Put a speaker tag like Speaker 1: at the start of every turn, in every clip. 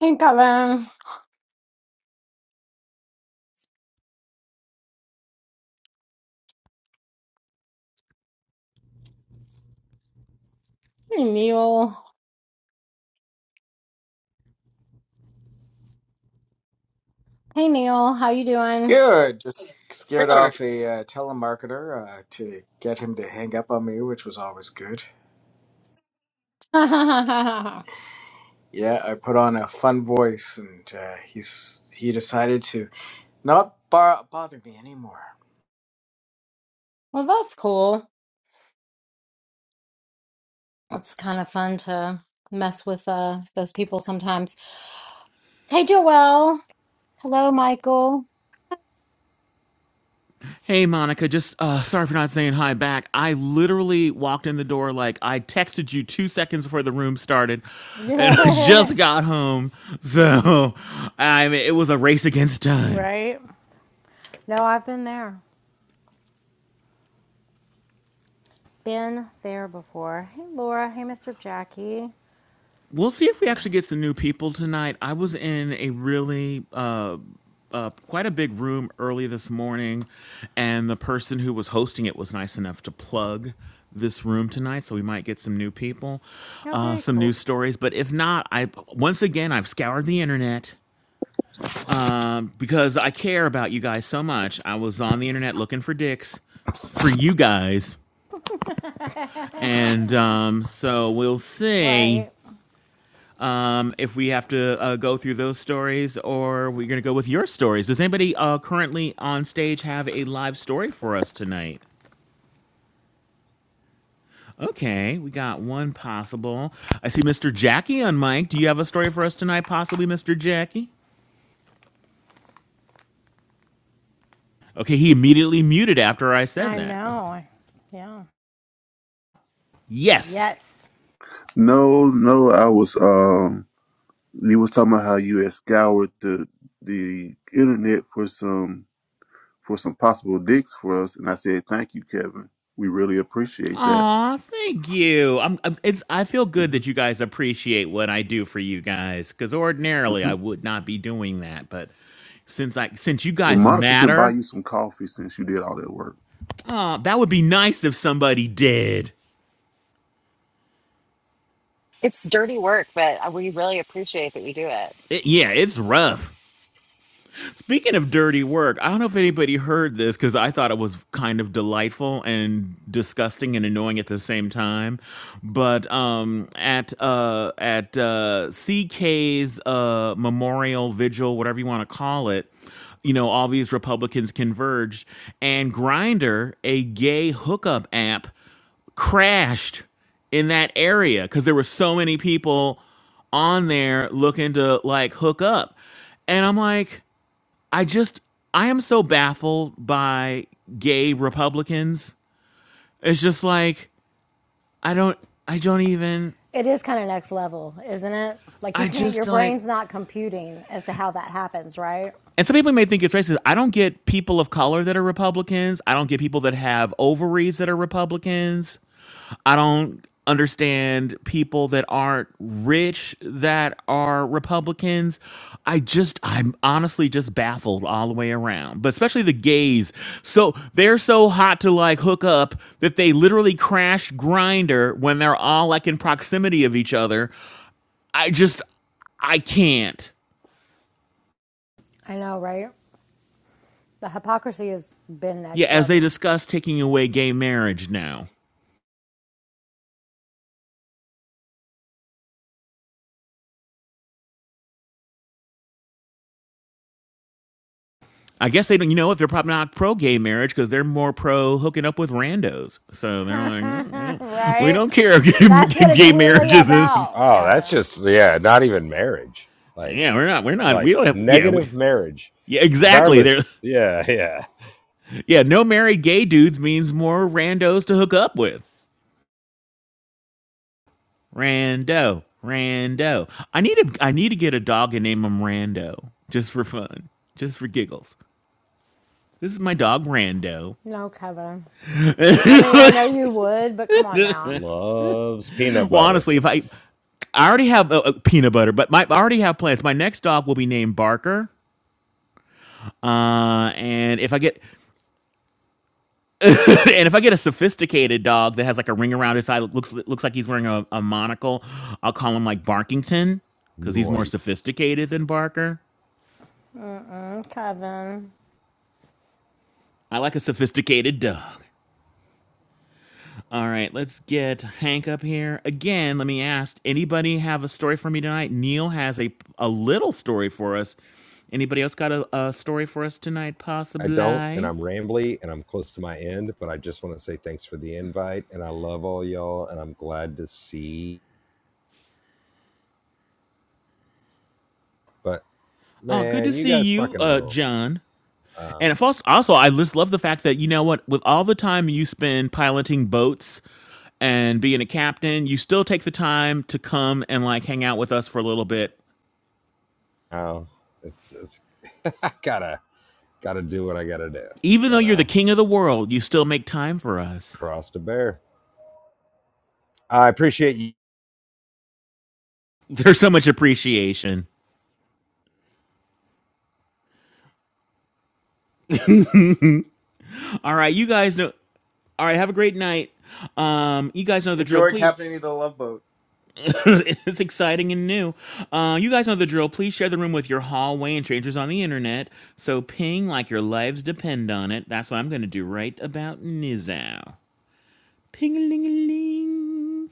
Speaker 1: Hey Kevin. Hey Neil. Hey Neil, how you doing?
Speaker 2: Good. Just scared off a uh, telemarketer uh, to get him to hang up on me, which was always good.
Speaker 1: well,
Speaker 2: Yeah, I put on a fun voice, and uh, he's he decided to not bar- bother me anymore.
Speaker 1: that's cool. It's kind of fun to mess with uh those people sometimes. Hey Joelle. Hello Michael.
Speaker 3: Hey Monica, just uh sorry for not saying hi back. I literally walked in the door like I texted you 2 seconds before the room started and I just got home. So, I mean it was a race against
Speaker 1: Yeah.
Speaker 3: time.
Speaker 1: Right? No, I've been there. Been there before. Hey Laura. Hey Mr. Jackie.
Speaker 3: We'll see if we
Speaker 1: Try
Speaker 3: actually
Speaker 1: to.
Speaker 3: get some new people tonight. I was in a really uh quite a big room early this morning, and the person who was hosting it was nice enough to plug this room tonight, so we might get some new people,
Speaker 1: Oh,
Speaker 3: uh,
Speaker 1: very
Speaker 3: some
Speaker 1: cool.
Speaker 3: news stories. But if not, I once again I've scoured the internet um, because I care about you guys so much. I was on the internet looking for dicks for you guys, and um, so we'll see
Speaker 1: right.
Speaker 3: um, if we have to uh, go through those stories or we're going to go with your stories. Does anybody uh, currently on stage have a live story for us tonight? Okay, we got one possible. I see Mr. Jackie on mic. Do you have a story for us tonight, possibly, Mr. Jackie? Okay, he immediately muted after I said
Speaker 1: I
Speaker 3: that. Okay.
Speaker 1: know. Yeah.
Speaker 3: Yes.
Speaker 1: Yes.
Speaker 4: No, no, I was um you was talking about how you had scoured the the internet for some for some possible dicks for us, and I said thank you, Kevin. We really appreciate that.
Speaker 3: Aw, thank you. I'm, I'm, it's, I feel good
Speaker 4: hmm
Speaker 3: that you guys appreciate what I do for you guys, because ordinarily
Speaker 4: hmm
Speaker 3: I would not be doing that, but since I since you
Speaker 4: Well,
Speaker 3: guys
Speaker 4: Monica can buy
Speaker 3: matter
Speaker 4: you some coffee since you did all that work.
Speaker 3: Uh, that would be nice if somebody did.
Speaker 5: It's dirty work, but we really appreciate that you do it.
Speaker 3: It, yeah, it's rough. Speaking of dirty work, I don't know if anybody heard this because I thought it was kind of delightful and disgusting and annoying at the same time. But um, at uh, at uh, CK's uh, memorial vigil, whatever you want to call it, you know, all these Republicans converged, and Grindr, a gay hookup app, crashed in that area because there were so many people on there looking to like hook up. And I'm like, I just I am so baffled by gay Republicans. It's just like I don't I don't even
Speaker 1: It is kind of next level, isn't it? Like you
Speaker 3: I
Speaker 1: can't,
Speaker 3: just
Speaker 1: your
Speaker 3: like
Speaker 1: brain's not computing as to how that happens, right?
Speaker 3: and some people may think it's racist. I don't get people of color that are Republicans. I don't get people that have ovaries that are Republicans. I don't understand people that aren't rich that are Republicans. I just, I'm honestly just baffled all the way around, but especially the gays. So they're so hot to like hook up that they literally crash grinder when they're all like in proximity of each other. I just, I can't.
Speaker 1: I know, right? The hypocrisy has been
Speaker 3: Yeah,
Speaker 1: next
Speaker 3: as they
Speaker 1: level,
Speaker 3: discuss taking away gay marriage now. I guess they don't. You know, if they're probably not pro gay marriage because they're more pro hooking up with randos. So they're like, "Mm, mm, mm, we
Speaker 1: right?
Speaker 3: don't care if
Speaker 1: That's
Speaker 3: gay
Speaker 1: what it's really
Speaker 3: marriages. Is,
Speaker 1: about,
Speaker 6: Oh, that's
Speaker 1: Kevin.
Speaker 6: just yeah, not even marriage. Like
Speaker 3: yeah, we're not. We're not. We
Speaker 6: like
Speaker 3: don't have. Yeah, we,
Speaker 6: negative marriage.
Speaker 3: yeah, exactly. There.
Speaker 6: Regardless. Yeah, yeah.
Speaker 3: Yeah, no married gay dudes means more randos to hook up with. Rando, rando. I need a. I need to get a dog and name him Rando just for fun, just for giggles. This is my dog Rando.
Speaker 1: No, Kevin. I mean, I know you would, but come on now.
Speaker 6: Loves peanut
Speaker 3: Well,
Speaker 6: butter.
Speaker 3: honestly, if I, I already have uh, uh, peanut butter, but my I already have plans. My next dog will be named Barker. Uh, and if I get, and if I get a sophisticated dog that has like a ring around his eye, looks looks like he's wearing a, a monocle, I'll call him like Barkington because he's more
Speaker 6: Noise.
Speaker 3: sophisticated than Barker.
Speaker 1: Mm-mm, Kevin.
Speaker 3: I like a sophisticated dog. All right, let's get Hank up here. Again, let me ask anybody have a story for me tonight? Neil has a, a little story for us. Anybody else got a, a story for us tonight,
Speaker 6: I don't and
Speaker 3: possibly?
Speaker 6: I'm rambly and I'm close to my end, but I just want to say thanks for the invite and I love all y'all and I'm glad to see but
Speaker 3: Oh, good
Speaker 6: man,
Speaker 3: to
Speaker 6: you
Speaker 3: see
Speaker 6: guys
Speaker 3: you,
Speaker 6: fucking
Speaker 3: uh,
Speaker 6: rule.
Speaker 3: John.
Speaker 6: Um
Speaker 3: And if also, also, I just love the fact that, you know what, with all the time you spend piloting boats and being a captain, you still take the time to come and like hang out with us for a little bit.
Speaker 6: oh, it's it's I gotta gotta do what I gotta do,
Speaker 3: Even
Speaker 6: you
Speaker 3: though you're the
Speaker 6: know.
Speaker 3: king of the world, you still make time for us.
Speaker 6: Cross the bear. I appreciate you.
Speaker 3: There's so much appreciation. All right, you guys know. All right, have a great night. Um, you guys know the drill,
Speaker 2: Enjoy
Speaker 3: please.
Speaker 2: captaining the love boat,
Speaker 3: it's exciting and new. Uh, you guys know the drill. Please share the room with your hallway and strangers on the internet. So ping like your lives depend on it. That's what I'm going to do right about now. Ping a ling a ling.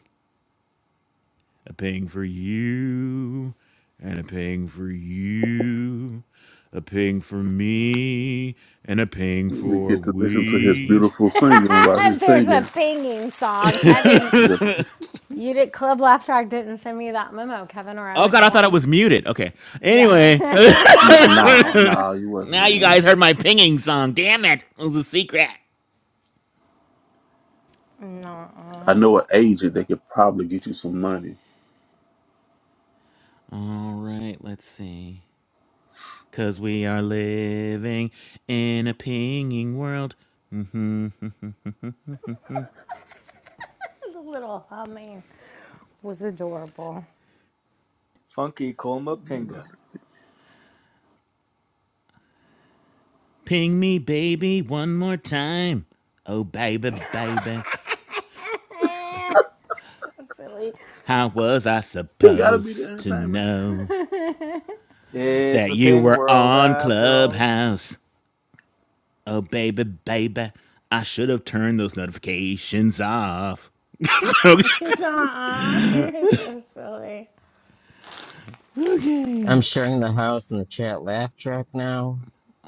Speaker 3: A ping for you, and a ping for you, a ping for me, and a ping
Speaker 4: We
Speaker 3: for
Speaker 4: get to listen to his
Speaker 3: we.
Speaker 4: beautiful singing while he's
Speaker 1: There's a
Speaker 4: singing.
Speaker 1: pinging song. I didn't.
Speaker 4: The,
Speaker 1: You did. Club Laugh Track didn't send me that memo, Kevin, or I
Speaker 3: Oh
Speaker 1: would
Speaker 3: god, I thought it
Speaker 1: join.
Speaker 3: was muted. Okay.
Speaker 1: Yeah.
Speaker 3: Anyway,
Speaker 4: nah, nah, nah, you wasn't.
Speaker 3: Now you guys
Speaker 4: mm.
Speaker 3: heard my pinging song. Damn it. It was a secret.
Speaker 4: I
Speaker 1: No,
Speaker 4: know an agent that could probably get you some money.
Speaker 3: All right, let's see. Because we are living in a pinging world.
Speaker 1: the little humming was adorable.
Speaker 2: Funky Colma Pinga.
Speaker 3: Ping me, baby, one more time. Oh, baby, baby.
Speaker 1: so silly.
Speaker 3: How was I
Speaker 4: He got to be the
Speaker 3: supposed to
Speaker 4: entertainment.
Speaker 3: know
Speaker 2: It's
Speaker 3: that
Speaker 2: a
Speaker 3: you
Speaker 2: ping
Speaker 3: were
Speaker 2: world
Speaker 3: on
Speaker 2: after all.
Speaker 3: Clubhouse? Oh, baby, baby. I should have turned those notifications off.
Speaker 1: uh-uh. You're so silly.
Speaker 7: I'm
Speaker 3: okay.
Speaker 7: sharing the house in the chat laugh track now.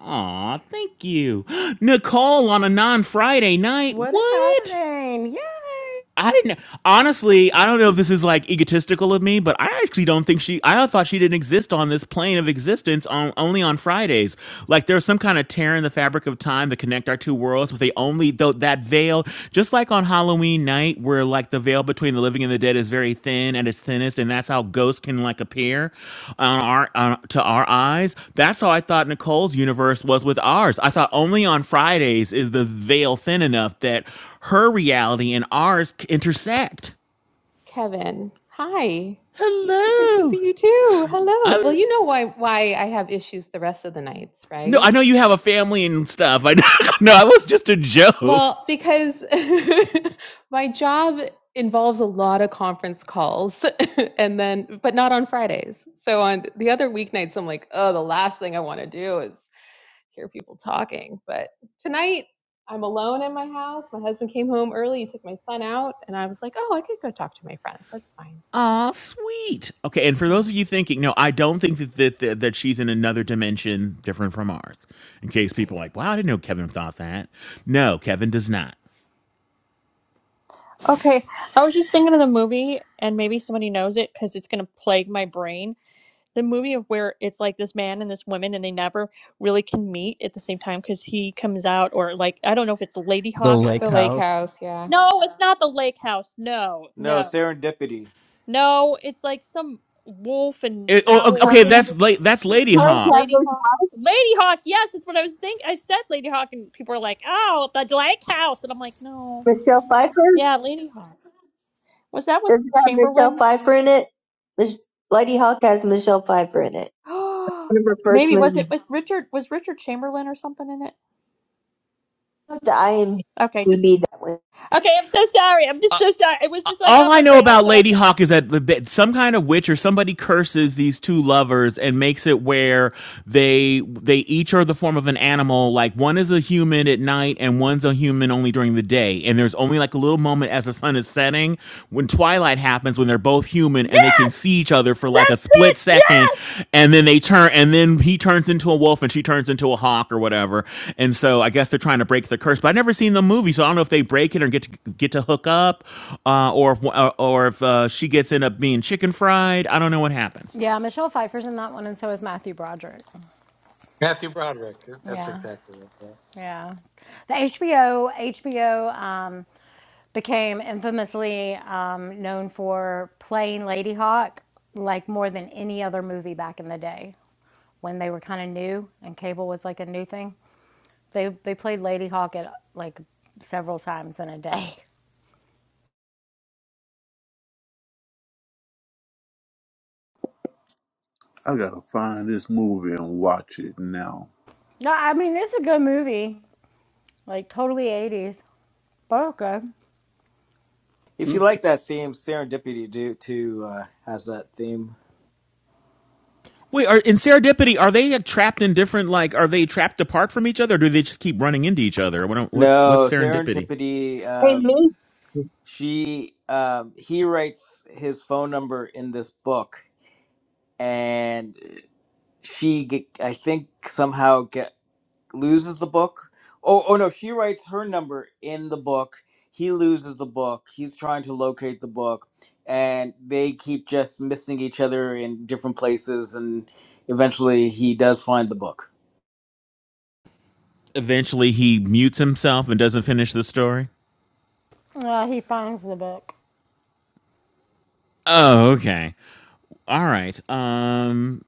Speaker 3: Aw, thank you. Nicole on a non Friday night.
Speaker 1: What is
Speaker 3: What?
Speaker 1: happening? Yay!
Speaker 3: I didn't honestly. I don't know if
Speaker 4: It's
Speaker 3: this is like egotistical of me, but I actually don't think she. I thought she didn't exist on this plane of existence on only on Fridays. Like there's some kind of tear in the fabric of time to connect our two worlds, but they only though that veil, just like on Halloween night, where like the veil between the living and the dead is very thin at its thinnest, and that's how ghosts can like appear on our on, to our eyes. That's how I thought Nicole's universe was with ours. I thought only on Fridays is the veil thin enough that her reality and ours intersect.
Speaker 8: Kevin. Hi. Nice to
Speaker 3: Hello.
Speaker 8: see you too.
Speaker 3: I
Speaker 8: Hello. Well,
Speaker 3: am
Speaker 8: you know why why I have issues the rest of the nights,
Speaker 3: no,
Speaker 8: right?
Speaker 3: I know you have a family and stuff. I know. No, I was just a joke.
Speaker 8: Well, because my job involves a lot of conference calls and then but not on Fridays. So on the other weeknights I'm like, "Oh, the last thing I want to do is hear people talking." But tonight I'm alone in my house. My husband came home early, he took my son out, and I was like, "Oh, I could go talk to my friends. That's fine."
Speaker 3: Aw, sweet. Okay, and for
Speaker 8: Yeah.
Speaker 3: those of you thinking, no, I don't think that that, that that she's in another dimension different from ours. In case people are like, wow, I didn't know Kevin thought that. No, Kevin does not.
Speaker 9: Okay, I was just thinking of the movie, and maybe somebody knows it because it's gonna plague my brain. The movie of where it's like this man and this woman, and they never really can meet at the same time because he comes out, or like I don't know if it's Lady
Speaker 7: The
Speaker 9: Hawk. I don't
Speaker 7: lake
Speaker 8: The
Speaker 9: know.
Speaker 8: lake
Speaker 7: house.
Speaker 8: house, yeah.
Speaker 9: No, it's not the Lake House. No,
Speaker 2: No
Speaker 9: no,
Speaker 2: serendipity.
Speaker 9: no. It's like some wolf and
Speaker 3: Eh, oh,
Speaker 10: Her
Speaker 9: owl,
Speaker 3: okay, that's
Speaker 9: whatever.
Speaker 3: la- that's Lady
Speaker 10: Her
Speaker 3: Hawk.
Speaker 9: Lady
Speaker 10: Husband's
Speaker 9: Hawk.
Speaker 10: Wife,
Speaker 9: Lady Hawk. Yes, that's what I was thinking. I said Lady Hawk, and people are like, "Oh, the Lake House," and I'm like, "No,
Speaker 10: Michelle Pfeiffer.
Speaker 9: yeah, Lady Hawk." Was that with
Speaker 10: Does it have Michelle
Speaker 9: Chamberlain?
Speaker 10: Pfeiffer in it? Mich- Lady Hawk has Michelle Pfeiffer in it. One of her first
Speaker 9: Maybe was
Speaker 10: movies.
Speaker 9: it with Richard? Was Richard Chamberlain or something in it?
Speaker 10: I'll have
Speaker 9: Okay, just
Speaker 10: IMDb that one.
Speaker 9: okay. I'm so sorry. I'm just so sorry. It was just like
Speaker 3: all
Speaker 9: on
Speaker 3: I
Speaker 9: my
Speaker 3: know
Speaker 9: brain. I'll
Speaker 3: about
Speaker 9: shut up
Speaker 3: Lady
Speaker 9: now.
Speaker 3: Hawk is that, some kind of witch or somebody curses these two lovers and makes it where they they each are the form of an animal. Like one is a human at night and one's a human only during the day. And there's only like a little moment as the sun is setting when twilight happens when they're both human human and they can see
Speaker 9: Yes,
Speaker 3: each other for like a
Speaker 9: that's it.
Speaker 3: split second
Speaker 9: Yes.
Speaker 3: and then they turn and then he turns into a wolf and she turns into a hawk or whatever and so i guess they're trying to break the curse but i never seen the movie so i don't know if they break it or get to get to hook up uh, or if, or, or if uh, she gets end up being chicken fried i don't know what happens
Speaker 1: Yeah, Michelle Pfeiffer's in that one, and so is Matthew Broderick.
Speaker 11: Matthew Broderick. That's
Speaker 1: Yeah,
Speaker 11: exactly it. Yeah.
Speaker 1: yeah. The HBO HBO um, became infamously um, known for playing Lady Hawk like more than any other movie back in the day when they were kind of new and cable was like a new thing. They they played Lady Hawk at like several times in a day.
Speaker 4: I gotta find this movie and watch it now.
Speaker 1: No, I mean it's a good movie, like totally eighties, but okay.
Speaker 2: If you
Speaker 4: Okay.
Speaker 2: like that theme, serendipity do too uh, has that theme.
Speaker 3: wait are in serendipity are they like, trapped in different like are they trapped apart from each other or do they just keep running into each other what, what's what's
Speaker 2: No
Speaker 3: serendipity
Speaker 2: serendipity.
Speaker 10: Hey,
Speaker 2: Um,
Speaker 10: me,
Speaker 2: she um he writes his phone number in this book and she get, i think somehow get loses the book oh oh no she writes her number in the book he loses the book he's trying to locate the book and they keep just missing each other in different places and eventually he does find the book
Speaker 3: eventually he mutes himself and doesn't finish the story
Speaker 1: Uh, he finds the book.
Speaker 3: Oh, okay. All right. Um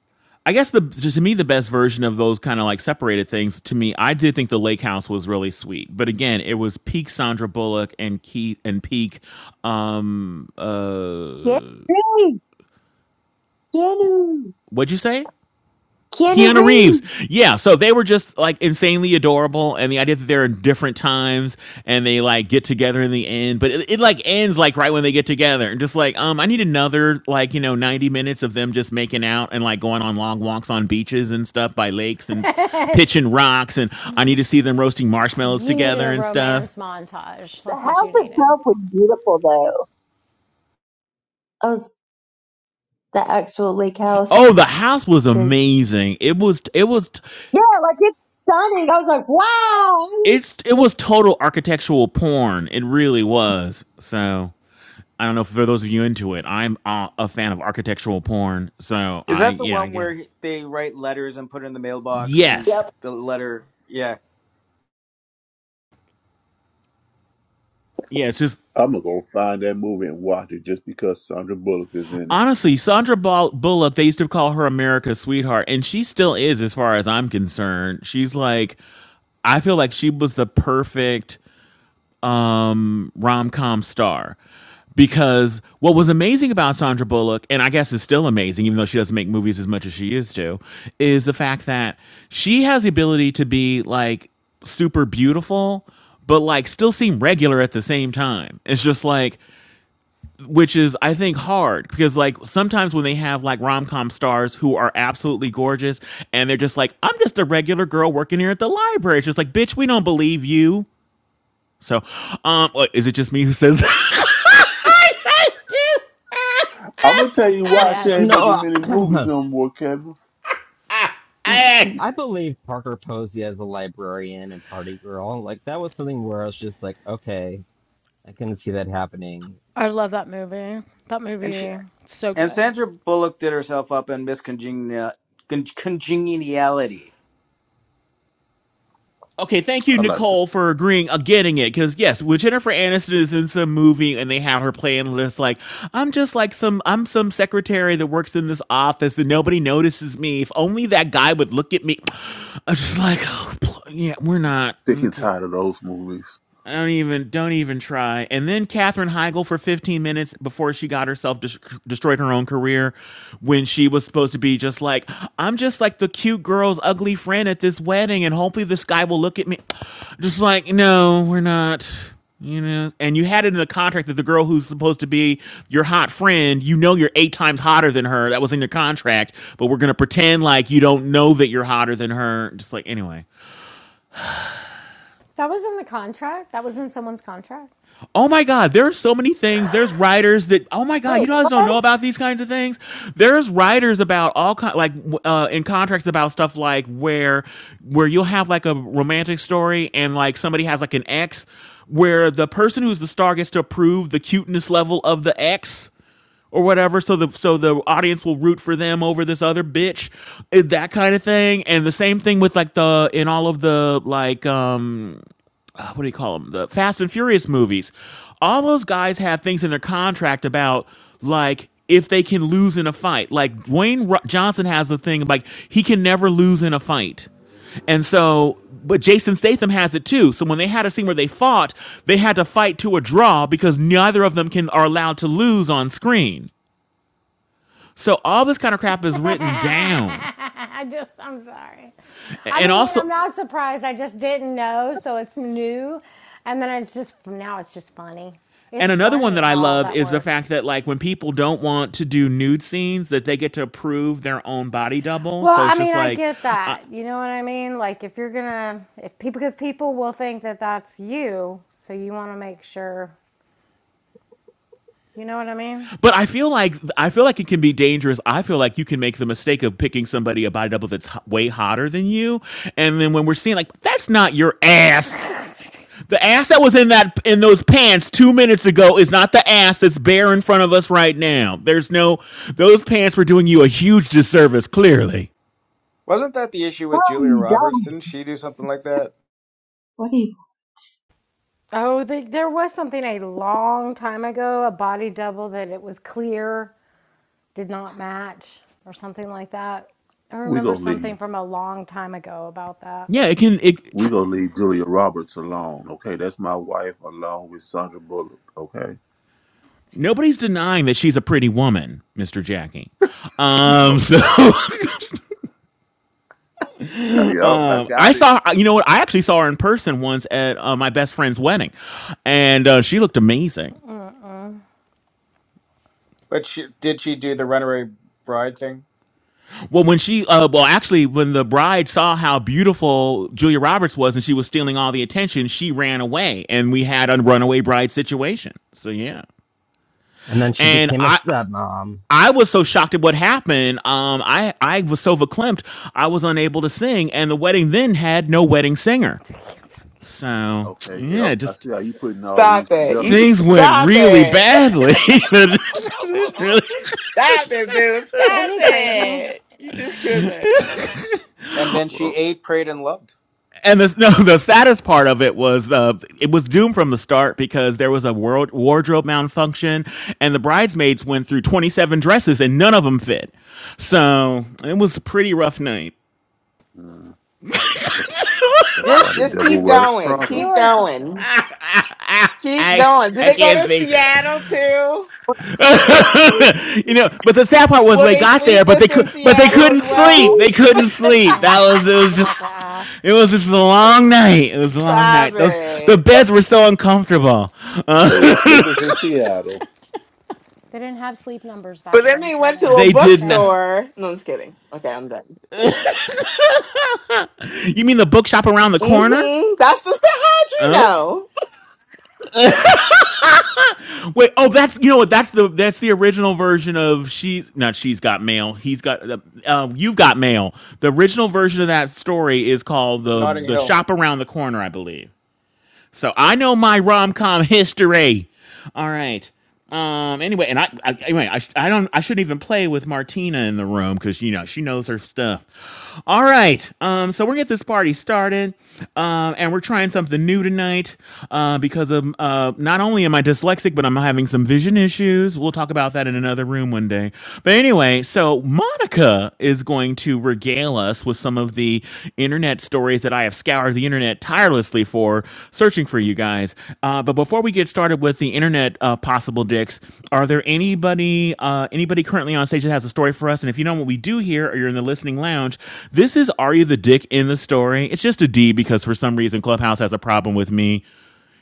Speaker 3: I guess the to me the best version of those kind of like separated things to me I did think the Lake House was really sweet. But again, it was peak Sandra Bullock and Keith and peak um
Speaker 10: Keanu Reeves. Keanu.
Speaker 3: what'd you say?
Speaker 10: Keanu
Speaker 3: Keanu Reeves.
Speaker 10: Reeves.
Speaker 3: Yeah, so they were just like insanely adorable, and the idea that they're in different times and they like get together in the end, but it, it like ends like right when they get together, and just like um, I need another like you know ninety minutes of them just making out and like going on long walks on beaches and stuff by lakes and pitching rocks, and I need to see them roasting marshmallows
Speaker 1: You needed
Speaker 3: together
Speaker 1: a
Speaker 3: and stuff.
Speaker 1: romance montage.
Speaker 10: The
Speaker 1: That's what
Speaker 10: house
Speaker 1: you needed.
Speaker 10: itself was beautiful, though. I was the actual lake house,
Speaker 3: Oh, the house was
Speaker 10: cause
Speaker 3: amazing. It was it was
Speaker 10: yeah, like it's stunning. I was like, wow. I would
Speaker 3: it's it was
Speaker 10: like,
Speaker 3: total architectural porn. It really was. So. I don't know if for those of you into it. I'm a, a fan of architectural porn, so
Speaker 2: is
Speaker 3: I
Speaker 2: that the
Speaker 3: yeah, I
Speaker 2: one
Speaker 3: guess.
Speaker 2: where he- they write letters and put it in the mailbox and
Speaker 3: Yes,
Speaker 10: yep.
Speaker 2: the letter yeah
Speaker 3: yeah. It's just
Speaker 4: I'm gonna go find that movie and watch it just because Sandra Bullock is in it.
Speaker 3: honestly, Sandra Bullock. They used to call her America's sweetheart, and she still is, as far as I'm concerned. She's like, I feel like she was the perfect um, rom com star. Because what was amazing about Sandra Bullock, and I guess is still amazing, even though she doesn't make movies as much as she used to, is the fact that she has the ability to be like super beautiful, but like still seem regular at the same time. It's just like, which is, I think, hard because like sometimes when they have like rom com stars who are absolutely gorgeous and they're just like, I'm just a regular girl working here at the library. It's just like, bitch, we don't believe you so, um, what- is it just me who says? that?
Speaker 4: I'm gonna tell you why she
Speaker 1: Yes,
Speaker 4: ain't
Speaker 7: No,
Speaker 4: making many movies
Speaker 7: I
Speaker 4: no more, Kevin. She, she,
Speaker 7: I believe Parker Posey as a librarian and party girl. Like that was something where I was just like, okay, I couldn't see that happening.
Speaker 1: I love that movie. That
Speaker 2: and she
Speaker 1: movie so
Speaker 2: And
Speaker 1: good.
Speaker 2: Sandra Bullock did herself up in miscongeniality. Congeniality.
Speaker 3: okay, thank you,
Speaker 4: I like the
Speaker 3: Nicole, for agreeing, uh, getting it. Because yes, when Jennifer Aniston is in some movie and they have her playing this, like I'm just like some, I'm some secretary that works in this office and nobody notices me. If only that guy would look at me. I'm just like, oh, yeah, we're not.
Speaker 4: Sick and
Speaker 3: Okay.
Speaker 4: tired of those movies.
Speaker 3: I don't even don't even try. And then Katherine Heigl for 15 minutes before she got herself des- destroyed her own career when she was supposed to be just like I'm just like the cute girl's ugly friend at this wedding and hopefully this guy will look at me just like no, we're not. You know, and you had it in the contract that the girl who's supposed to be your hot friend, you know you're eight times hotter than her. That was in your contract, but we're going to pretend like you don't know that you're hotter than her. Just like anyway.
Speaker 1: That was in the contract. That was in someone's contract.
Speaker 3: Oh my God, there are so many things. There's writers that, oh my God,
Speaker 10: Wait,
Speaker 3: you guys
Speaker 10: what?
Speaker 3: don't
Speaker 10: Oh,
Speaker 3: know about these kinds of things. There's writers about all kind, like uh, in contracts about stuff like where, where you'll have like a romantic story and like somebody has like an ex, where the person who's the star gets to approve the cuteness level of the ex or whatever so the so the audience will root for them over this other bitch eh, that kind of thing and the same thing with like the in all of the like um what do you call them? The Fast and Furious movies. All those guys have things in their contract about like if they can lose in a fight. Like Dwayne Ro- Johnson has the thing like he can never lose in a fight. And so, but Jason Statham has it too. So when they had a scene where they fought, they had to fight to a draw because neither of them can are allowed to lose on screen. So all this kind of crap is written down.
Speaker 1: I just, I'm sorry. I
Speaker 3: And
Speaker 1: mean,
Speaker 3: also
Speaker 1: I'm not surprised. I just didn't know, so it's new. And then it's just, now it's just funny.
Speaker 3: And
Speaker 1: It's
Speaker 3: another one that
Speaker 1: funny
Speaker 3: I
Speaker 1: how all
Speaker 3: love
Speaker 1: that
Speaker 3: is the
Speaker 1: works.
Speaker 3: fact that like when people don't want to do nude scenes, that they get to approve their own body double.
Speaker 1: Well,
Speaker 3: So
Speaker 1: I
Speaker 3: it's just
Speaker 1: mean, I
Speaker 3: like,
Speaker 1: get
Speaker 3: uh,
Speaker 1: that. You know what I mean? Like, if you're gonna, if people, because people will think that that's you, so you wanna make sure, you know what I mean?
Speaker 3: but I feel like I feel like it can be dangerous. I feel like you can make the mistake of picking somebody a body double that's h- way hotter than you, and then when we're seeing like that's not your ass. The ass that was in that in those pants two minutes ago is not the ass that's bare in front of us right now. There's no those pants were doing you a huge disservice. Clearly,
Speaker 2: Wasn't that the issue with
Speaker 10: are
Speaker 2: Julia
Speaker 10: you
Speaker 2: Roberts?
Speaker 10: done?
Speaker 2: Didn't she do something like that?
Speaker 10: What
Speaker 1: Oh, the, there was something a long time ago, a body double that it was clear did not match or something like that. I
Speaker 4: We
Speaker 1: remember
Speaker 4: gonna leave.
Speaker 1: something from a long time ago about that.
Speaker 3: yeah. It can it.
Speaker 4: We gonna leave Julia Roberts alone, okay? That's my wife, along with Sandra Bullock, okay?
Speaker 3: Nobody's denying that she's a pretty woman, Mr. Jackie.
Speaker 4: Oh,
Speaker 3: Um, so
Speaker 4: yep, I
Speaker 3: um, I
Speaker 4: got it.
Speaker 3: saw, you know what? I actually saw her in person once at uh, my best friend's wedding, and uh, she looked amazing.
Speaker 1: Mm-mm.
Speaker 2: But she, did she do the runaway bride thing?
Speaker 3: Well, when she, uh, well, actually, when the bride saw how beautiful Julia Roberts was and she was stealing all the attention, she ran away, and we had a runaway bride situation. So yeah,
Speaker 7: And then she
Speaker 3: and
Speaker 7: became a
Speaker 3: I,
Speaker 7: stepmom.
Speaker 3: I was so shocked at what happened. Um, I I was so verklempt, I was unable to sing, and the wedding then had no wedding singer. So
Speaker 4: Okay, yep.
Speaker 3: yeah,
Speaker 4: I
Speaker 3: just
Speaker 4: see how you putting all these
Speaker 12: Stop that. You
Speaker 4: together.
Speaker 3: things went
Speaker 12: stop
Speaker 3: really
Speaker 12: that.
Speaker 3: badly. Really-
Speaker 12: Stop it, dude.
Speaker 1: Isn't
Speaker 12: Stop
Speaker 1: he crazy?
Speaker 12: it. You just killed it.
Speaker 2: And then she
Speaker 4: Well,
Speaker 2: ate, prayed, and loved.
Speaker 3: and the no, the saddest part of it was uh, it was doomed from the start because there was a world wardrobe malfunction, and the bridesmaids went through twenty seven dresses and none of them fit. So it was a pretty rough night.
Speaker 4: mm, that's
Speaker 1: So,
Speaker 4: that's why
Speaker 12: Just
Speaker 4: the
Speaker 1: so
Speaker 12: just
Speaker 4: devil
Speaker 12: keep
Speaker 1: silly.
Speaker 4: wears
Speaker 12: going.
Speaker 4: Prada.
Speaker 1: You
Speaker 12: Keep
Speaker 1: are so
Speaker 12: going.
Speaker 1: silly.
Speaker 12: Keep
Speaker 3: I
Speaker 12: going. Did
Speaker 3: I
Speaker 12: they go
Speaker 3: can't
Speaker 12: to
Speaker 3: think.
Speaker 12: Seattle too?
Speaker 10: are
Speaker 3: you know, but the sad part was
Speaker 12: Were
Speaker 3: they
Speaker 12: they
Speaker 3: got there, but they
Speaker 12: sleepless in
Speaker 3: could, but they
Speaker 12: Seattle
Speaker 3: couldn't
Speaker 12: as
Speaker 3: sleep.
Speaker 10: you?
Speaker 12: well?
Speaker 3: They couldn't sleep. That
Speaker 1: Yeah,
Speaker 3: was it.
Speaker 1: I was
Speaker 3: Was
Speaker 1: about
Speaker 3: just
Speaker 1: to ask.
Speaker 3: it was just a long night. It was a long
Speaker 12: Stop
Speaker 3: night. Those the
Speaker 12: it.
Speaker 3: beds were so uncomfortable.
Speaker 4: They were sleepers in Seattle.
Speaker 1: They didn't have sleep numbers
Speaker 12: But
Speaker 1: back
Speaker 12: then
Speaker 1: then,
Speaker 12: they went to
Speaker 1: Kevin.
Speaker 12: a
Speaker 3: They did not.
Speaker 1: Okay.
Speaker 12: bookstore. No, I'm just kidding. Okay, I'm done.
Speaker 3: You mean the bookshop around the corner?
Speaker 12: Mm-hmm. That's the so how'd you
Speaker 3: Okay.
Speaker 12: know?
Speaker 3: Wait. Oh, that's you know what? That's the that's the original version of she's not she's got mail. He's got uh, um, you've got mail. The original version of that story is called the
Speaker 2: Notting
Speaker 3: the
Speaker 2: Hill.
Speaker 3: shop around the corner, I believe. So I know my rom com history. All right. Um. Anyway, and I, I anyway I, I don't I shouldn't even play with Martina in the room because you know she knows her stuff. All right. Um. So we're gonna get this party started. Um. And we're trying something new tonight. Uh. Because of uh. Not only am I dyslexic, but I'm having some vision issues. We'll talk about that in another room one day. But anyway, so so Monica is going to regale us with some of the internet stories that I have scoured the internet tirelessly for, searching for you guys. Uh, but before we get started with the internet uh, possible dicks, are there anybody uh, anybody currently on stage that has a story for us? And if you know what we do here, or you're in the listening lounge, this is Are You the Dick in the Story? It's just a D because for some reason Clubhouse has a problem with me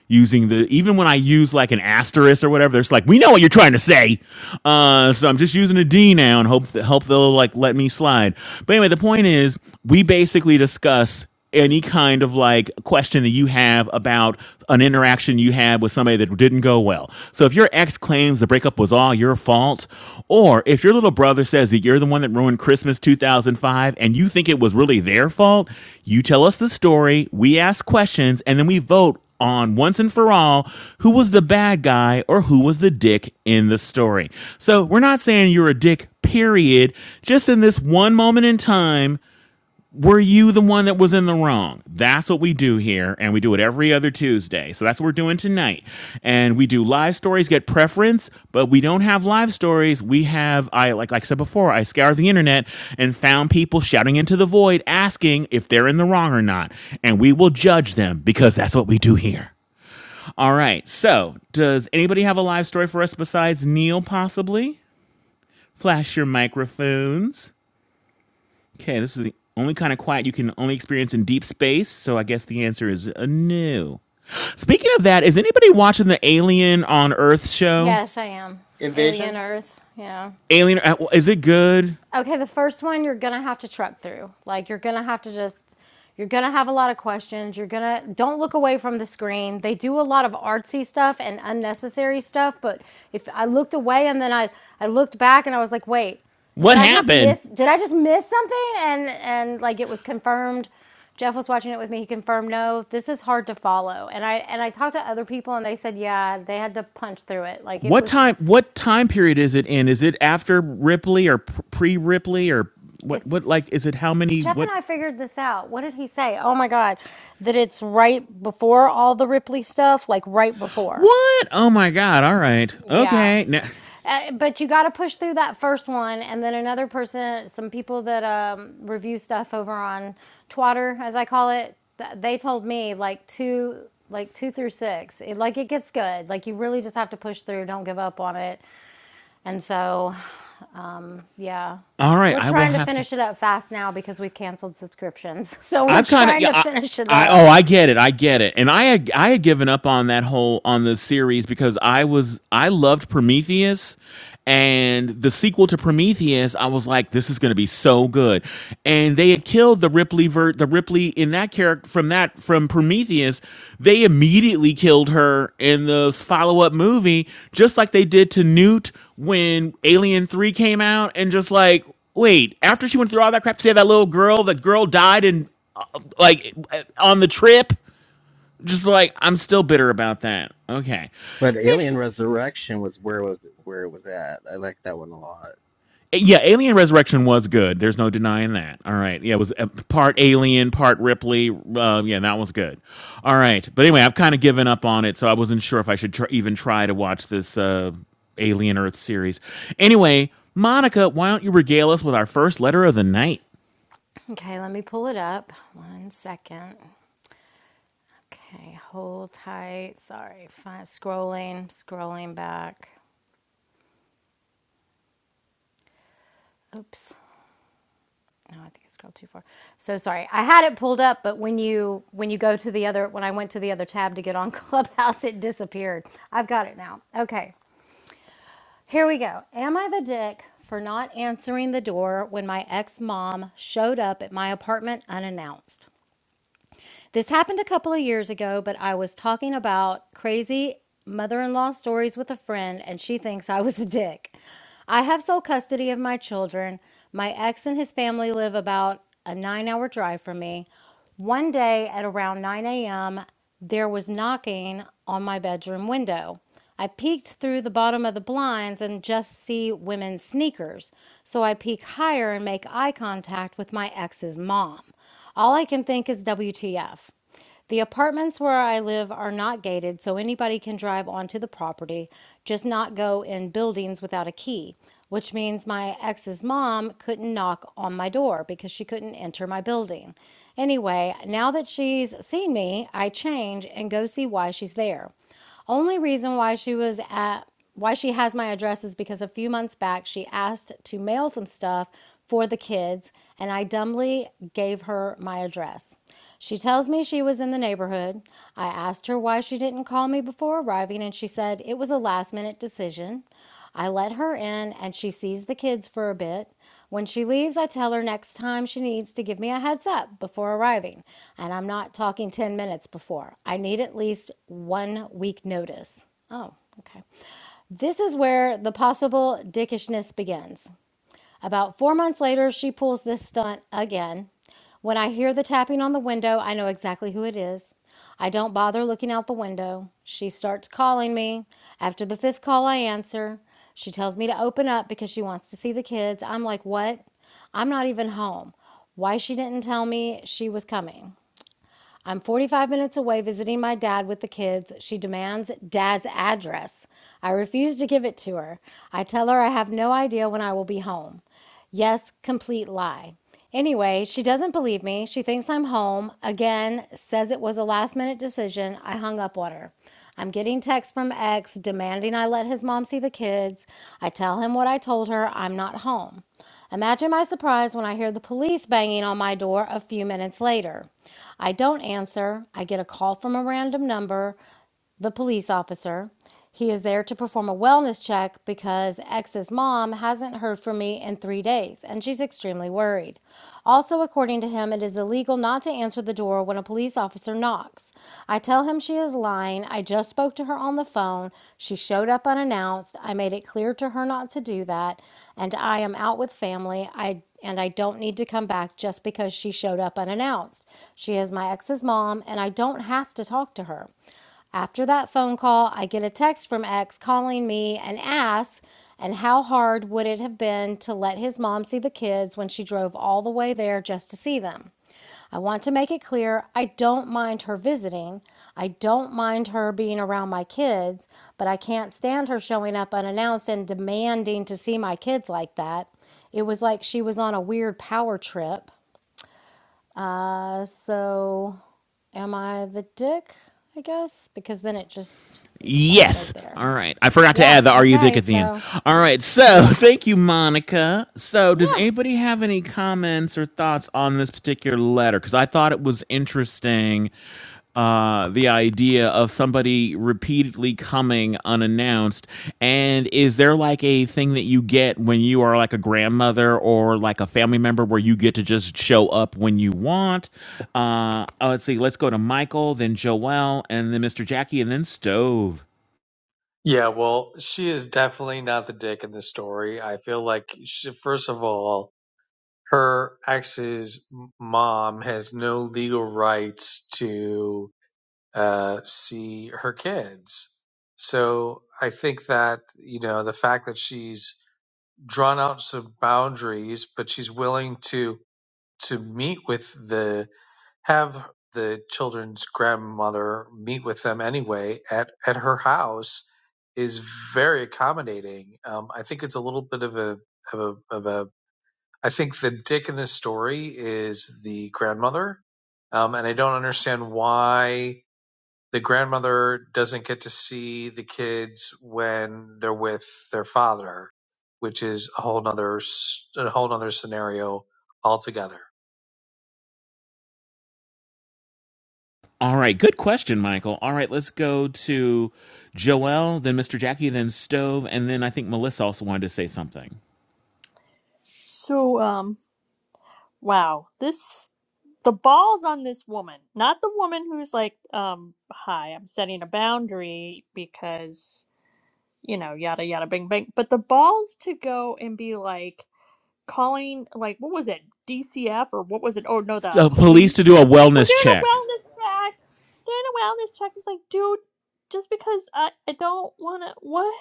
Speaker 3: using the even when I use like an asterisk or whatever, it's like we know what you're trying to say. Uh, so I'm just using a D now and hope that hope they'll like let me slide. But anyway, the point is we basically discuss any kind of like question that you have about an interaction you had with somebody that didn't go well. So if your ex claims the breakup was all your fault, or if your little brother says that you're the one that ruined Christmas 2005 and you think it was really their fault, you tell us the story, we ask questions, and then we vote on once and for all who was the bad guy or who was the dick in the story. So we're not saying you're a dick, period. Just in this one moment in time, were you the one that was in the wrong? That's what we do here, and we do it every other Tuesday. So that's what we're doing tonight. And we do live stories, get preference, but we don't have live stories. We have I like like I said before, I scoured the internet and found people shouting into the void asking if they're in the wrong or not. And we will judge them because that's what we do here. All right. So, does anybody have a live story for us besides Neil, possibly? Flash your microphones. Okay, this is the only kind of quiet you can only experience in deep space. So, I guess the answer is uh, no. Speaking of that, is anybody watching the Alien on Earth show?
Speaker 1: Yes, I am. Alien
Speaker 2: Invasion?
Speaker 1: Earth. Yeah.
Speaker 3: Alien, uh, is it good?
Speaker 1: Okay, the first one you're gonna have to truck through. Like you're gonna have to just you're gonna have a lot of questions. You're gonna don't look away from the screen. They do a lot of artsy stuff and unnecessary stuff, but if I looked away and then I I looked back and I was like, wait, did
Speaker 3: What
Speaker 1: I just
Speaker 3: happened?
Speaker 1: miss did I just miss something? And and like it was confirmed. Jeff was watching it with me. He confirmed, no, this is hard to follow. And I and I talked to other people and they said, yeah, they had to punch through it. Like it
Speaker 3: What
Speaker 1: was
Speaker 3: time? What time period is it in? Is it after Ripley or pre Ripley or what? What
Speaker 1: it's
Speaker 3: like? Is it how many?
Speaker 1: Jeff and
Speaker 3: What?
Speaker 1: I figured this out. What did he say? Oh my God. That it's right before all the Ripley stuff, like right before.
Speaker 3: What? Oh my God! All right.
Speaker 1: Yeah.
Speaker 3: Okay. Now,
Speaker 1: Uh, but you got to push through that first one, and then another person, some people that um, review stuff over on Twitter, as I call it, th- they told me like two, like two through six, it, like it gets good. Like you really just have to push through. Don't give up on it. And so, yeah,
Speaker 3: All right,
Speaker 1: we're
Speaker 3: I will
Speaker 1: trying to
Speaker 3: have to.
Speaker 1: finish it up fast now because we've canceled subscriptions. So
Speaker 3: I
Speaker 1: we're
Speaker 3: kind of
Speaker 1: trying
Speaker 3: yeah.
Speaker 1: to
Speaker 3: I,
Speaker 1: finish it
Speaker 3: I oh
Speaker 1: up.
Speaker 3: I get it. I get it. And I had I had given up on that whole on the series because I was I loved Prometheus and the sequel to Prometheus I was like this is going to be so good. And they had killed the Ripley ver- the Ripley in that character from that from Prometheus, they immediately killed her in the follow-up movie just like they did to Newt when Alien 3 came out and just like wait, after she went through all that crap to save that little girl, that girl died in uh, like on the trip just like i'm still bitter about that okay
Speaker 7: But Alien Resurrection was where was where it was at. I like that one a lot.
Speaker 3: yeah alien resurrection was good there's no denying that all right yeah it was uh, part alien part ripley uh, yeah that was good all right but anyway i've kind of given up on it so i wasn't sure if i should tr- even try to watch this uh, alien earth series anyway monica why don't you regale us with our first letter of the night
Speaker 1: Okay, let me pull it up. One second. Okay, hold tight. Sorry, Fine. scrolling, scrolling back. Oops. No, I think I scrolled too far. So sorry. I had it pulled up, but when you when you go to the other when I went to the other tab to get on Clubhouse, it disappeared. I've got it now. Okay. Here we go. Am I the dick for not answering the door when my ex-mom showed up at my apartment unannounced? This happened a couple of years ago, but I was talking about crazy mother in law stories with a friend, and she thinks I was a dick. I have sole custody of my children. My ex and his family live about a nine hour drive from me. One day at around 9 a.m., there was knocking on my bedroom window. I peeked through the bottom of the blinds and just see women's sneakers. So I peek higher and make eye contact with my ex's mom. All I can think is WTF. The apartments where I live are not gated, so anybody can drive onto the property, just not go in buildings without a key, which means my ex's mom couldn't knock on my door because she couldn't enter my building. Anyway, now that she's seen me, I change and go see why she's there. Only reason why she was at why she has my address is because a few months back she asked to mail some stuff for the kids and I dumbly gave her my address. She tells me she was in the neighborhood. I asked her why she didn't call me before arriving and she said it was a last minute decision. I let her in and she sees the kids for a bit. When she leaves, I tell her next time she needs to give me a heads up before arriving. And I'm not talking 10 minutes before. I need at least one week notice. Oh, okay. This is where the possible dickishness begins. About four months later, she pulls this stunt again. When I hear the tapping on the window, I know exactly who it is. I don't bother looking out the window. She starts calling me. After the fifth call, I answer. She tells me to open up because she wants to see the kids. I'm like, what? I'm not even home. Why she didn't tell me she was coming. I'm 45 minutes away visiting my dad with the kids. She demands dad's address. I refuse to give it to her. I tell her I have no idea when I will be home. Yes, complete lie. Anyway, she doesn't believe me. She thinks I'm home. Again, says it was a last minute decision. I hung up on her. I'm getting texts from ex demanding I let his mom see the kids. I tell him what I told her. I'm not home. Imagine my surprise when I hear the police banging on my door a few minutes later. I don't answer. I get a call from a random number the police officer. He is there to perform a wellness check because X's mom hasn't heard from me in three days and she's extremely worried. Also, according to him, it is illegal not to answer the door when a police officer knocks. I tell him she is lying. I just spoke to her on the phone. She showed up unannounced. I made it clear to her not to do that. And I am out with family. I and I don't need to come back just because she showed up unannounced. She is my ex's mom, and I don't have to talk to her. After that phone call, I get a text from X calling me and asks, and how hard would it have been to let his mom see the kids when she drove all the way there just to see them? I want to make it clear I don't mind her visiting. I don't mind her being around my kids, but I can't stand her showing up unannounced and demanding to see my kids like that. It was like she was on a weird power trip. Uh, so am I the dick? I guess because then it just it stops right
Speaker 3: Yes.
Speaker 1: there.
Speaker 3: All right. I forgot to
Speaker 1: Yeah.
Speaker 3: add the Are You Thick
Speaker 1: Okay.
Speaker 3: at the end.
Speaker 1: So
Speaker 3: All right. So
Speaker 1: yeah,
Speaker 3: thank you, Monica. So does
Speaker 1: yeah.
Speaker 3: anybody have any comments or thoughts on this particular letter? Because I thought it was interesting uh, the idea of somebody repeatedly coming unannounced and is there like a thing that you get when you are like a grandmother or like a family member where you get to just show up when you want uh oh, let's see let's go to michael then joel and then mr jackie and then stove
Speaker 11: Yeah. Well, she is definitely not the dick in the story. I feel like, she, first of all, her ex's mom has no legal rights to uh, see her kids. So I think that, you know, the fact that she's drawn out some boundaries, but she's willing to to meet with the have the children's grandmother meet with them anyway at, at her house is very accommodating. Um, I think it's a little bit of a, of a, of a, I think the dick in this story is the grandmother. Um, and I don't understand why the grandmother doesn't get to see the kids when they're with their father, which is a whole nother, a whole nother scenario altogether.
Speaker 3: all right good question michael all right let's go to joel then mr jackie then stove and then i think melissa also wanted to say something
Speaker 9: So um, wow. This the balls on this woman, not the woman who's like um, hi, I'm setting a boundary because you know yada yada bing bing, but the balls to go and be like. calling like what was it DCF or what was it? Oh no, the
Speaker 3: uh, police to
Speaker 9: police.
Speaker 3: do a
Speaker 9: We're
Speaker 3: wellness
Speaker 9: doing a
Speaker 3: check
Speaker 9: wellness check. Doing a wellness check. It's like, dude, just because I I don't want to. What?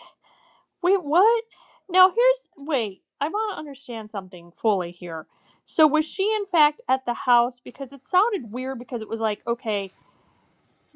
Speaker 9: Wait, what? Now here's wait. I want to understand something fully here. So was she in fact at the house? Because it sounded weird. Because it was like, okay,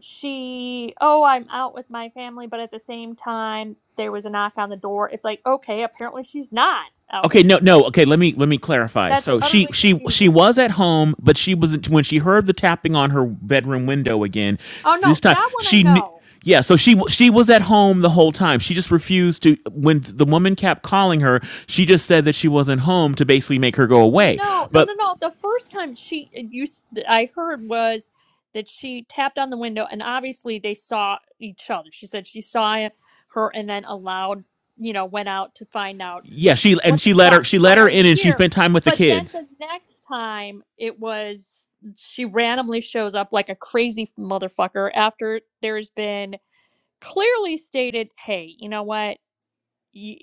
Speaker 9: she. Oh, I'm out with my family, but at the same time, there was a knock on the door. It's like, okay, apparently she's not out with
Speaker 3: Okay,
Speaker 9: the
Speaker 3: no, no.
Speaker 9: family.
Speaker 3: Okay, let me let me clarify.
Speaker 9: That's
Speaker 3: So she
Speaker 9: utterly
Speaker 3: she she
Speaker 9: confusing.
Speaker 3: was at home, but she was when she heard the tapping on her bedroom window again.
Speaker 9: Oh
Speaker 3: This
Speaker 9: no,
Speaker 3: time
Speaker 9: that one I
Speaker 3: she knew.
Speaker 9: know.
Speaker 3: Yeah, so she w- she was at home the whole time. She just refused to when the woman kept calling her. She just said that she wasn't home to basically make her go away.
Speaker 9: No, no,
Speaker 3: But
Speaker 9: no, no. The first time she uh, you s- I heard was that she tapped on the window, and obviously they saw each other. She said she saw her, and then allowed you know went out to find out
Speaker 3: yeah, she and
Speaker 9: what the
Speaker 3: she let her
Speaker 9: fuck.
Speaker 3: she let
Speaker 9: Why
Speaker 3: her
Speaker 9: are
Speaker 3: in
Speaker 9: you
Speaker 3: and she
Speaker 9: here?
Speaker 3: spent time with the
Speaker 9: But then
Speaker 3: kids.
Speaker 9: the next time it was she randomly shows up like a crazy motherfucker after there's been clearly stated, hey, you know what? you,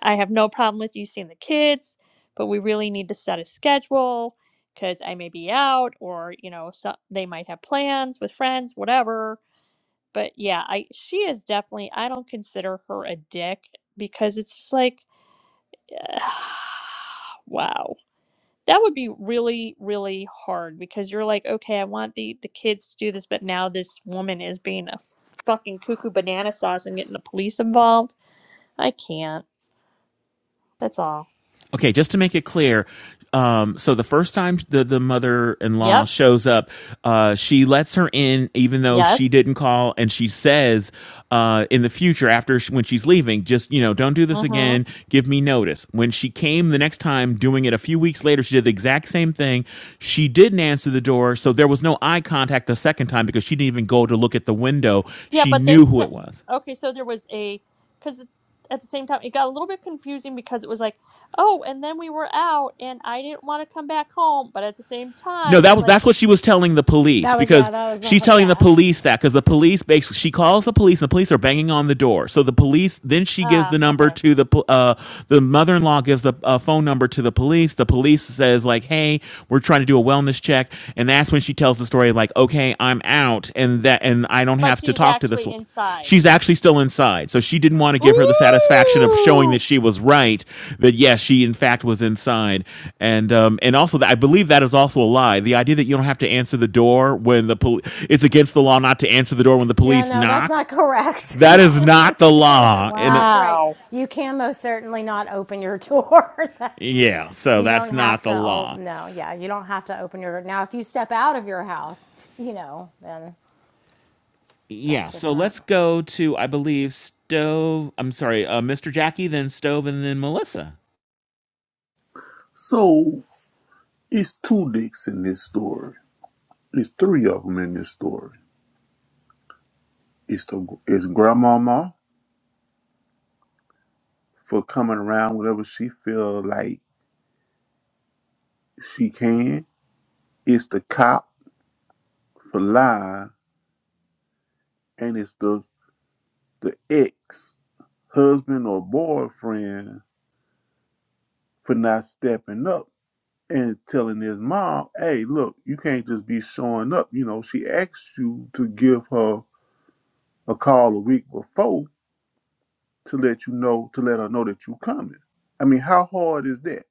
Speaker 9: I have no problem with you seeing the kids, but we really need to set a schedule because I may be out or, you know, so they might have plans with friends, whatever. But yeah, I she is definitely I don't consider her a dick because it's just like wow. That would be really really hard because you're like, okay, I want the the kids to do this, but now this woman is being a fucking cuckoo banana sauce and getting the police involved. I can't. That's all.
Speaker 3: Okay, just to make it clear, um, so the first time the, the mother in law
Speaker 9: Yep.
Speaker 3: shows up, uh, she lets her in, even though she didn't
Speaker 9: Yes.
Speaker 3: call, and she says uh, in the future, after sh when she's leaving, just you know, don't do this again.
Speaker 9: Mm-hmm.
Speaker 3: Give me notice. When she came the next time, doing it a few weeks later, she did the exact same thing. She didn't answer the door, so there was no eye contact the second time because she didn't even go to look at the window.
Speaker 9: Yeah,
Speaker 3: She
Speaker 9: but they
Speaker 3: knew who it
Speaker 9: said
Speaker 3: was.
Speaker 9: okay, so there was a because at the same time it got a little bit confusing because it was like, oh, and then we were out and I didn't want to come back home, but at the same
Speaker 3: No,
Speaker 9: time
Speaker 3: that
Speaker 9: it's
Speaker 3: was
Speaker 9: like,
Speaker 3: that's what she was telling the police
Speaker 1: That was
Speaker 3: because
Speaker 1: yeah. That was the
Speaker 3: she's
Speaker 1: whole
Speaker 3: telling the
Speaker 1: yeah.
Speaker 3: police that because the police basically she calls the police and the police are banging on the door. So the police then she gives
Speaker 9: ah,
Speaker 3: the number
Speaker 9: okay.
Speaker 3: to the po- uh, the mother in law gives the uh, phone number to the police. The police says like, "Hey, we're trying to do a wellness check," and that's when she tells the story like, "Okay, I'm out," and that and I don't
Speaker 9: But
Speaker 3: have to
Speaker 9: she's
Speaker 3: talk to this
Speaker 9: actually
Speaker 3: woman
Speaker 9: inside.
Speaker 3: she's actually still inside. So she didn't want to give her the satisfaction of showing that
Speaker 9: Ooh.
Speaker 3: she was right. That yes, she in fact was inside, and um, and also that I believe that is also a lie. The idea that you don't have to answer the door when the police it's against the law not to answer the door when the
Speaker 1: Yeah.
Speaker 3: police
Speaker 1: No, that's
Speaker 3: knock.
Speaker 1: not correct.
Speaker 3: That is not
Speaker 1: it's,
Speaker 3: the law. And uh,
Speaker 1: not correct.
Speaker 9: Wow.
Speaker 1: You can most certainly not open your door. that's
Speaker 3: yeah, so
Speaker 1: you don't
Speaker 3: that's not
Speaker 1: have
Speaker 3: the
Speaker 1: to. Oh
Speaker 3: law.
Speaker 1: no. Yeah. You don't have to open your door. now. If you step out of your house, you know, then that's
Speaker 3: Yeah, so
Speaker 1: different.
Speaker 3: let's go to I believe Stove. I'm sorry, uh, Mr. Jackie, then Stove, and then Melissa.
Speaker 4: So it's two dicks in this story. It's three of them in this story. It's the it's grandmama for coming around whenever she feel like she can. It's the cop for lying, and it's the the ex husband or boyfriend for not stepping up and telling his mom, "Hey, look, you can't just be showing up. You know, she asked you to give her a call a week before." to let you know to let her know that you coming. I mean, how hard is that?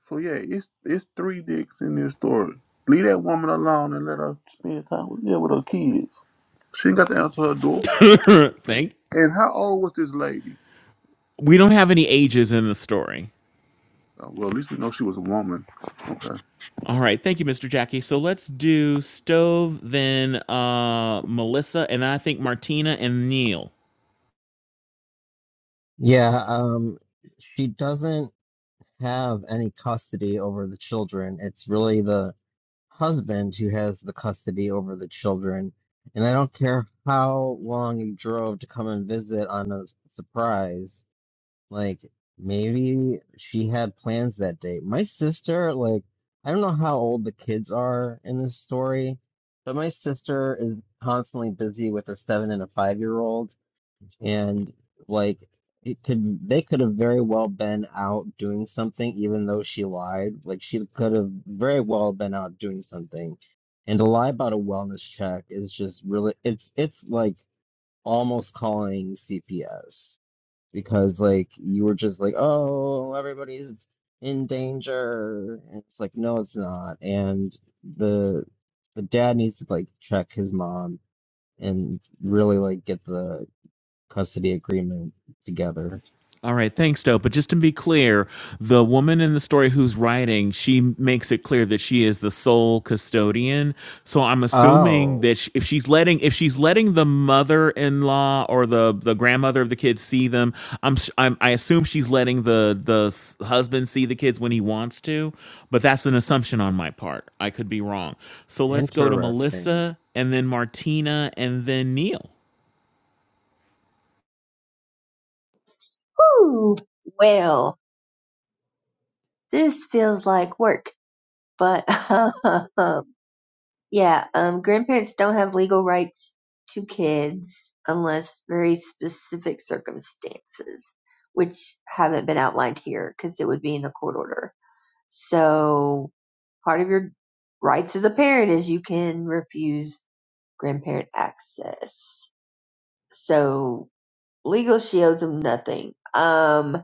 Speaker 4: So yeah, it's it's three dicks in this story. Leave that woman alone and let her spend time with yeah with her kids. She ain't got to answer her door.
Speaker 3: Think
Speaker 4: And how old was this lady?
Speaker 3: we don't have any ages in the story.
Speaker 4: Oh, well, at least we know she was a woman. Okay.
Speaker 3: All right, thank you, Mr. Jackie. So let's do Stove, then uh, Melissa, and I think Martina and Neil.
Speaker 7: Yeah, um, she doesn't have any custody over the children. It's really the husband who has the custody over the children, and I don't care how long you drove to come and visit on a surprise. Like, maybe she had plans that day. My sister, like, I don't know how old the kids are in this story, but my sister is constantly busy with a seven and a five year old and like it could they could have very well been out doing something even though she lied like she could have very well been out doing something and to lie about a wellness check is just really it's it's like almost calling CPS because like you were just like oh everybody's in danger and it's like no it's not and the the dad needs to like check his mom and really like get the custody agreement together.
Speaker 3: All right, thanks, Doe. But just to be clear, the woman in the story who's writing, she makes it clear that she is the sole custodian. So I'm assuming
Speaker 7: Oh,
Speaker 3: that sh if she's letting if she's letting the mother-in-law or the the grandmother of the kids see them, I'm, s- I'm I assume she's letting the the s- husband see the kids when he wants to. But that's an assumption on my part. I could be wrong. So let's go to
Speaker 7: interesting.
Speaker 3: Melissa and then Martina and then Neil.
Speaker 10: Ooh, well, this feels like work, but yeah, um, grandparents don't have legal rights to kids unless very specific circumstances, which haven't been outlined here because it would be in a court order. So part of your rights as a parent is you can refuse grandparent access. So legal she owes them nothing. Um,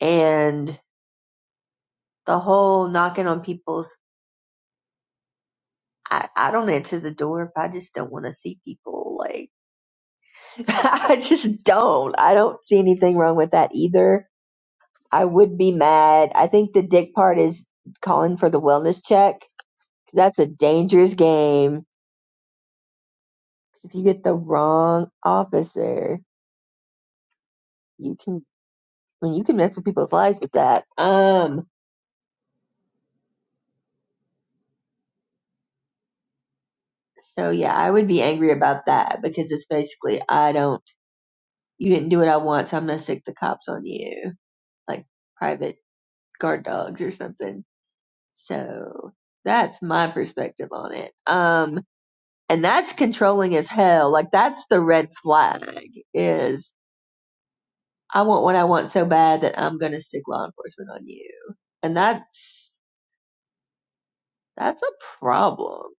Speaker 10: and the whole knocking on people's I, I don't enter the door if I just don't want to see people. Like, I just don't. I don't see anything wrong with that either. I would be mad. I think the dick part is calling for the wellness check. That's a dangerous game. If you get the wrong officer, you can, I mean, you can mess with people's lives with that. Um, so yeah, I would be angry about that because it's basically, I don't, you didn't do what I want, so I'm going to stick the cops on you. Like private guard dogs or something So that's my perspective on it. Um, and that's controlling as hell. Like that's the red flag is I want what I want so bad that I'm going to stick law enforcement on you. And that's, that's a problem.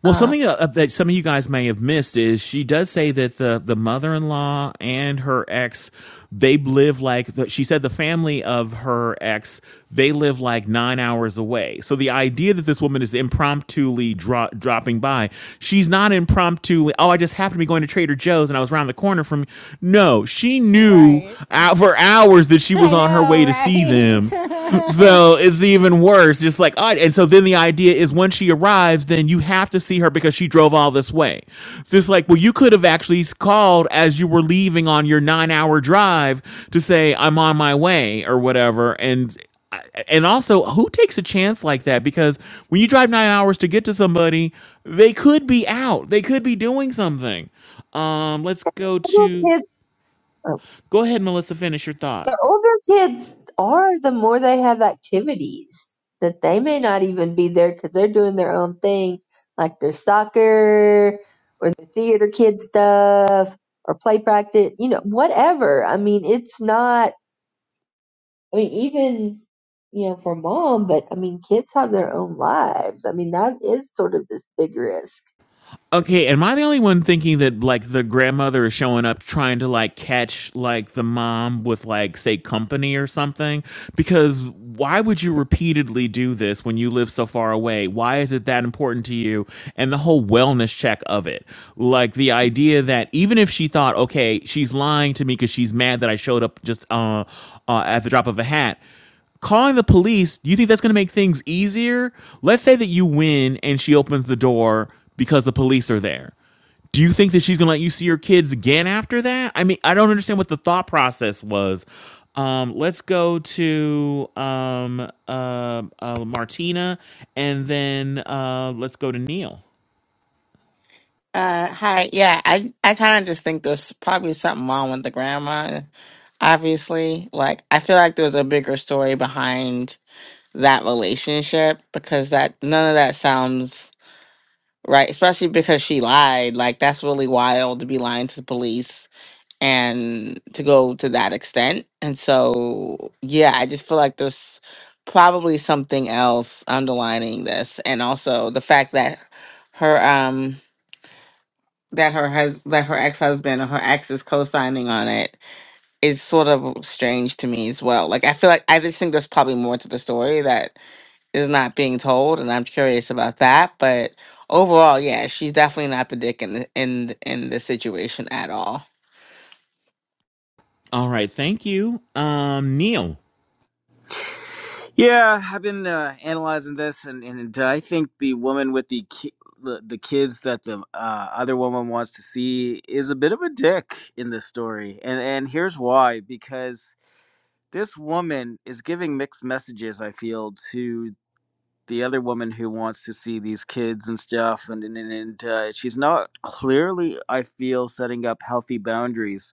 Speaker 3: Well,
Speaker 10: Uh,
Speaker 3: something uh, that some of you guys may have missed is she does say that the the mother in law and her ex they live like the, she said the family of her ex they live like nine hours away. So the idea that this woman is impromptuly dro- dropping by, she's not impromptu. Oh, I just happened to be going to Trader Joe's and I was around the corner from. No, she knew
Speaker 1: Right.
Speaker 3: uh, for hours that she was
Speaker 1: I
Speaker 3: on her
Speaker 1: know,
Speaker 3: way to see them
Speaker 1: right?
Speaker 3: so it's even worse. Just like, all right. and so then the idea is when she arrives, then you have to see her because she drove all this way. So It's just like, well, you could have actually called as you were leaving on your nine hour drive to say, I'm on my way or whatever. And uh, and also, who takes a chance like that? Because when you drive nine hours to get to somebody, they could be out. They could be doing something. Um, let's go
Speaker 10: little
Speaker 3: to
Speaker 10: kids.
Speaker 3: go ahead, Melissa. Finish your thought.
Speaker 10: The older kids are, the more they have activities that they may not even be there because they're doing their own thing, like their soccer or the theater kid stuff or play practice, you know, whatever. I mean, it's not, I mean, even, you know, for mom, but I mean, kids have their own lives. I mean, that is sort of this big risk.
Speaker 3: Okay, am I the only one thinking that like the grandmother is showing up trying to like catch like the mom with like say company or something? Because why would you repeatedly do this when you live so far away? Why is it that important to you? And the whole wellness check of it. Like the idea that even if she thought, okay, she's lying to me because she's mad that I showed up just uh, uh, at the drop of a hat calling the police, do you think that's going to make things easier? Let's say that you win and she opens the door because the police are there. Do you think that she's going to let you see your kids again after that? I mean, I don't understand what the thought process was. Um, let's go to um, uh, uh, Martina and then uh, let's go to Neil.
Speaker 12: Uh, hi. Yeah, I I kind of just think there's probably something wrong with the grandma. Obviously, like I feel like there's a bigger story behind that relationship because that none of that sounds right, especially because she lied. Like that's really wild to be lying to the police and to go to that extent. And so, yeah, I just feel like there's probably something else underlining this, and also the fact that her um that her hus- that her ex-husband or her ex is co-signing on it is sort of strange to me as well. Like I feel like I just think there's probably more to the story that is not being told and I'm curious about that, but overall, yeah, she's definitely not the dick in the, in the- in the situation at all.
Speaker 3: All right, thank you, um, Neil.
Speaker 2: Yeah, I've been uh, analyzing this, and, and I think the woman with the ki- the, the kids that the uh, other woman wants to see is a bit of a dick in this story, and and here's why: because this woman is giving mixed messages. I feel to the other woman who wants to see these kids and stuff and and, and uh, she's not clearly i feel setting up healthy boundaries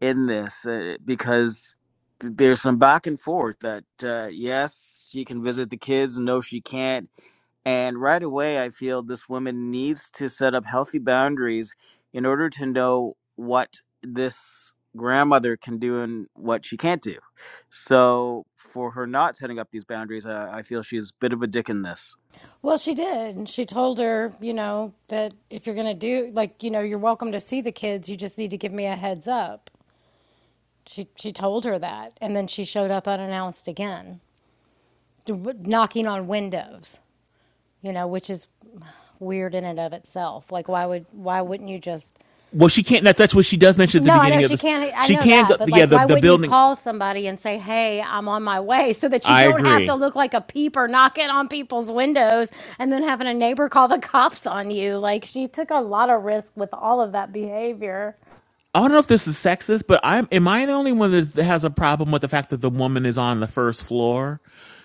Speaker 2: in this uh, because th- there's some back and forth that uh, yes she can visit the kids no she can't and right away i feel this woman needs to set up healthy boundaries in order to know what this grandmother can do and what she can't do so for her not setting up these boundaries, uh, I feel she's a bit of a dick in this.
Speaker 1: well, she did. She told her, you know, that if you're going to do, like, you know, you're welcome to see the kids. You just need to give me a heads up. She, she told her that. And then she showed up unannounced again, knocking on windows, you know, which is weird in and of itself. Like, why would, why wouldn't you just
Speaker 3: Well, she can't. That, that's what she does mention at the
Speaker 1: No, I
Speaker 3: beginning
Speaker 1: know
Speaker 3: of
Speaker 1: she
Speaker 3: this.
Speaker 1: can't. I
Speaker 3: She
Speaker 1: know
Speaker 3: can't go.
Speaker 1: that, but
Speaker 3: Yeah,
Speaker 1: like,
Speaker 3: the
Speaker 1: why
Speaker 3: the
Speaker 1: wouldn't you
Speaker 3: building.
Speaker 1: call somebody and say, "Hey, I'm on my way," so that you
Speaker 3: I
Speaker 1: don't have to
Speaker 3: agree.
Speaker 1: look like a peeper knocking on people's windows and then having a neighbor call the cops on you? Like, she took a lot of risk with all of that behavior.
Speaker 3: I don't know if this is sexist, but I'm am I the only one that has a problem with the fact that the woman is on the first floor?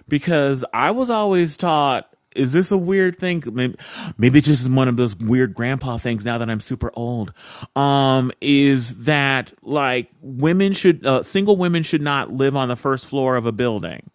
Speaker 3: Because I was always taught, is this a weird thing? Maybe, maybe it's just one of those weird grandpa things now that I'm super old. Um, is that like women should, uh, single women should not live on the first floor of a building?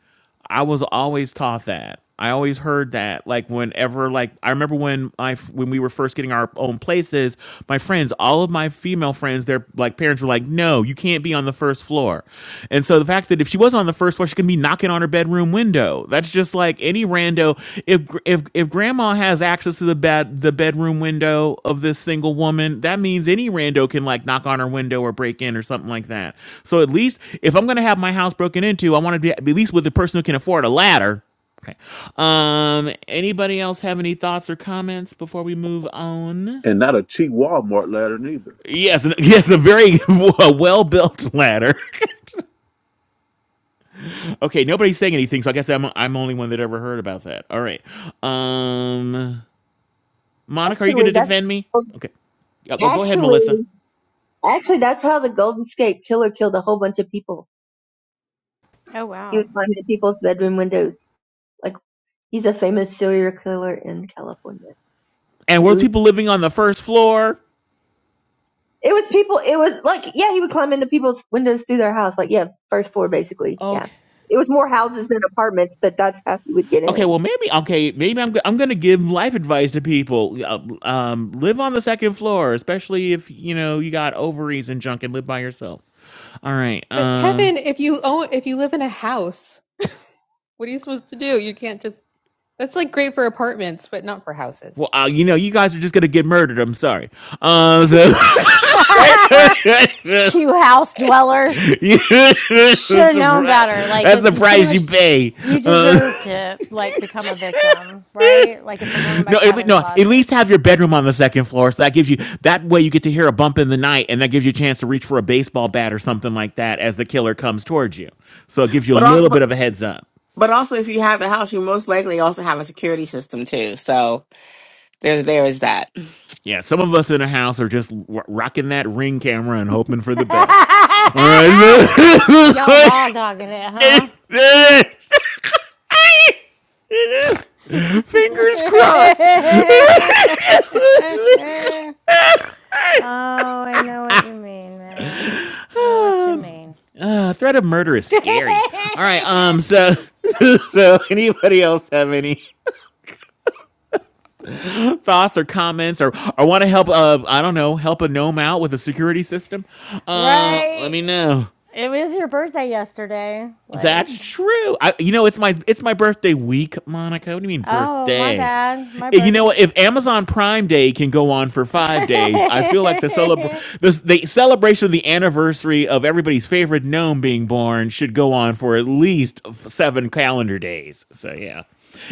Speaker 3: I was always taught that. I always heard that. Like whenever, like I remember when I when we were first getting our own places, my friends, all of my female friends, their like parents were like, "No, you can't be on the first floor." And so the fact that if she was on the first floor, she could be knocking on her bedroom window. That's just like any rando. If if if grandma has access to the bed the bedroom window of this single woman, that means any rando can like knock on her window or break in or something like that. So at least if I'm gonna have my house broken into, I want to be at least with the person who can afford a ladder. Okay. Um. Anybody else have any thoughts or comments before we move on?
Speaker 4: And not a cheap Walmart ladder neither.
Speaker 3: Yes. an- Yes. A very well built ladder. okay. Nobody's saying anything, so I guess I'm I'm only one that ever heard about that. All right. Um. Monica, are you going
Speaker 10: Actually,
Speaker 3: to
Speaker 10: that's
Speaker 3: defend me? Okay. Yeah, Oh, go ahead, Melissa.
Speaker 10: actually, actually, that's how the Golden State Killer killed a whole bunch of people
Speaker 1: Oh,
Speaker 10: He
Speaker 1: wow.
Speaker 10: would climb in people's bedroom windows. Like he's a famous serial killer in California.
Speaker 3: And were those
Speaker 10: Ooh.
Speaker 3: people living on the first floor?
Speaker 10: It was people it was like yeah, he would climb into people's windows through their house. Like yeah, first floor basically. Yeah.
Speaker 3: Okay.
Speaker 10: It was more houses than apartments, but that's how he would get
Speaker 3: Okay,
Speaker 10: in.
Speaker 3: well, maybe okay, maybe I'm I'm gonna give life advice to people. Uh, um, live on the second floor, especially if you know you got ovaries and junk and live by yourself. All right.
Speaker 8: But
Speaker 3: Um.
Speaker 8: Kevin, if you own, if you live in a house, what are you supposed to do? You can't just. That's like great for apartments, but not for
Speaker 3: Well,
Speaker 8: houses.
Speaker 3: uh, you know, you guys are just gonna get murdered. I'm sorry. Um. So that's the
Speaker 1: you house dwellers, you should have known better.
Speaker 3: pri-
Speaker 1: Like,
Speaker 3: that's
Speaker 1: if
Speaker 3: the
Speaker 1: you pretty
Speaker 3: price you
Speaker 1: much
Speaker 3: pay.
Speaker 1: you
Speaker 3: Uh,
Speaker 1: deserve to like become a victim, right? Like, if we're going by
Speaker 3: No, at, no.
Speaker 1: Kevin's
Speaker 3: At
Speaker 1: logic.
Speaker 3: least have your bedroom on the second floor, so that gives you that way you get to hear a bump in the night, and that gives you a chance to reach for a baseball bat or something like that as the killer comes towards you. So it gives you a
Speaker 12: But all
Speaker 3: little
Speaker 12: but
Speaker 3: bit of a heads up.
Speaker 12: but also if you have a house, you most likely also have a security system too. So there's there is that.
Speaker 3: Yeah, some of us in the house are just w- rocking that ring camera and hoping for the best. All right, so
Speaker 1: Y'all raw dogging it, huh?
Speaker 3: fingers crossed.
Speaker 1: oh, I know what you mean, man. I Know what you
Speaker 3: Um,
Speaker 1: mean.
Speaker 3: uh, threat of murder is scary. All right. Um. So, so anybody else have any thoughts or comments or or want to help? Uh, I don't know, help a gnome out with a security system. Uh, let
Speaker 1: right.
Speaker 3: me know.
Speaker 1: It was your birthday yesterday. Like,
Speaker 3: That's true. I, you know, it's my it's my birthday week, Monica. What do you mean
Speaker 1: oh, my
Speaker 3: birthday?
Speaker 1: bad. My
Speaker 3: Eh, You
Speaker 1: birth.
Speaker 3: know, if Amazon Prime Day can go on for five days, I
Speaker 1: okay.
Speaker 3: feel like the celebr the, the celebration of the anniversary of everybody's favorite gnome being born should go on for at least f- seven calendar days. So yeah.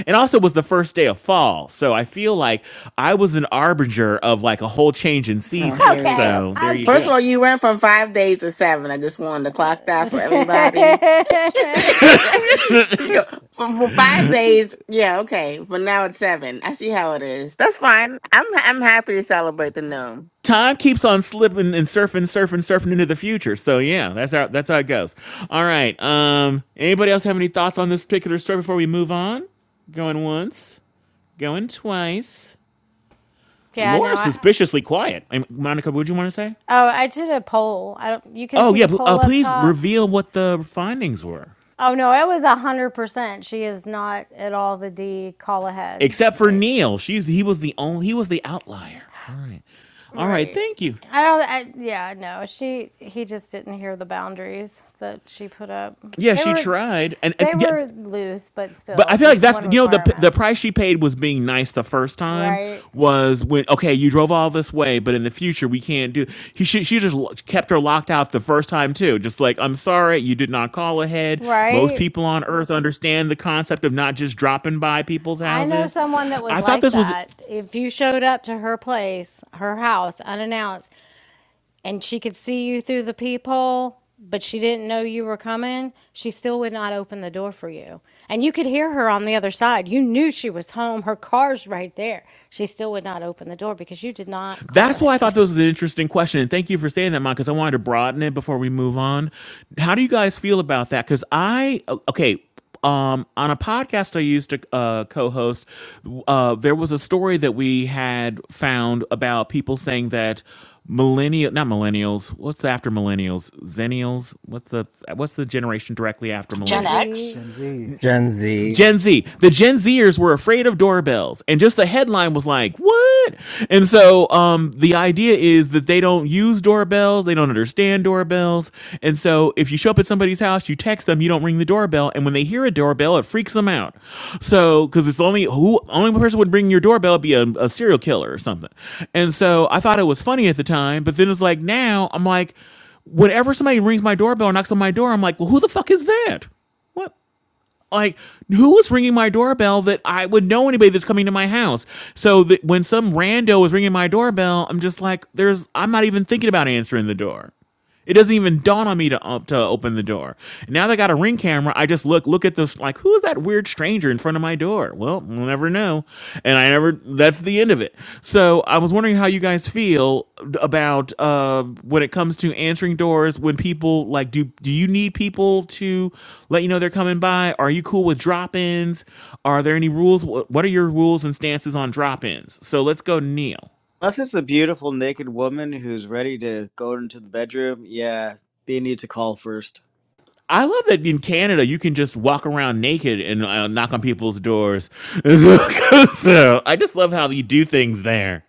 Speaker 3: And also it was the first day of fall, so I feel like I was an arbinger of like a whole change in
Speaker 12: Oh,
Speaker 3: season.
Speaker 12: here we go.
Speaker 1: Okay.
Speaker 3: So there you
Speaker 12: First of
Speaker 3: go.
Speaker 12: all, you went from five days to seven. I just wanted to clock that for everybody. You go, for, for five days, yeah, okay. But now it's seven. I see how it is. That's fine. I'm I'm happy to celebrate the no.
Speaker 3: Time keeps on slipping and surfing, surfing, surfing into the future. So yeah, that's how that's how it goes. All right. Um, anybody else have any thoughts on this particular story before we move on? Going once, going twice.
Speaker 1: yeah,
Speaker 3: Laura
Speaker 1: no, I
Speaker 3: suspiciously quiet. And Monica, would you want to say?
Speaker 1: Oh, I did a poll. I don't, you can
Speaker 3: Oh
Speaker 1: see
Speaker 3: yeah,
Speaker 1: the
Speaker 3: pl- uh,
Speaker 1: poll up
Speaker 3: please
Speaker 1: top.
Speaker 3: reveal what the findings were.
Speaker 1: Oh no, it was one hundred percent. She is not at all the D call ahead.
Speaker 3: Except for
Speaker 1: Like
Speaker 3: Neil, she's he was the only he was the outlier. All right, all right,
Speaker 1: right.
Speaker 3: thank you.
Speaker 1: I don't. I, yeah, no. She he just didn't hear the boundaries that she put up.
Speaker 3: Yeah,
Speaker 1: They
Speaker 3: she
Speaker 1: were
Speaker 3: tried, and, and
Speaker 1: they
Speaker 3: yeah,
Speaker 1: were loose, but
Speaker 3: But I
Speaker 1: still
Speaker 3: feel like
Speaker 1: just
Speaker 3: that's
Speaker 1: one
Speaker 3: you know the the
Speaker 1: requirement.
Speaker 3: price she paid was being nice the first time
Speaker 1: Right.
Speaker 3: was when okay you drove all this way but in the future we can't do he she, she just lo- kept her locked out the first time too just like I'm sorry you did not call ahead most
Speaker 1: Right.
Speaker 3: people on earth understand the concept of not just dropping by people's
Speaker 1: I know
Speaker 3: houses
Speaker 1: someone that
Speaker 3: I
Speaker 1: was
Speaker 3: thought
Speaker 1: like
Speaker 3: this was
Speaker 1: that. If you showed up to her place, her house, unannounced, and she could see you through the peephole, but she didn't know you were coming, she still would not open the door for you. And you could hear her on the other side. You knew she was home. Her car's right there. She still would not open the door because you did not call
Speaker 3: That's why I thought
Speaker 1: ahead.
Speaker 3: this was an interesting question. And thank you for saying that, Mom, because I wanted to broaden it before we move on. How do you guys feel about that? Because I, o- okay. Um, on a podcast I used to uh, co-host, uh, there was a story that we had found about people saying that millennial, not millennials, what's after millennials, zennials, what's the what's the generation directly after
Speaker 5: Gen
Speaker 3: millennials?
Speaker 5: X?
Speaker 1: Lizzie,
Speaker 13: Gen Z.
Speaker 7: Gen Z.
Speaker 3: Gen Z. The Gen Zers were afraid of doorbells, and just the headline was like, "What?" And so, um, the idea is that they don't use doorbells, they don't understand doorbells, and so if you show up at somebody's house, you text them, you don't ring the doorbell, and when they hear a doorbell, it freaks them out. So, because it's only who only person would ring your doorbell would be a, a serial killer or something. And so, I thought it was funny at the time, but then it's like now I'm like, whenever somebody rings my doorbell or knocks on my door, I'm like, "Well, who the fuck is that?" What? like who was ringing my doorbell that I would know anybody that's coming to my house. So that when some rando was ringing my doorbell, I'm just like, there's I'm not even thinking about answering the door. It doesn't even dawn on me to um, to open the door. Now they got a ring camera. I just look look at this like who is that weird stranger in front of my door? Well, we'll never know. And I never. That's the end of it. So I was wondering how you guys feel about uh, when it comes to answering doors when people like do do you need people to let you know they're coming by? Are you cool with drop ins? Are there any rules? Wh- What are your rules and stances on drop ins? So let's go, Neil.
Speaker 2: Unless it's a beautiful naked woman who's ready to go into the bedroom, yeah, they need to call first.
Speaker 3: I love that in Canada you can just walk around naked and uh, knock on people's doors. so, so I just love how you do things there.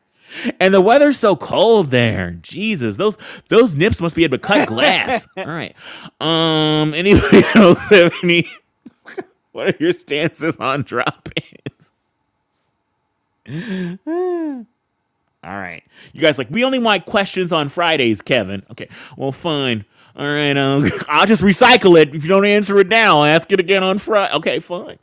Speaker 3: And the weather's so cold there. Jesus, those those nips must be able to cut glass. All right. Um. Anybody else have any? What are your stances on drop-ins? All right. You guys like we only want questions on Fridays, Kevin. Okay. Well, fine. All right. Um, I'll just recycle it. If you don't answer it now, I'll ask it again on Friday. Okay, fine.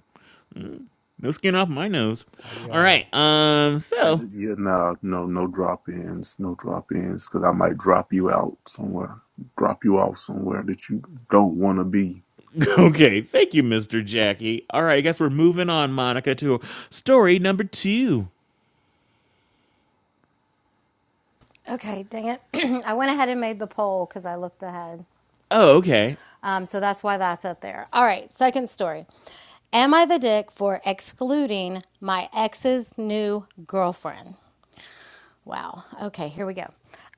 Speaker 3: No skin off my nose.
Speaker 13: I
Speaker 3: All
Speaker 13: got a
Speaker 3: right. Um.
Speaker 4: Uh,
Speaker 3: So.
Speaker 4: yeah, no, no, no drop ins, no drop ins, because I might drop you out somewhere, drop you off somewhere that you don't want to be.
Speaker 3: Okay. Thank you, Mr. Jackie. All right. I guess we're moving on, Monica, to story number two.
Speaker 1: okay, dang it. I went ahead and made the poll because I looked ahead.
Speaker 3: Oh, okay.
Speaker 1: Um, so that's why that's up there. All right, second story. Am I the dick for excluding my ex's new girlfriend? Wow. Okay, here we go.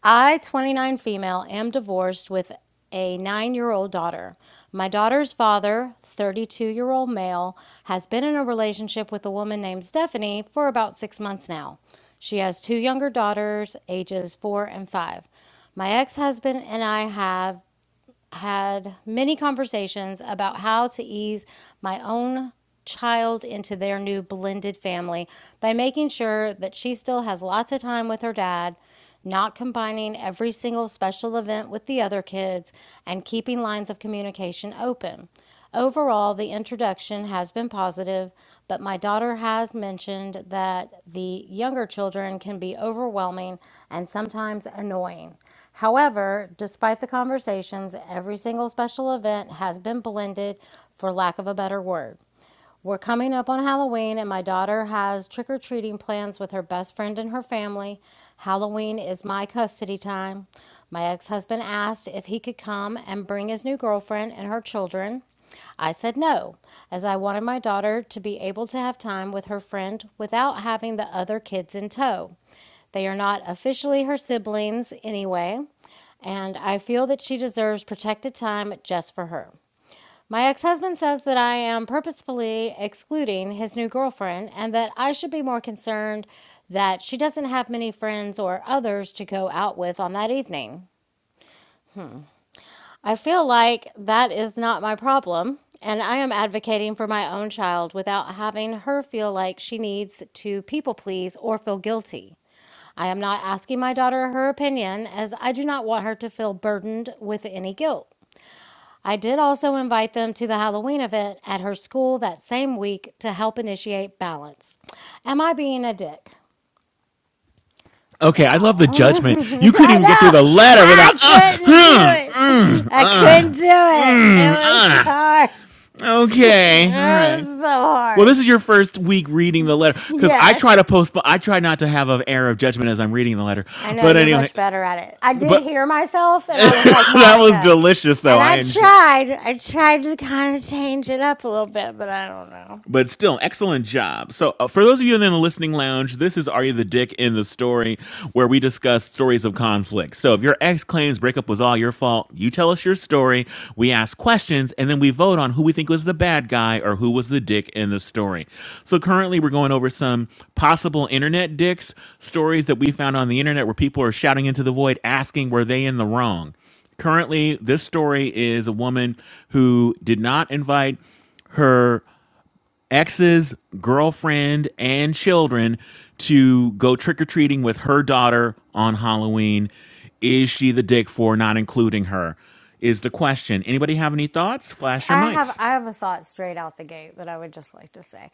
Speaker 1: I, 29 female, am divorced with a nine year old daughter. My daughter's father, 32 year old male, has been in a relationship with a woman named Stephanie for about six months now. She has two younger daughters, ages four and five. My ex husband and I have had many conversations about how to ease my own child into their new blended family by making sure that she still has lots of time with her dad, not combining every single special event with the other kids, and keeping lines of communication open. Overall, the introduction has been positive, but my daughter has mentioned that the younger children can be overwhelming and sometimes annoying. However, despite the conversations, every single special event has been blended for lack of a better word. We're coming up on Halloween, and my daughter has trick or treating plans with her best friend and her family. Halloween is my custody time. My ex husband asked if he could come and bring his new girlfriend and her children. I said no, as I wanted my daughter to be able to have time with her friend without having the other kids in tow. They are not officially her siblings anyway, and I feel that she deserves protected time just for her. My ex husband says that I am purposefully excluding his new girlfriend and that I should be more concerned that she doesn't have many friends or others to go out with on that evening. I feel like that is not my problem, and I am advocating for my own child without having her feel like she needs to people please or feel guilty. I am not asking my daughter her opinion as I do not want her to feel burdened with any guilt. I did also invite them to the Halloween event at her school that same week to help initiate balance. Am I being a dick?
Speaker 3: Okay. I love the
Speaker 1: Wow.
Speaker 3: judgment. You couldn't
Speaker 1: I
Speaker 3: even get through the
Speaker 1: know.
Speaker 3: letter without.
Speaker 1: I
Speaker 3: Uh,
Speaker 1: couldn't do
Speaker 3: hmm,
Speaker 1: it.
Speaker 3: mm,
Speaker 1: I couldn't
Speaker 3: uh,
Speaker 1: do it.
Speaker 3: mm,
Speaker 1: It was
Speaker 3: uh.
Speaker 1: hard. It
Speaker 3: Okay. All right.
Speaker 1: was so
Speaker 3: Well, this
Speaker 1: hard.
Speaker 3: is your first week reading the letter because I
Speaker 1: Yes.
Speaker 3: try to postpone. I try not to have an error of judgment as I'm reading the letter.
Speaker 1: I know
Speaker 3: But
Speaker 1: you're
Speaker 3: anyway,
Speaker 1: much better at it. I did
Speaker 3: but
Speaker 1: hear myself and I was like,
Speaker 3: that was
Speaker 1: Monica.
Speaker 3: delicious, though.
Speaker 1: And
Speaker 3: I
Speaker 1: I
Speaker 3: enjoy.
Speaker 1: tried, I tried to kind of change it up a little bit, but I don't know.
Speaker 3: but still excellent job so uh, for those of you in the listening lounge this is are you the dick in the story where we discuss stories of conflict so if your ex claims breakup was all your fault you tell us your story we ask questions and then we vote on who we think was the bad guy or who was the dick in the story so currently we're going over some possible internet dicks stories that we found on the internet where people are shouting into the void asking were they in the wrong currently this story is a woman who did not invite her ex's girlfriend and children to go trick or treating with her daughter on Halloween. Is she the dick for not including her? Is the question. Anybody have any thoughts? Flash your
Speaker 1: I have
Speaker 3: mics.
Speaker 1: I have a thought straight out the gate that I would just like to say.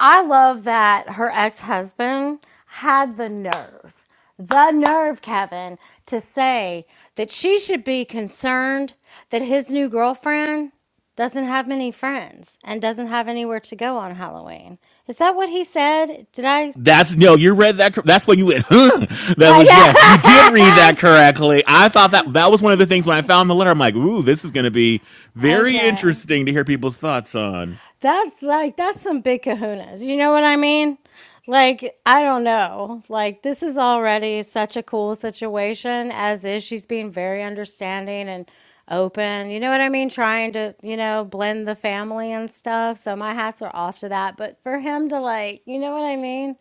Speaker 1: I love that her ex-husband had the nerve. The nerve, Kevin, to say that she should be concerned that his new girlfriend doesn't have many friends and doesn't have anywhere to go on Halloween. Is that what he said? Did I?
Speaker 3: That's no, you read that. cor- That's when you went. Huh? That was yes, you did read
Speaker 1: I
Speaker 3: that
Speaker 1: guess.
Speaker 3: correctly. I thought that that was one of the things when I
Speaker 1: Okay.
Speaker 3: found the letter. I'm like, ooh, this is going to be very
Speaker 1: Okay.
Speaker 3: interesting to hear people's thoughts on.
Speaker 1: That's like that's some big kahunas. You know what I mean? Like, I don't know. Like this is already such a cool situation as is. She's being very understanding and open. You know what I mean? Trying to, you know, blend the family and stuff. So my hats are off to that. But for him to like, you know what I mean?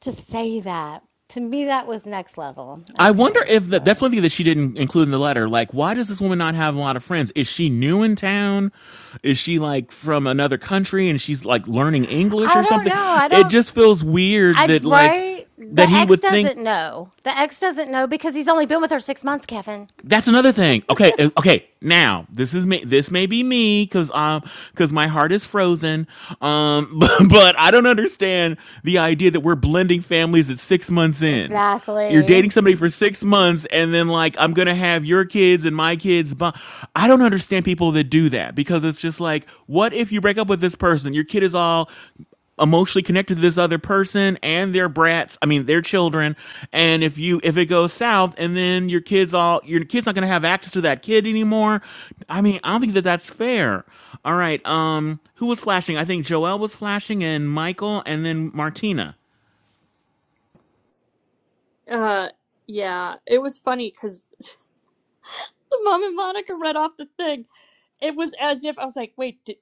Speaker 1: To say that. To me that was next level.
Speaker 3: I wonder
Speaker 1: Okay.
Speaker 3: if that, that's
Speaker 1: Sorry.
Speaker 3: one thing that she didn't include in the letter. Like, why does this woman not have a lot of friends? Is she new in town? Is she like from another country and she's like learning English
Speaker 1: I
Speaker 3: or
Speaker 1: don't
Speaker 3: something?
Speaker 1: know. I
Speaker 3: It
Speaker 1: don't
Speaker 3: just feels weird
Speaker 1: I
Speaker 3: that like
Speaker 1: right. The
Speaker 3: that he
Speaker 1: ex
Speaker 3: would think
Speaker 1: doesn't know. The ex doesn't know because he's only been with her six months, Kevin.
Speaker 3: That's another thing. Okay, uh, okay. Now this is me. This may be me because um because my heart is frozen. Um, but, but I don't understand the idea that we're blending families at six months in. You're
Speaker 1: Exactly.
Speaker 3: dating somebody for six months, and then like I'm gonna have your kids and my kids. But I don't understand people that do that because it's just like, what if you break up with this person? Your kid is all emotionally connected to this other person and their brats i mean their children and if you if it goes south and then your kids all your kids not going to have access to that kid anymore i mean i don't think that that's fair all right um who was flashing i think joel was flashing and michael and then martina
Speaker 9: Uh yeah, it was funny because the mom and Monica read off the thing. It was as if I was like, wait, did,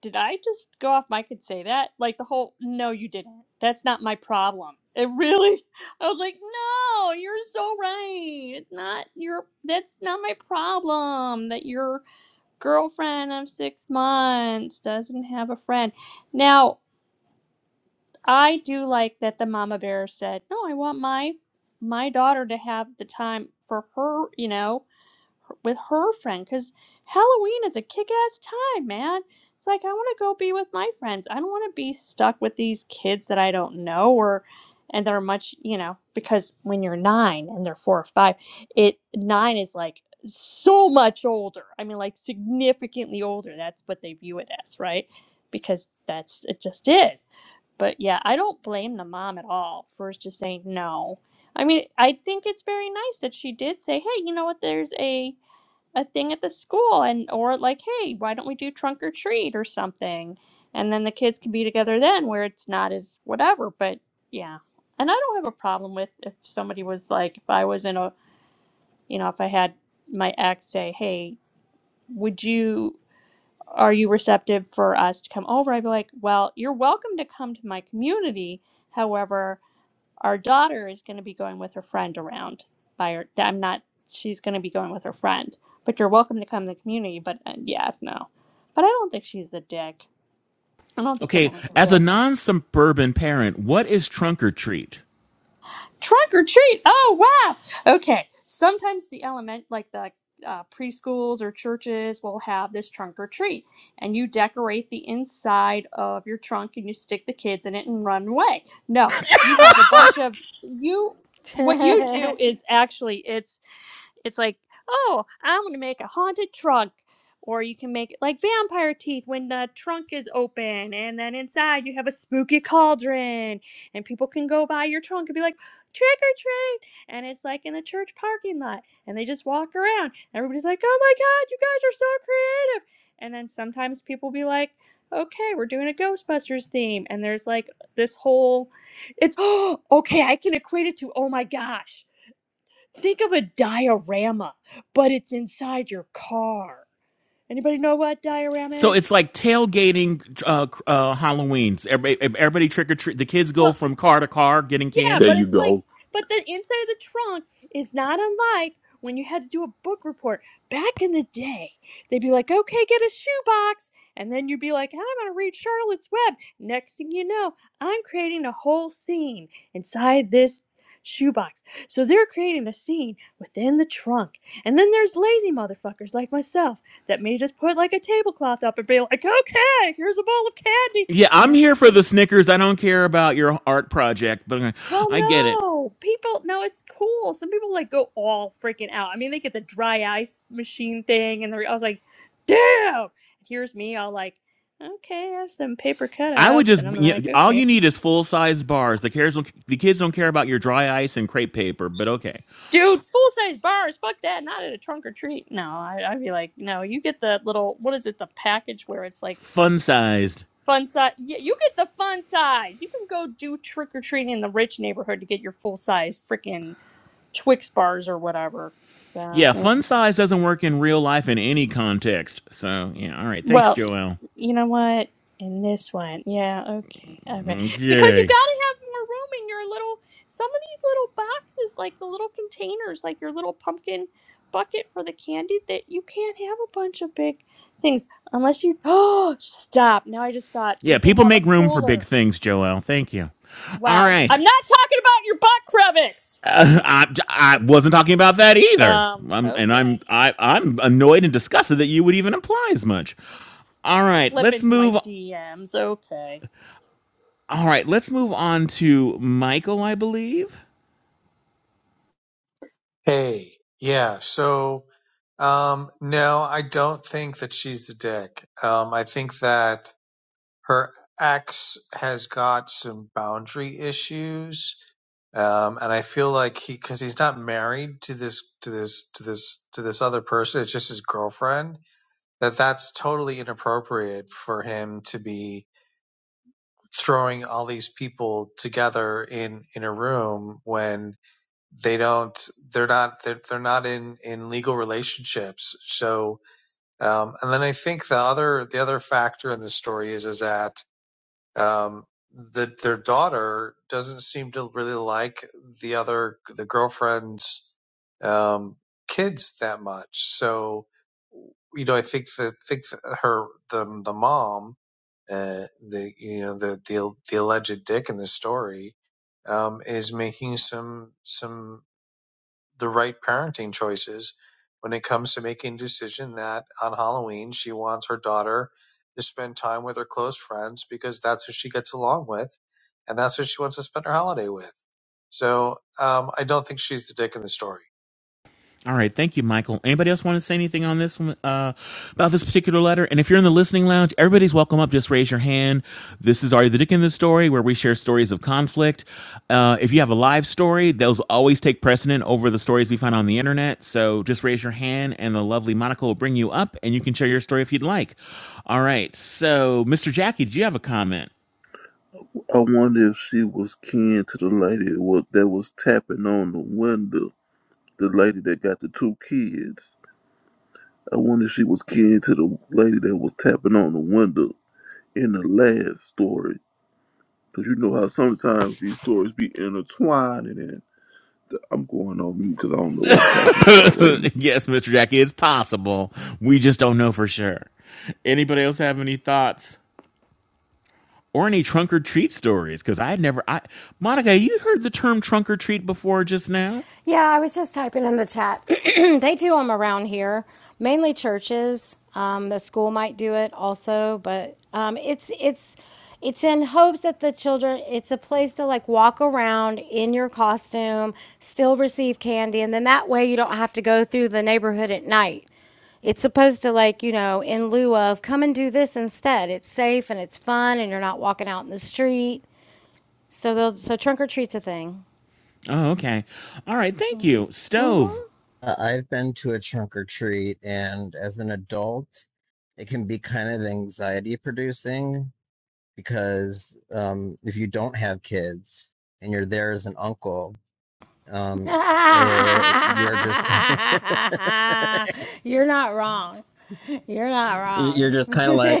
Speaker 9: did I just go off mic and say that? Like the whole, no, you didn't. That's not my problem. It really, I was like, no, you're so right. It's not your, that's not my problem that your girlfriend of six months doesn't have a friend. Now, I do like that the mama bear said, no, I want my, my daughter to have the time for her, you know, with her friend because Halloween is a kick ass time, man. It's like, I want to go be with my friends. I don't want to be stuck with these kids that I don't know or, and they're much, you know, because when you're nine and they're four or five, it, nine is like so much older. I mean, like significantly older. That's what they view it as, right? Because that's, it just is. But yeah, I don't blame the mom at all for just saying no. I mean, I think it's very nice that she did say, hey, you know what, there's a, a thing at the school and or like hey why don't we do trunk or treat or something and then the kids can be together then where it's not as whatever but yeah and i don't have a problem with if somebody was like if i was in a you know if i had my ex say hey would you are you receptive for us to come over i'd be like well you're welcome to come to my community however our daughter is going to be going with her friend around. By her, I'm not. She's going to be going with her friend. But you're welcome to come to the community. But uh, yeah, no. But I don't think she's a dick. I don't think the
Speaker 3: okay
Speaker 9: woman's a
Speaker 3: as a
Speaker 9: dick.
Speaker 3: non-suburban parent what is trunk or treat
Speaker 9: Trunk or treat? Oh wow. Okay. Sometimes the element, like the uh, preschools or churches, will have this trunk or treat, and you decorate the inside of your trunk and you stick the kids in it and run away. No, you have a bunch of you. What you do is actually it's It's like, oh, I'm gonna make a haunted trunk. Or you can make it like vampire teeth when the trunk is open, and then inside you have a spooky cauldron, and people can go by your trunk and be like, trick or treat! And it's like in the church parking lot, and they just walk around. Everybody's like, oh my god, you guys are so creative! And then sometimes people be like, okay, we're doing a Ghostbusters theme. And there's like this whole, it's, oh, okay, I can equate it to, oh my gosh Think of a diorama, but it's inside your car. Anybody know what diorama
Speaker 3: so it's
Speaker 9: is?
Speaker 3: like tailgating uh, uh, Halloween. Everybody, everybody trick or treat. The kids go
Speaker 9: Well.
Speaker 3: from car to car getting
Speaker 9: Yeah,
Speaker 4: There
Speaker 9: but
Speaker 3: candy.
Speaker 4: you
Speaker 9: it's like,
Speaker 4: go.
Speaker 9: but the inside of the trunk is not unlike when you had to do a book report back in the day. They'd be like, okay, get a shoebox. And then you'd be like, I'm going to read Charlotte's Web. Next thing you know, I'm creating a whole scene inside this shoebox. So they're creating a scene within the trunk. And then there's lazy motherfuckers like myself that may just put like a tablecloth up and be like, okay, here's a bowl of candy.
Speaker 3: Yeah,
Speaker 9: And
Speaker 3: I'm
Speaker 9: then
Speaker 3: here
Speaker 9: I'll
Speaker 3: for the Snickers. I don't care about your art project, but I
Speaker 9: well,
Speaker 3: I get it.
Speaker 9: no, people. No, it's cool. Some people like go all freaking out. I mean, they get the dry ice machine thing, and they're, I was like, "Damn!" Here's me, all like, "Okay, I have some paper
Speaker 3: I would
Speaker 9: cutouts,"
Speaker 3: just,
Speaker 9: and I'm
Speaker 3: you know,
Speaker 9: like,
Speaker 3: all you
Speaker 9: "Okay,
Speaker 3: need is full size bars. The cares don't, the kids don't care about your dry ice and crepe paper, but okay.
Speaker 9: dude, full size bars. Fuck that. Not at a trunk or treat. No, I, I'd be like, no, you get the little. What is it? The package where it's like
Speaker 3: Fun sized.
Speaker 9: fun size. Yeah, you get the fun size. You can go do trick or treating in the rich neighborhood to get your full size freaking Twix bars or whatever. So
Speaker 3: Yeah,
Speaker 9: yeah.
Speaker 3: fun size doesn't work in real life in any context. So, yeah, all right. Thanks,
Speaker 9: Well,
Speaker 3: Joel.
Speaker 9: you know what? In this one, yeah, okay, all right. Because you've
Speaker 3: Okay.
Speaker 9: got to have more room in your little, some of these little boxes, like the little containers, like your little pumpkin bucket for the candy, that you can't have a bunch of big things unless you. Oh, stop. Now I just thought
Speaker 3: Yeah,
Speaker 9: you can
Speaker 3: people
Speaker 9: have a
Speaker 3: make room for big
Speaker 9: cooler.
Speaker 3: things, Joel. Thank you. All
Speaker 9: Wow.
Speaker 3: right.
Speaker 9: I'm not talking about your butt crevice.
Speaker 3: I, I wasn't talking about that either.
Speaker 9: Um,
Speaker 3: I'm, and
Speaker 9: okay.
Speaker 3: I'm I, I'm annoyed and disgusted that you would even imply as much. All right,
Speaker 9: Slip
Speaker 3: let's
Speaker 9: into my
Speaker 3: move.
Speaker 9: DMs. Okay.
Speaker 3: All right, let's move on to Michael. I believe.
Speaker 11: Hey, yeah. So, um, no, I don't think that she's the dick. Um, I think that her ex has got some boundary issues. Um, and I feel like he, cause he's not married to this, to this, to this, to this other person. It's just his girlfriend that that's totally inappropriate for him to be throwing all these people together in, in a room when they don't they're not they're, they're not in in legal relationships so um and then i think the other the other factor in the story is is that um that their daughter doesn't seem to really like the other the girlfriend's um kids that much so you know i think that think that her the the mom uh the you know the the the alleged dick in the story um is making some some the right parenting choices when it comes to making a decision that on Halloween she wants her daughter to spend time with her close friends because that's who she gets along with and that's who she wants to spend her holiday with. So um, I don't think she's the dick in the story.
Speaker 3: All right, thank you, Michael. Anybody else want to say anything on this one uh, about this particular letter? And if you're in the listening lounge, everybody's welcome up. Just raise your hand. This is Are You the Dick in the Story, where we share stories of conflict. Uh, if you have a live story, those always take precedent over the stories we find on the internet. So just raise your hand, and the lovely Monica will bring you up, and you can share your story if you'd like. All right, so Mr. Jackie, do you have a comment?
Speaker 4: I wonder if she was kin to the lady wa- that was tapping on the window, the lady that got the two kids. I wonder if she was kin to the lady that was tapping on the window in the last story. Because you know how sometimes these stories be intertwined and I'm going on mute because I don't know what I'm talking about right now.
Speaker 3: yes, Mr. Jackie, it's possible. We just don't know for sure. Anybody else have any thoughts? or any trunk or treat stories because I never I Monica, you heard the term trunk or treat before just now?
Speaker 1: Yeah, I was just typing in the chat. they do them around here, mainly churches. Um, the school might do it also, but um, it's it's it's in hopes that the children. It's a place to like walk around in your costume, still receive candy, and then that way you don't have to go through the neighborhood at night. It's supposed to like you know in lieu of come and do this instead. It's safe and it's fun, and you're not walking out in the street. So they'll so trunk or treat's a thing.
Speaker 3: Oh, okay. All right, thank you. Stove.
Speaker 1: Mm-hmm.
Speaker 7: have been to a trunk or treat, and as an adult, it can be kind of anxiety producing because um, if you don't have kids and you're there as an uncle, um,
Speaker 1: You're
Speaker 7: eh, you're just
Speaker 1: not wrong. You're not
Speaker 7: you're
Speaker 1: wrong.
Speaker 7: just kind of like,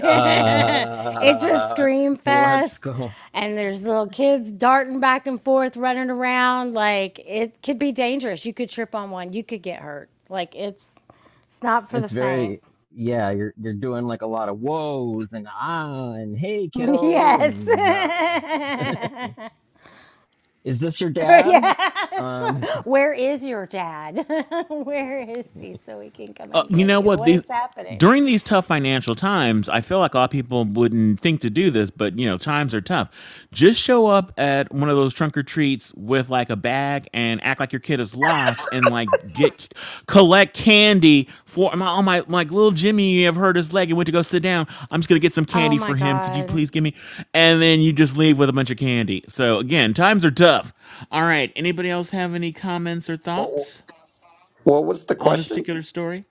Speaker 1: it's a
Speaker 7: uh,
Speaker 1: scream
Speaker 7: what's
Speaker 1: fest,
Speaker 7: going
Speaker 1: and there's little kids darting back and forth, running around. Like it could be dangerous. You could trip on one. You could get hurt. Like it's it's not for the
Speaker 7: It's
Speaker 1: faint.
Speaker 7: very yeah, you're you're doing like a lot of whoas and ah and hey kiddo
Speaker 1: Yes.
Speaker 7: and uh is this your dad?
Speaker 1: yes.
Speaker 7: Um
Speaker 1: Where is your dad? Where is he so he can come
Speaker 3: uh,
Speaker 1: and
Speaker 3: you
Speaker 1: get
Speaker 3: know
Speaker 1: you?
Speaker 3: what
Speaker 1: What
Speaker 3: these
Speaker 1: is happening?
Speaker 3: during these tough financial times i feel like a lot of people wouldn't think to do this but you know times are tough just show up at one of those trunk or treats with like a bag and act like your kid is lost and like get collect candy for my oh my like little jimmy you have hurt his leg and went to go sit down i'm just gonna get some
Speaker 1: Oh
Speaker 3: candy
Speaker 1: my
Speaker 3: for him could you
Speaker 1: God.
Speaker 3: please give me and then you just leave with a bunch of candy so again times are tough all right anybody else have any comments or
Speaker 14: What
Speaker 3: thoughts
Speaker 14: what was the
Speaker 3: on this
Speaker 14: question?
Speaker 3: particular story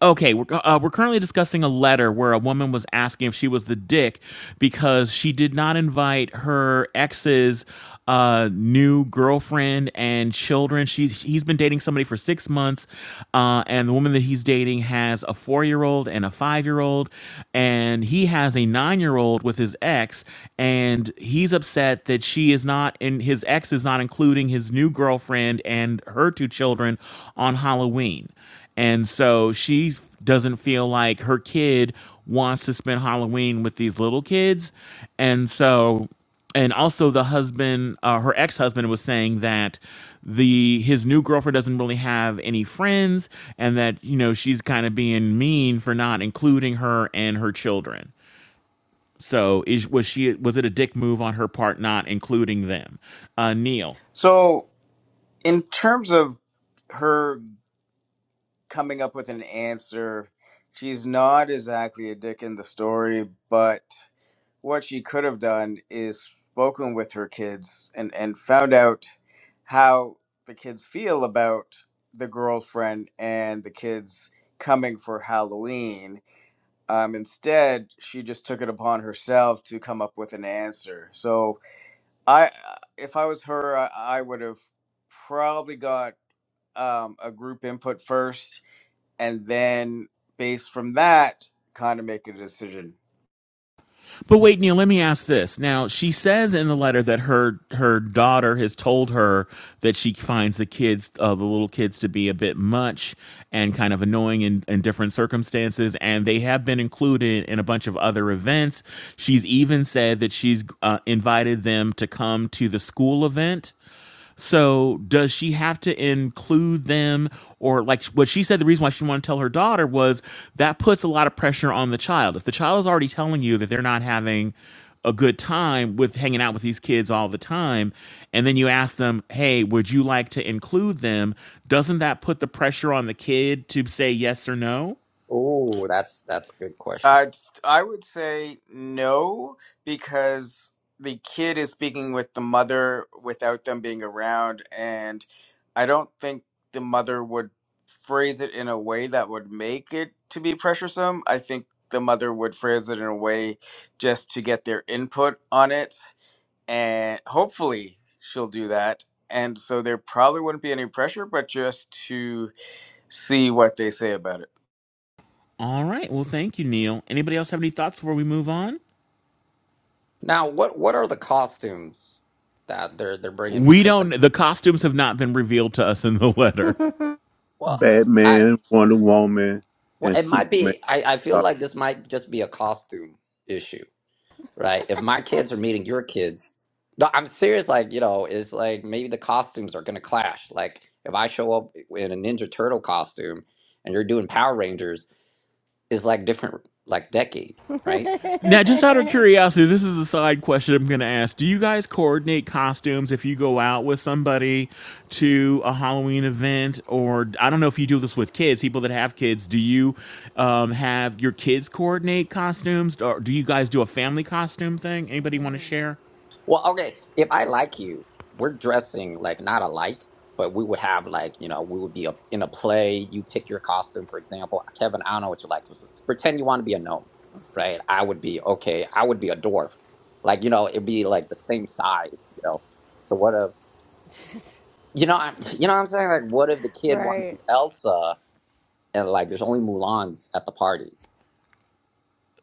Speaker 3: Okay, we're, uh, uh, we're currently discussing a letter where a woman was asking if she was the dick because she did not invite her ex's uh, new girlfriend and children. She's he's been dating somebody for six months, uh, and the woman that he's dating has a four year old and a five year old, and he has a nine year old with his ex, and he's upset that she is not and his ex is not including his new girlfriend and her two children on Halloween. And so she doesn't feel like her kid wants to spend Halloween with these little kids. And so, and also the husband, uh, her ex husband was saying that the his new girlfriend doesn't really have any friends and that you know she's kind of being mean for not including her and her children so is was she was it a dick move on her part not including them uh neil
Speaker 2: So, in terms of her coming up with an answer, she's not exactly a dick in the story, but what she could have done is spoken with her kids and and found out how the kids feel about the girlfriend and the kids coming for Halloween. Um, instead, she just took it upon herself to come up with an answer. So I, if I was her, I, I would have probably got um, a group input first, and then based from that, kind of make a decision
Speaker 3: But wait, Neil, let me ask this. Now, she says in the letter that her her daughter has told her that she finds the kids, uh, the little kids, to be a bit much and kind of annoying in, in different circumstances, and they have been included in a bunch of other events. She's even said that she's uh, invited them to come to the school event so does she have to include them or like what she said the reason why she didn't want to tell her daughter was that puts a lot of pressure on the child. If the child is already telling you that they're not having a good time with hanging out with these kids all the time and then you ask them, "Hey, would you like to include them?" doesn't that put the pressure on the kid to say yes or no?
Speaker 14: Oh, that's that's a good
Speaker 2: Uh,
Speaker 14: question.
Speaker 2: I would say no, because the kid is speaking with the mother without them being around, and I don't think the mother would phrase it in a way that would make it to be pressuresome. I think the mother would phrase it in a way just to get their input on it, and hopefully she'll do that. And so there probably wouldn't be any pressure, but just to see what they say about it.
Speaker 3: All right. Well, thank you, Neil. Anybody else have any thoughts before we move on?
Speaker 14: Now, what what are the costumes that they're they're bringing?
Speaker 3: We
Speaker 14: Because the
Speaker 3: don't the costumes have not been revealed to us in the letter.
Speaker 14: well, I
Speaker 4: Batman, Wonder Woman,
Speaker 14: well,
Speaker 4: and
Speaker 14: it might
Speaker 4: Superman
Speaker 14: be. I I feel like this might just be a costume issue, right? If my kids are meeting your kids, no, I'm serious. Like you know, it's like maybe the costumes are gonna clash. Like if I show up in a Ninja Turtle costume and you're doing Power Rangers, it's like different, like decade, right?
Speaker 3: Now, just out of curiosity, this is a side question I'm going to ask. Do you guys coordinate costumes if you go out with somebody to a Halloween event? Or I don't know if you do this with kids, people that have kids. Do you um, have your kids coordinate costumes? Or do you guys do a family costume thing? Anybody want to share?
Speaker 14: Well, okay, if I like you, we're dressing like not alike, but we would have like, you know, we would be a, in a play, you pick your costume, for example. Kevin, I don't know what you like. So, s- pretend you want to be a gnome, right? I would be, okay, I would be a dwarf. Like, you know, it'd be like the same size, you know. So what if, you know, I'm, you know what I'm saying? Like, what if the kid wanted to
Speaker 1: Right.
Speaker 14: be Elsa and like there's only Mulans at the party?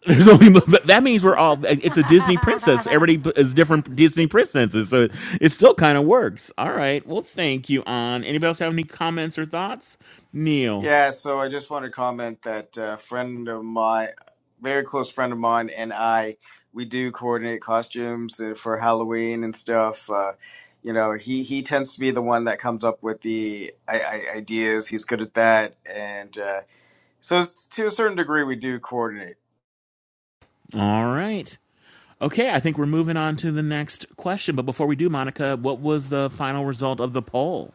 Speaker 3: There's only but that means we're all. eh, It's a Disney princess. Everybody b- is different Disney princesses, so it still kind of works. All right. Well, thank you, An. Anybody else have any comments or thoughts? Neil.
Speaker 2: Yeah, so I just want to comment that a friend of mine, very close friend of mine, and I, we do coordinate costumes uh, for Halloween and stuff. Uh, you know, he he tends to be the one that comes up with the I, I, ideas. He's good at that, and uh, so s- to a certain degree, we do coordinate.
Speaker 3: All right. Okay, I think we're moving on to the next question. But before we do, Monica, what was the final result of the poll?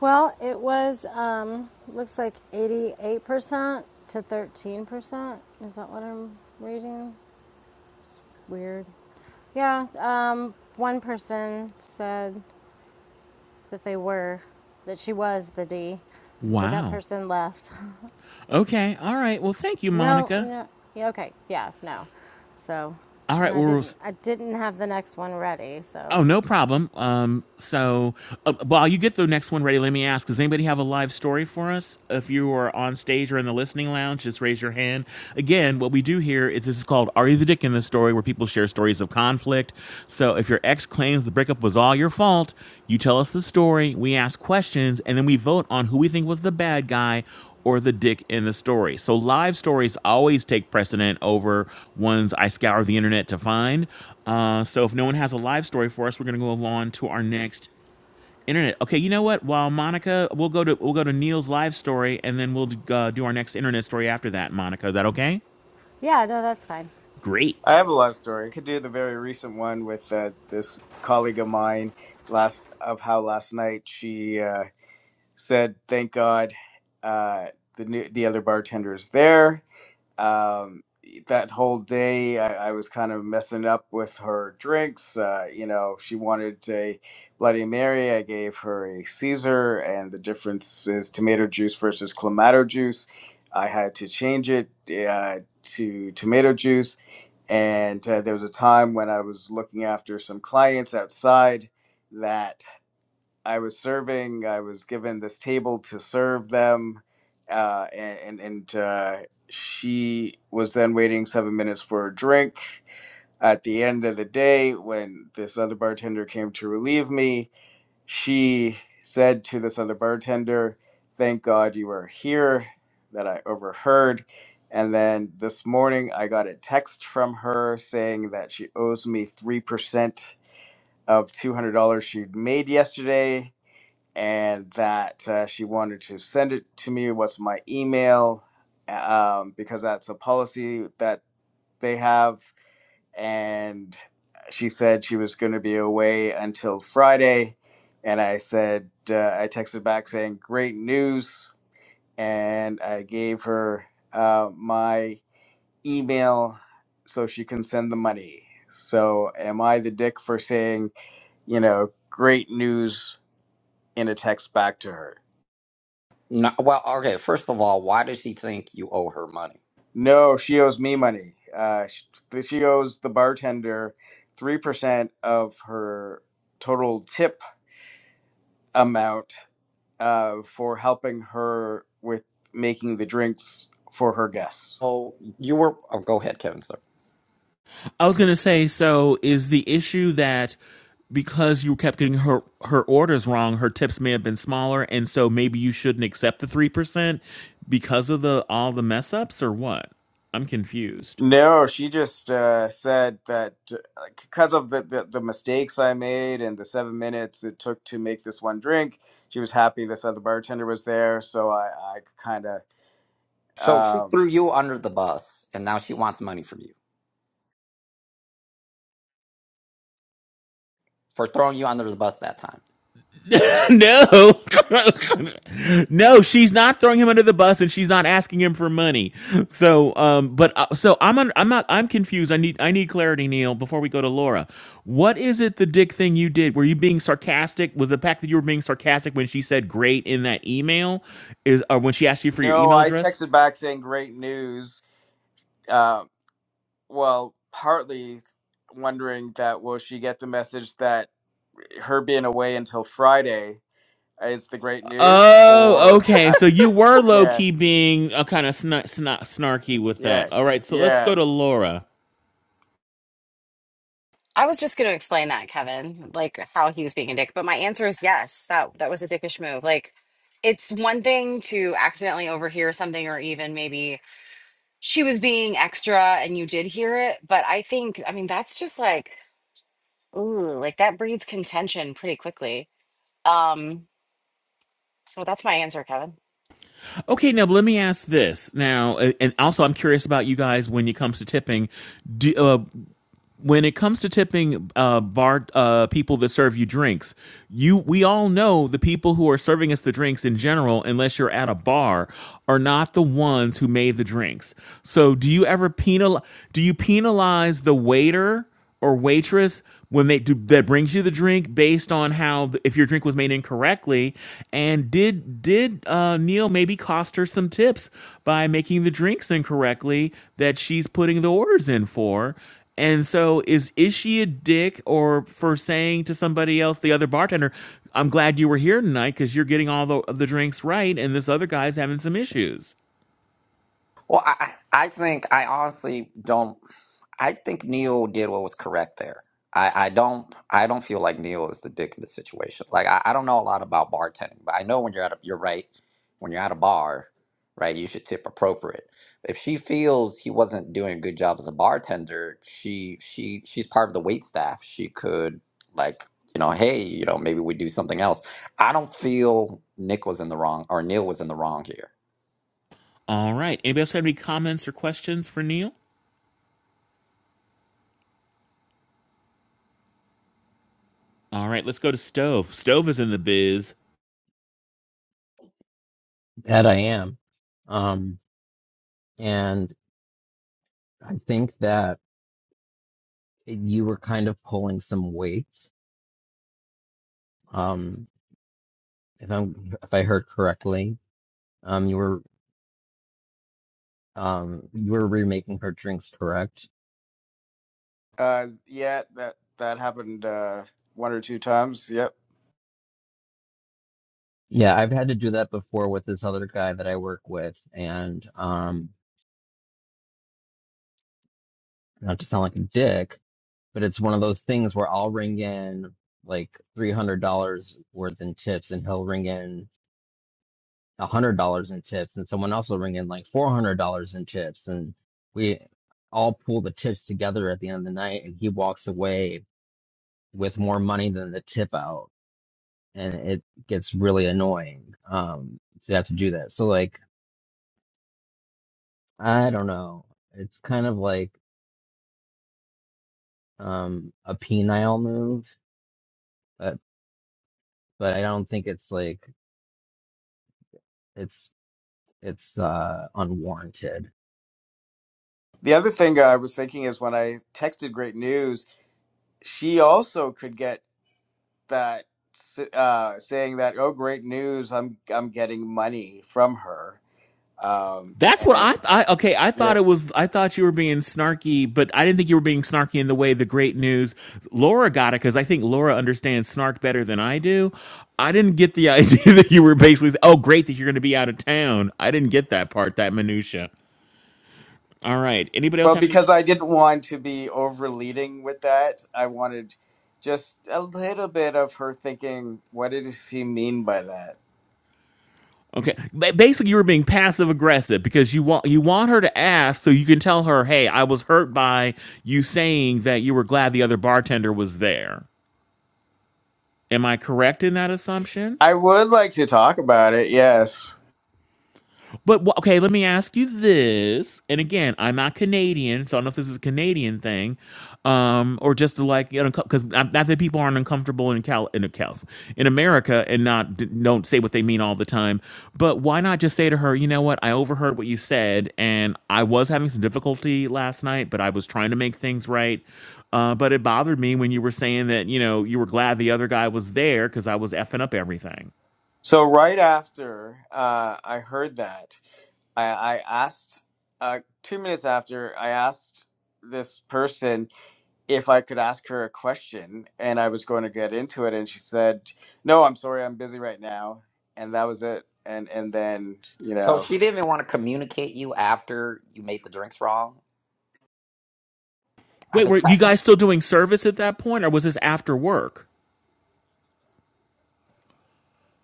Speaker 1: Well, it was, um, looks like 88% to 13%. Is that what I'm reading? Weird. Yeah, um, one person said that they were, that she was the D, but that
Speaker 3: Wow.
Speaker 1: person left.
Speaker 3: Okay. All right. Well, thank you,
Speaker 1: No,
Speaker 3: Monica.
Speaker 1: no. yeah, Okay. Yeah. No. So,
Speaker 3: All
Speaker 1: and
Speaker 3: right.
Speaker 1: I
Speaker 3: Well,
Speaker 1: didn't. I didn't have the next one ready.
Speaker 3: Oh,
Speaker 1: So,
Speaker 3: no problem. Um, so uh, while you get the next one ready, let me ask: Does anybody have a live story for us? If you are on stage or in the listening lounge, just raise your hand. Again, what we do here is this is called "Are You the Dick in the Story," where people share stories of conflict. So if your ex claims the breakup was all your fault, you tell us the story. We ask questions, and then we vote on who we think was the bad guy or the dick in the story. So live stories always take precedent over ones I scour the internet to find. Uh, so if no one has a live story for us, we're going to go along to our next internet. Okay, you know what? While Monica, we'll go to we'll go to Neil's live story, and then we'll uh, do our next internet story after that. Monica, is that okay?
Speaker 1: yeah. No, that's fine.
Speaker 3: Great.
Speaker 2: I have a love story. I Could do the very recent one with uh, this colleague of mine. Last of how last night she. uh, said, "Thank God, uh, the new, the other bartender is there." Um, that whole day, I, I was kind of messing up with her drinks. Uh, you know, she wanted a Bloody Mary. I gave her a Caesar, and the difference is tomato juice versus clamato juice. I had to change it uh, to tomato juice. And uh, there was a time when I was looking after some clients outside that. I was serving. I was given this table to serve them, uh, and and uh, she was then waiting seven minutes for a drink. At the end of the day, when this other bartender came to relieve me, she said to this other bartender, "Thank God you were here." That I overheard. And then this morning, I got a text from her saying that she owes me 3% of $200 she'd made yesterday and that uh, she wanted to send it to me. What's my email? Um, because that's a policy that they have. And she said she was going to be away until Friday. And I said, uh, I texted back saying, great news. And I gave her uh, my email so she can send the money. So am I the dick for saying, you know, great news in a text back to her?
Speaker 14: No, well, okay, first of all, why does she think you owe her money?
Speaker 2: No, she owes me money. Uh, she, she owes the bartender 3% of her total tip amount uh, for helping her with making the drinks for her guests.
Speaker 14: Oh, you were, oh, go ahead, Kevin, sorry.
Speaker 3: I was gonna say, so is the issue that because you kept getting her her orders wrong, her tips may have been smaller, and so maybe you shouldn't accept the three percent because of the all the mess ups or what? I'm confused.
Speaker 2: No, she just uh, said that because of the, the, the mistakes I made and the seven minutes it took to make this one drink, she was happy this other bartender was there. So I, I kind of.
Speaker 14: So she
Speaker 2: Um,
Speaker 14: threw you under the bus, and now she wants money from you for throwing you under the bus that time.
Speaker 3: no, no, she's not throwing him under the bus, and she's not asking him for money. So, um, but uh, so I'm un- I'm not I'm confused. I need I need clarity, Neil, before we go to Laura. What is it the dick thing you did? Were you being sarcastic? Was the fact that you were being sarcastic when she said "great" in that email is or when she asked you for your
Speaker 2: no,
Speaker 3: email
Speaker 2: I
Speaker 3: address?
Speaker 2: texted back saying great news. Um, well, partly wondering that will she get the message that her being away until Friday is the great news,
Speaker 3: Oh,
Speaker 2: or
Speaker 3: okay.
Speaker 2: I,
Speaker 3: So you were low
Speaker 2: yeah,
Speaker 3: key being a kind of sna- sna- snarky with
Speaker 2: yeah,
Speaker 3: that. All right. So let's
Speaker 2: yeah,
Speaker 3: go to Laura.
Speaker 5: I was just going to explain that, Kevin, like how he was being a dick, but my answer is yes. That that was a dickish move. Like it's one thing to accidentally overhear something or even maybe she was being extra and you did hear it, but I think I mean that's just like ooh, like that breeds contention pretty quickly. Um so that's my answer, Kevin.
Speaker 3: Okay, now let me ask this. Now, uh, and also, I'm curious about you guys when it comes to tipping. Do, uh, when it comes to tipping uh, bar uh, people that serve you drinks, you we all know the people who are serving us the drinks in general, unless you're at a bar, are not the ones who made the drinks. So, do you ever penal? Do you penalize the waiter? or waitress when they do that brings you the drink based on how th- if your drink was made incorrectly and did did uh, neil maybe cost her some tips by making the drinks incorrectly that she's putting the orders in for and so is is she a dick or for saying to somebody else the other bartender i'm glad you were here tonight because you're getting all the, the drinks right and this other guy's having some issues
Speaker 14: Well, I, I I think I honestly don't. I think Neil did what was correct there. I, I don't I don't feel like Neil is the dick of the situation. Like I, I don't know a lot about bartending, but I know when you're at a, you're right when you're at a bar, right? You should tip appropriate. If she feels he wasn't doing a good job as a bartender, she she she's part of the wait staff. She could like you know hey you know maybe we do something else. I don't feel Nick was in the wrong or Neil was in the wrong here.
Speaker 3: all right anybody else have any comments or questions for neil all right, let's go to Stove. Stove is in the biz.
Speaker 7: that I am. Um and I think that you were kind of pulling some weight. Um if I'm if I heard correctly, um you were um you were remaking her drinks, correct?
Speaker 2: uh, yeah. That that happened uh, one or two times. Yep.
Speaker 7: Yeah, I've had to do that before with this other guy that I work with and um not to sound like a dick, but it's one of those things where I'll ring in like three hundred dollars worth in tips, and he'll ring in a hundred dollars in tips, and someone else will ring in like four hundred dollars in tips, and we all pull the tips together at the end of the night, and he walks away with more money than the tip out, and it gets really annoying um, to have to do that. So like, I don't know, it's kind of like um, a penile move, but but I don't think it's like it's it's uh unwarranted.
Speaker 2: The other thing I was thinking is when I texted great news, she also could get that s- uh, saying that oh great news, I'm I'm getting money from her. Um,
Speaker 3: That's what
Speaker 2: and
Speaker 3: I, I okay. I
Speaker 2: yeah.
Speaker 3: thought it was. I thought you were being snarky, but I didn't think you were being snarky in the way the great news Laura got it because I think Laura understands snark better than I do. I didn't get the idea that you were basically s- oh great that you're going to be out of town. I didn't get that part, that minutia. All right. Anybody else
Speaker 2: Well,
Speaker 3: have any?
Speaker 2: because I didn't want to be overleading with that, I wanted just a little bit of her thinking, what does he mean by that?
Speaker 3: Okay. Ba- Basically, you were being passive aggressive because you want you want her to ask so you can tell her, hey, I was hurt by you saying that you were glad the other bartender was there. Am I correct in that assumption?
Speaker 2: I would like to talk about it, yes.
Speaker 3: But wh- okay, let me ask you this. And again, I'm not Canadian, so I don't know if this is a Canadian thing, um, or just to like you know, because not not that people aren't uncomfortable in Cal in a Cal in America and not d- don't say what they mean all the time. But why not just say to her, you know what? I overheard what you said, and I was having some difficulty last night, but I was trying to make things right. Uh, but it bothered me when you were saying that you know you were glad the other guy was there because I was effing up everything.
Speaker 2: So, right after uh, I heard that, I, I asked, uh, two minutes after, I asked this person if I could ask her a question, and I was going to get into it, and she said, No, I'm sorry, I'm busy right now. And that was it. And, and then, you
Speaker 14: So
Speaker 2: know.
Speaker 14: she didn't want to communicate you after you made the drinks wrong. I
Speaker 3: Wait, were
Speaker 14: was
Speaker 3: you guys
Speaker 14: like,
Speaker 3: still doing service at that point, or was this after work?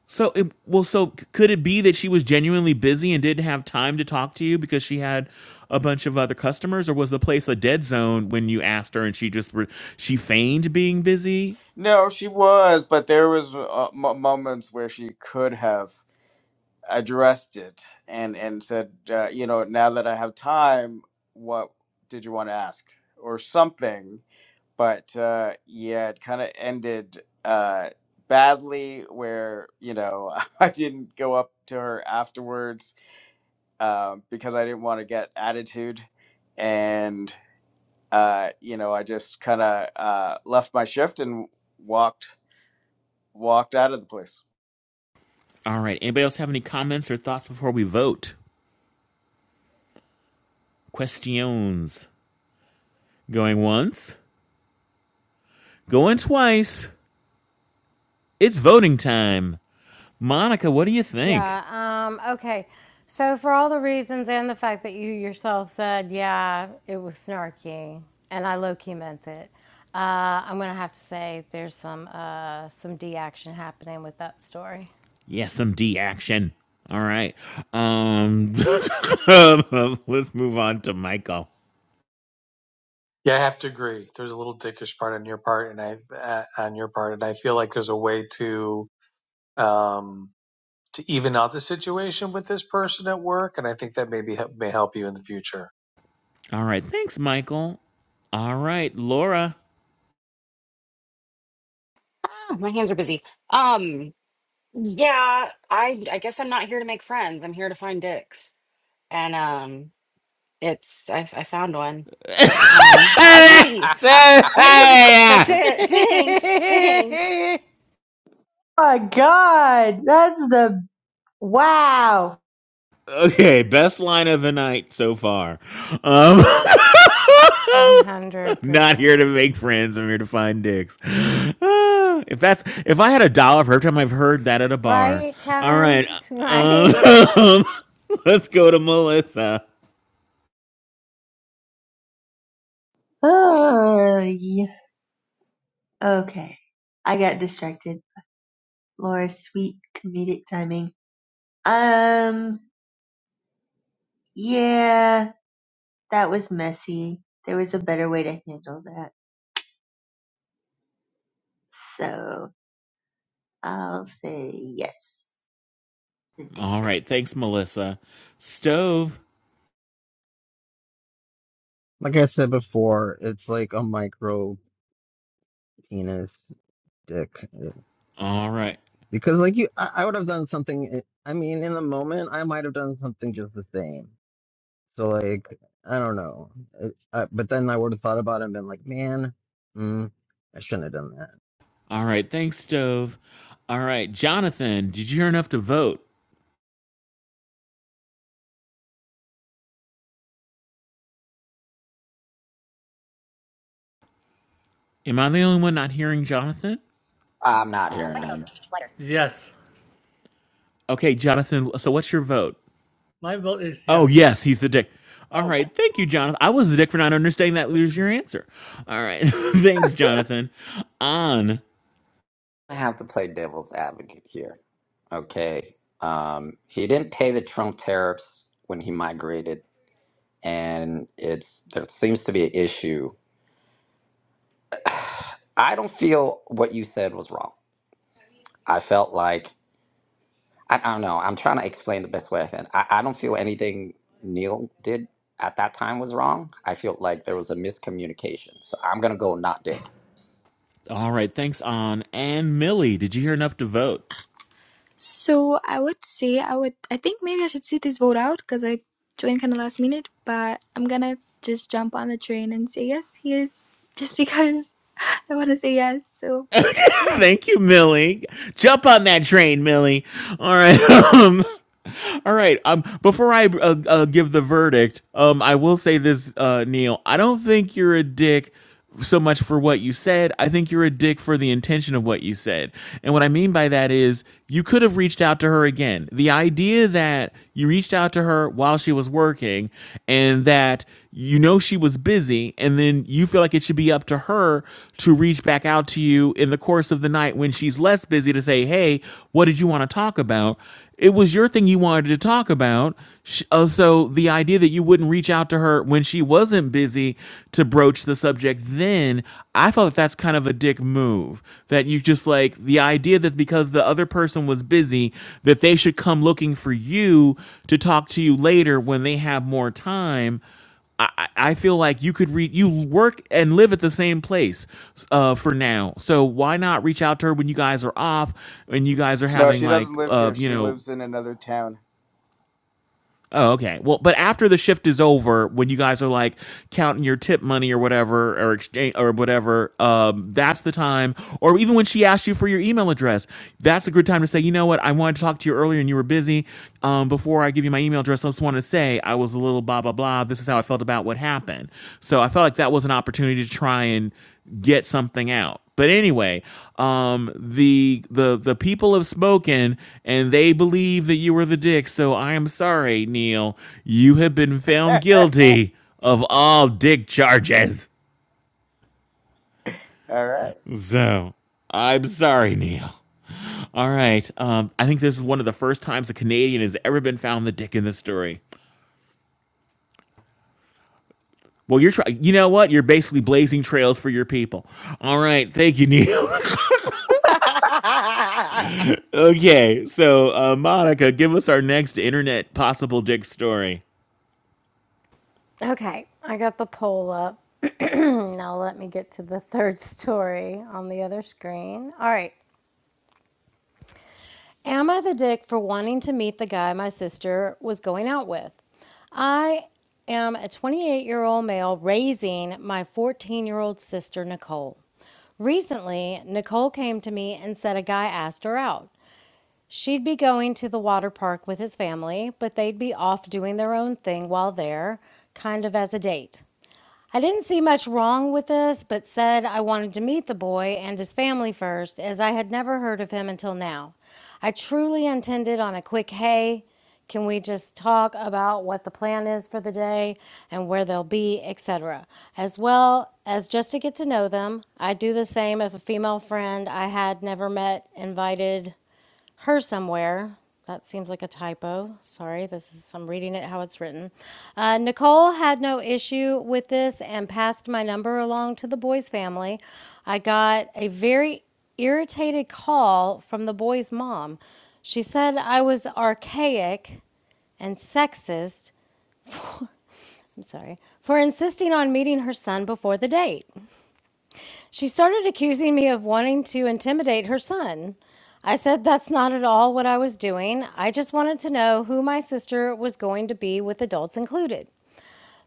Speaker 3: So, it, well, so could it be that she was genuinely busy and didn't have time to talk to you because she had a bunch of other customers, or was the place a dead zone when you asked her and she just re- she feigned being busy?
Speaker 2: No, she was, but there was uh, m- moments where she could have addressed it and and said, uh, you know, now that I have time, what did you want to ask or something? But uh, yeah, it kind of ended uh, badly, where you know I didn't go up to her afterwards um, because I didn't want to get attitude, and uh, you know I just kind of uh, left my shift and walked walked out of the place.
Speaker 3: All right. Anybody else have any comments or thoughts before we vote? Questions. Going once, going twice. It's voting time. Monica, what do you think?
Speaker 1: Yeah. Um, okay. So, for all the reasons and the fact that you yourself said, yeah, it was snarky, and I low key meant it, uh, I'm going to have to say there's some, uh, some D action happening with that story.
Speaker 3: SMD action. All right. Um, let's move on to Michael.
Speaker 11: Yeah, I have to agree. There's a little dickish part on your part, and I uh, on your part, and I feel like there's a way to um, to even out the situation with this person at work, and I think that maybe may help you in the future.
Speaker 3: All right. Thanks, Michael. All right, Laura.
Speaker 5: Ah, my hands are busy. Um yeah, I I guess I'm not here to make friends. I'm here to find dicks. and um it's I, f- I found one um i think
Speaker 3: okay,
Speaker 5: the that's it thanks thanks
Speaker 10: Oh, my god, that's the wow.
Speaker 3: best line of the night so far. Um, not here to
Speaker 1: 100%.
Speaker 3: make friends. I'm here to find dicks. Ah, if that's if I had a dollar for every time I've heard that at a bar.
Speaker 1: Right,
Speaker 3: All right.
Speaker 1: Kevin? right?
Speaker 3: Um, let's go to Melissa.
Speaker 10: Oh, yeah. Okay. I got distracted. Laura's sweet comedic timing. Um, yeah, that was messy. There was a better way to handle that. So I'll say yes. Sadiq.
Speaker 3: All
Speaker 10: So
Speaker 3: right. Thanks, Melissa. Stove.
Speaker 7: Like I said before, it's like a micro penis dick eh,
Speaker 3: All right.
Speaker 7: because like you, I, I would have done something. eh, I mean, in the moment, I might have done something just the same. So like, I don't know. It, uh, but then I would have thought about it and been like, man, mm, I shouldn't have done that.
Speaker 3: All right. Thanks, Stove. All right. Jonathan, did you hear enough to vote? Am I the only one not hearing Jonathan?
Speaker 14: I'm not hearing him.
Speaker 15: Yes,
Speaker 3: Okay, Jonathan. So what's your vote?
Speaker 15: my vote is
Speaker 3: Oh,
Speaker 15: yes.
Speaker 3: yes. He's the dick. All
Speaker 15: Oh, you
Speaker 3: right. Thank you, Jonathan. I was the dick for not understanding that was your answer. All right. thanks, Jonathan. On.
Speaker 14: I have to play devil's advocate here. Okay. Um, he didn't pay the Trump tariffs when he migrated, and it's there seems to be an issue. I don't feel what you said was wrong. I felt like I, I don't know. I'm trying to explain the best way I can. I, I don't feel anything Neil did at that time was wrong. I feel like there was a miscommunication. So I'm gonna go not dig.
Speaker 3: All right. Thanks, On. And Millie, did you hear enough to vote?
Speaker 16: So I would say I would I think maybe I should see this vote out because I joined kind of last minute, but I'm gonna just jump on the train and say yes, he is just because I want to say yes. So yeah.
Speaker 3: Thank you, Millie. Jump on that train, Millie. All right. All right. Um, before I uh, uh, give the verdict, um, I will say this, uh, Neil. I don't think you're a dick so much for what you said. I think you're a dick for the intention of what you said. And what I mean by that is you could have reached out to her again. The idea that you reached out to her while she was working and that you know she was busy and then you feel like it should be up to her to reach back out to you in the course of the night when she's less busy to say, "Hey, what did you want to talk about?" it was your thing you wanted to talk about. Sh- uh, so the idea that you wouldn't reach out to her when she wasn't busy to broach the subject, then I felt that that's kind of a dick move. That you just like the idea that because the other person was busy, that they should come looking for you to talk to you later when they have more time. I, I feel like you could read you work and live at the same place uh, for now so why not reach out to her when you guys are off and you guys are
Speaker 2: No,
Speaker 3: having
Speaker 2: she
Speaker 3: like
Speaker 2: doesn't live
Speaker 3: uh,
Speaker 2: here.
Speaker 3: you
Speaker 2: She
Speaker 3: know
Speaker 2: lives in another town.
Speaker 3: Oh, okay. Well, but after the shift is over, when you guys are like counting your tip money or whatever, or exchange or whatever, um, that's the time. Or even when she asked you for your email address, that's a good time to say, you know what, I wanted to talk to you earlier and you were busy. Um, before I give you my email address, I just want to say I was a little blah blah blah. This is how I felt about what happened. So I felt like that was an opportunity to try and get something out but anyway, um, the the the people have spoken, and they believe that you were the dick. So I am sorry, Neil. You have been found guilty of all dick charges.
Speaker 2: All right.
Speaker 3: So I'm sorry, Neil. All right. Um, I think this is one of the first times a Canadian has ever been found the dick in this story. Well, you're trying. You know what? You're basically blazing trails for your people. All right. Thank you, Neil. okay. So, uh, Monica, give us our next internet possible dick story.
Speaker 1: Okay, I got the poll up. now let me get to the third story on the other screen. All right. Am I the dick for wanting to meet the guy my sister was going out with? I am a 28 year old male raising my 14 year old sister, Nicole. Recently, Nicole came to me and said a guy asked her out. She'd be going to the water park with his family, but they'd be off doing their own thing while there, kind of as a date. I didn't see much wrong with this, but said I wanted to meet the boy and his family first, as I had never heard of him until now. I truly intended on a quick hey, can we just talk about what the plan is for the day and where they'll be, etc., as well as just to get to know them. I'd do the same if a female friend I had never met invited her somewhere. That seems like a typo. Sorry, this is I'm reading it how it's written. Uh, Nicole had no issue with this and passed my number along to the boy's family. I got a very irritated call from the boy's mom. She said I was archaic and sexist. I'm sorry for insisting on meeting her son before the date. She started accusing me of wanting to intimidate her son. I said that's not at all what I was doing. I just wanted to know who my sister was going to be with adults included.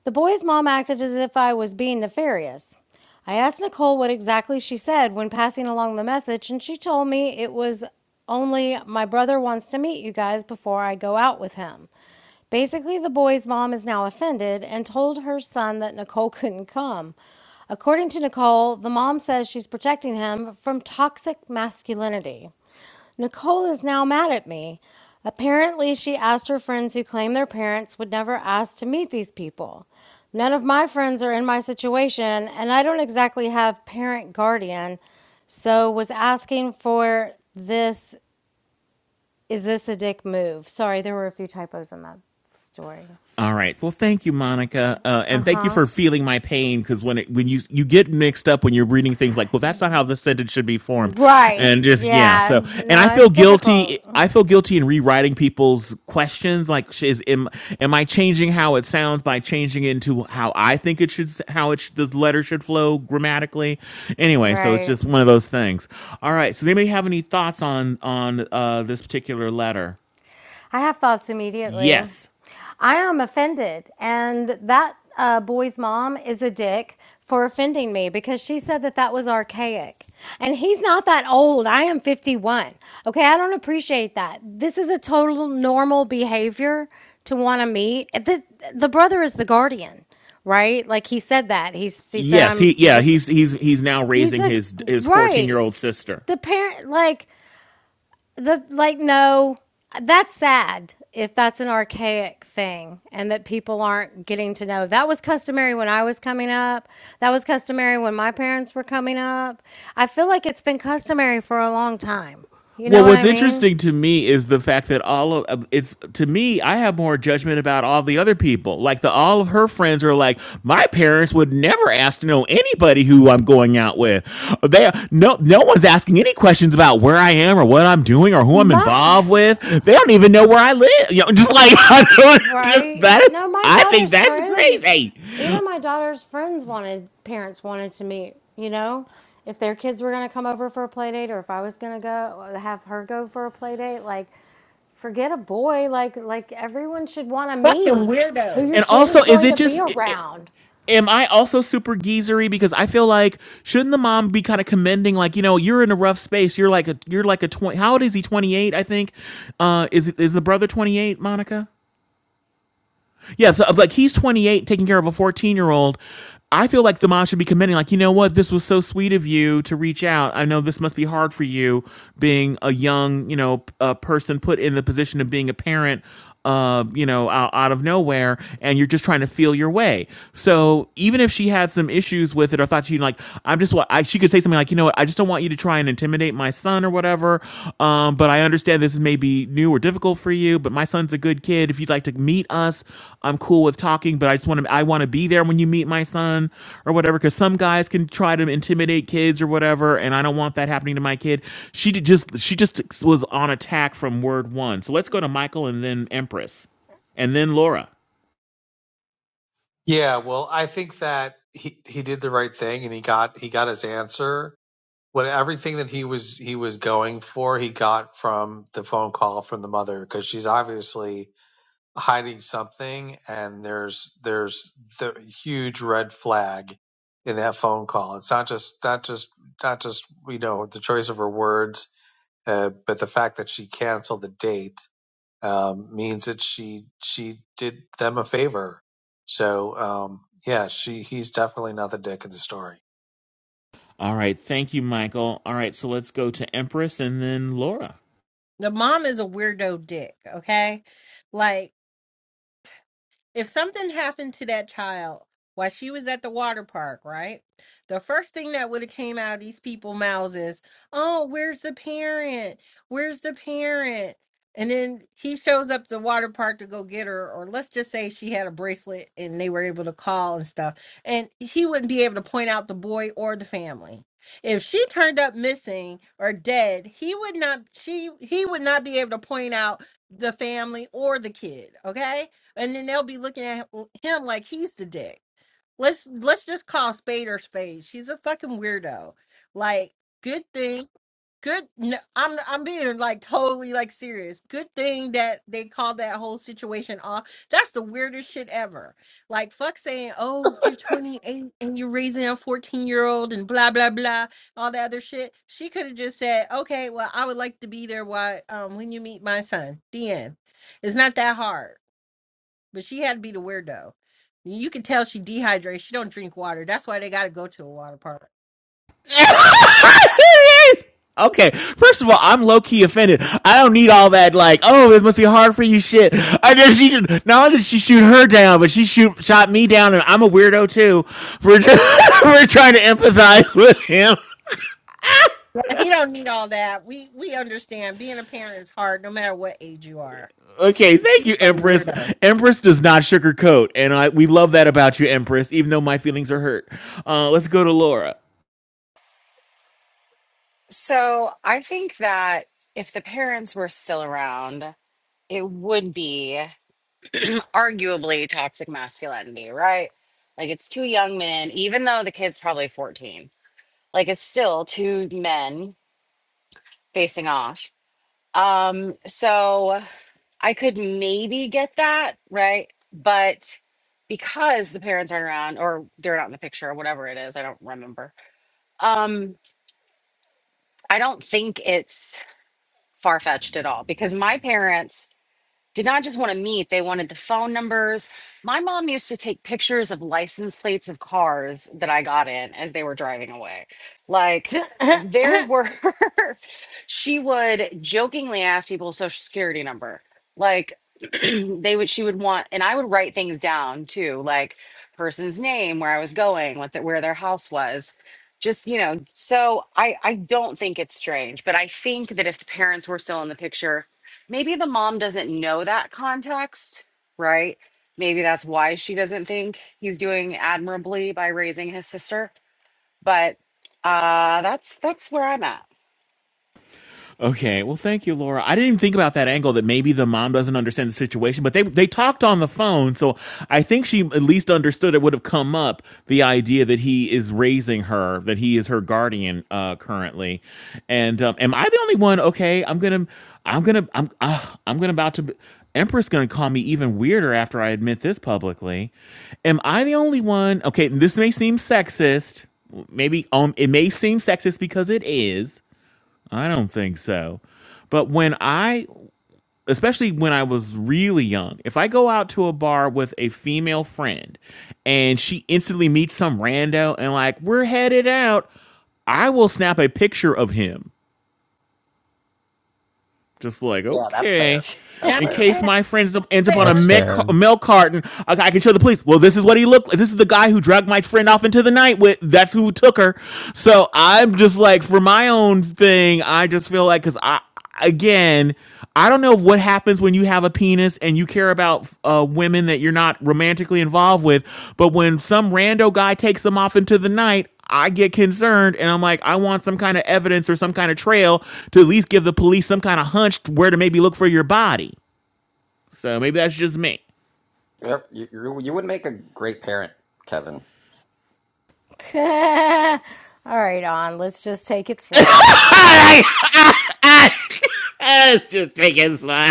Speaker 1: The boy's mom acted as if I was being nefarious. I asked Nicole what exactly she said when passing along the message, and she told me it was only my brother wants to meet you guys before I go out with him. Basically, the boy's mom is now offended and told her son that Nicole couldn't come. According to Nicole, the mom says she's protecting him from toxic masculinity. Nicole is now mad at me. Apparently, she asked her friends who claim their parents would never ask to meet these people. None of my friends are in my situation, and I don't exactly have parent guardian, so was asking for this. Is this a dick move? Sorry, there were a few typos in that story.
Speaker 3: All right. Well, thank you, Monica, uh,
Speaker 1: Uh
Speaker 3: and thank you
Speaker 1: huh.
Speaker 3: for feeling my pain because when it, when you you get mixed up when you're reading things like, well, that's not how this sentence should be formed,
Speaker 1: Right.
Speaker 3: and just yeah.
Speaker 1: Yeah.
Speaker 3: So, and I
Speaker 1: No,
Speaker 3: feel
Speaker 1: it's difficult.
Speaker 3: guilty. I feel guilty in rewriting people's questions. Like, sh- is am, am I changing how it sounds by changing it into how I think it should s- how it sh- the letter should flow grammatically? Anyway, so it's
Speaker 1: Right.
Speaker 3: just one of those things. All right. So, does anybody have any thoughts on on uh, this particular letter?
Speaker 1: I have thoughts immediately.
Speaker 3: Yes.
Speaker 1: I am offended. And that uh, boy's mom is a dick for offending me because she said that that was archaic. And he's not that old. I am 51. Okay. I don't appreciate that. This is a total normal behavior to want to meet. The, the brother is the guardian right? Like he said that. He he said
Speaker 3: Yes, he yeah,
Speaker 1: I'm
Speaker 3: he's he's he's now
Speaker 1: He's
Speaker 3: raising
Speaker 1: like,
Speaker 3: his his
Speaker 1: right.
Speaker 3: 14-year-old sister.
Speaker 1: The parent, like, the, like, no, that's sad if that's an archaic thing and that people aren't getting to know. That was customary when I was coming up. That was customary when my parents were coming up. I feel like it's been customary for a long time. You know
Speaker 3: Well,
Speaker 1: what
Speaker 3: what's
Speaker 1: I mean?
Speaker 3: interesting to me is the fact that all of it's to me, I have more judgment about all the other people. Like the all of her friends are like, my parents would never ask to know anybody who I'm going out with. They no no one's asking any questions about where I am or what I'm doing or who I'm
Speaker 1: My,
Speaker 3: involved with. They don't even know where I live. You know, just like I don't just
Speaker 1: Right?
Speaker 3: that's
Speaker 1: No, my
Speaker 3: I think
Speaker 1: daughter's
Speaker 3: that's
Speaker 1: friends,
Speaker 3: crazy.
Speaker 1: even my daughter's friends wanted, parents wanted to meet, you know? If their kids were going to come over for a play date or if I was going to go have her go for a play date, like forget a boy, like like everyone should want to
Speaker 17: fucking
Speaker 1: meet who
Speaker 17: weirdo.
Speaker 1: your
Speaker 3: And
Speaker 1: kid
Speaker 3: also,
Speaker 1: is
Speaker 3: is
Speaker 1: going
Speaker 3: it
Speaker 1: to
Speaker 3: just?
Speaker 1: be
Speaker 3: it, it,
Speaker 1: around.
Speaker 3: am I also super geezery? Because I feel like shouldn't the mom be kind of commending, like you know, you're in a rough space. You're like a you're like a twenty. How old is he? Twenty eight, I think. Uh, is is the brother twenty eight, Monica? Yeah, so like he's 28 taking care of a 14 year old. I feel like the mom should be commending, like, you know what, this was so sweet of you to reach out. I know this must be hard for you being a young, you know, a person put in the position of being a parent, uh, you know, out, out of nowhere, and you're just trying to feel your way. So even if she had some issues with it or thought she like, I'm just what I, she could say something like, you know what, I I just don't want you to try and intimidate my son or whatever. Um, but I understand this is maybe new or difficult for you, but my son's a good kid. If you'd like to meet us, I'm cool with talking, but I just want to I want to be there when you meet my son or whatever cuz some guys can try to intimidate kids or whatever, and I don't want that happening to my kid. She did just she just was on attack from word 1. So let's go to Michael and then Empress and then Laura.
Speaker 11: Yeah, well, I think that he he did the right thing and he got he got his answer. What everything that he was he was going for, he got from the phone call from the mother because she's obviously hiding something and there's there's the huge red flag in that phone call. It's not just not just not just you know the choice of her words, uh, but the fact that she canceled the date um, means that she she did them a favor. So um, yeah, she he's definitely not the dick in the story.
Speaker 3: All right, thank you Michael. All right, so let's go to Empress and then Laura.
Speaker 17: The mom is a weirdo dick, okay? Like if something happened to that child while she was at the water park, right? The first thing that would have came out of these people' mouths is, "Oh, where's the parent? Where's the parent?" And then he shows up to the water park to go get her, or let's just say she had a bracelet and they were able to call and stuff, and he wouldn't be able to point out the boy or the family. If she turned up missing or dead, he would not she he would not be able to point out the family or the kid, okay? and then they'll be looking at him like he's the dick. Let's let's just call a spade or spade. She's a fucking weirdo. Like, good thing, good. No, I'm I'm being like totally like serious. Good thing that they called that whole situation off. That's the weirdest shit ever. Like, fuck saying, oh, you're 28 and you're raising a 14 year old and blah blah blah, all that other shit. She could have just said, okay, well, I would like to be there. Why? Um, when you meet my son, the end. It's not that hard but she had to be the weirdo. You can tell she dehydrates. She don't drink water. That's why they got to go to a water park.
Speaker 3: okay, first of all, I'm low key offended. I don't need all that like, oh, this must be hard for you shit. I know she did, not only did she shoot her down, but she shoot shot me down, and I'm a weirdo too for just, for trying to empathize with him.
Speaker 17: He don't need all that. We we understand. Being a parent is hard, no matter what age you are.
Speaker 3: Okay, thank
Speaker 17: She's a
Speaker 3: you,
Speaker 17: fucking
Speaker 3: Empress.
Speaker 17: weirdo.
Speaker 3: Empress does not sugarcoat, and I we love that about you, Empress. Even though my feelings are hurt, uh, let's go to Laura.
Speaker 5: so i think that if the parents were still around it would be arguably toxic masculinity right like it's two young men even though the kid's probably 14 like it's still two men facing off um so I could maybe get that, right? But because the parents aren't around or they're not in the picture or whatever it is, I don't remember. Um, I don't think it's far fetched at all because my parents did not just want to meet, they wanted the phone numbers. My mom used to take pictures of license plates of cars that I got in as they were driving away. Like, there were, she would jokingly ask people social security number. Like, they would, she would want, and I would write things down too, like person's name, where I was going, what the, where their house was. Just, you know, so I, I don't think it's strange, but I think that if the parents were still in the picture, maybe the mom doesn't know that context, right? Maybe that's why she doesn't think he's doing admirably by raising his sister. But uh that's that's where I'm at.
Speaker 3: Okay. Well, thank you, Laura. I didn't even think about that angle that maybe the mom doesn't understand the situation, but they they talked on the phone, so I think she at least understood it would have come up the idea that he is raising her, that he is her guardian uh, currently. And um, am I the only one? Okay, I'm gonna, I'm gonna, I'm, uh, I'm gonna about to. Be, Empress gonna call me even weirder after I admit this publicly. Am I the only one? Okay, this may seem sexist. Maybe um, it may seem sexist because it is I don't think so. But when I, especially when I was really young, if I go out to a bar with a female friend and she instantly meets some rando and like, we're headed out, I will snap a picture of him just like,
Speaker 14: Yeah, that's fair.
Speaker 3: okay.
Speaker 14: That's
Speaker 17: Now
Speaker 3: In
Speaker 17: it's
Speaker 14: fair.
Speaker 3: case
Speaker 17: not
Speaker 3: my friend ends up, on a
Speaker 7: That's
Speaker 17: fair.
Speaker 3: milk,
Speaker 7: fair.
Speaker 3: a milk carton, I, I can show the police. Well, this is what he looked like. This is the guy who dragged my friend off into the night with. That's who took her. So I'm just like, for my own thing, I just feel like, because I, again, I don't know what happens when you have a penis and you care about uh, women that you're not romantically involved with, but when some rando guy takes them off into the night, I get concerned and I'm like, I want some kind of evidence or some kind of trail to at least give the police some kind of hunch where to maybe look for your body. So maybe that's just me.
Speaker 14: Yep, you, you you would make a great parent, Kevin.
Speaker 1: All right, on. Let's just take it slow, okay?
Speaker 3: It's just taking slow.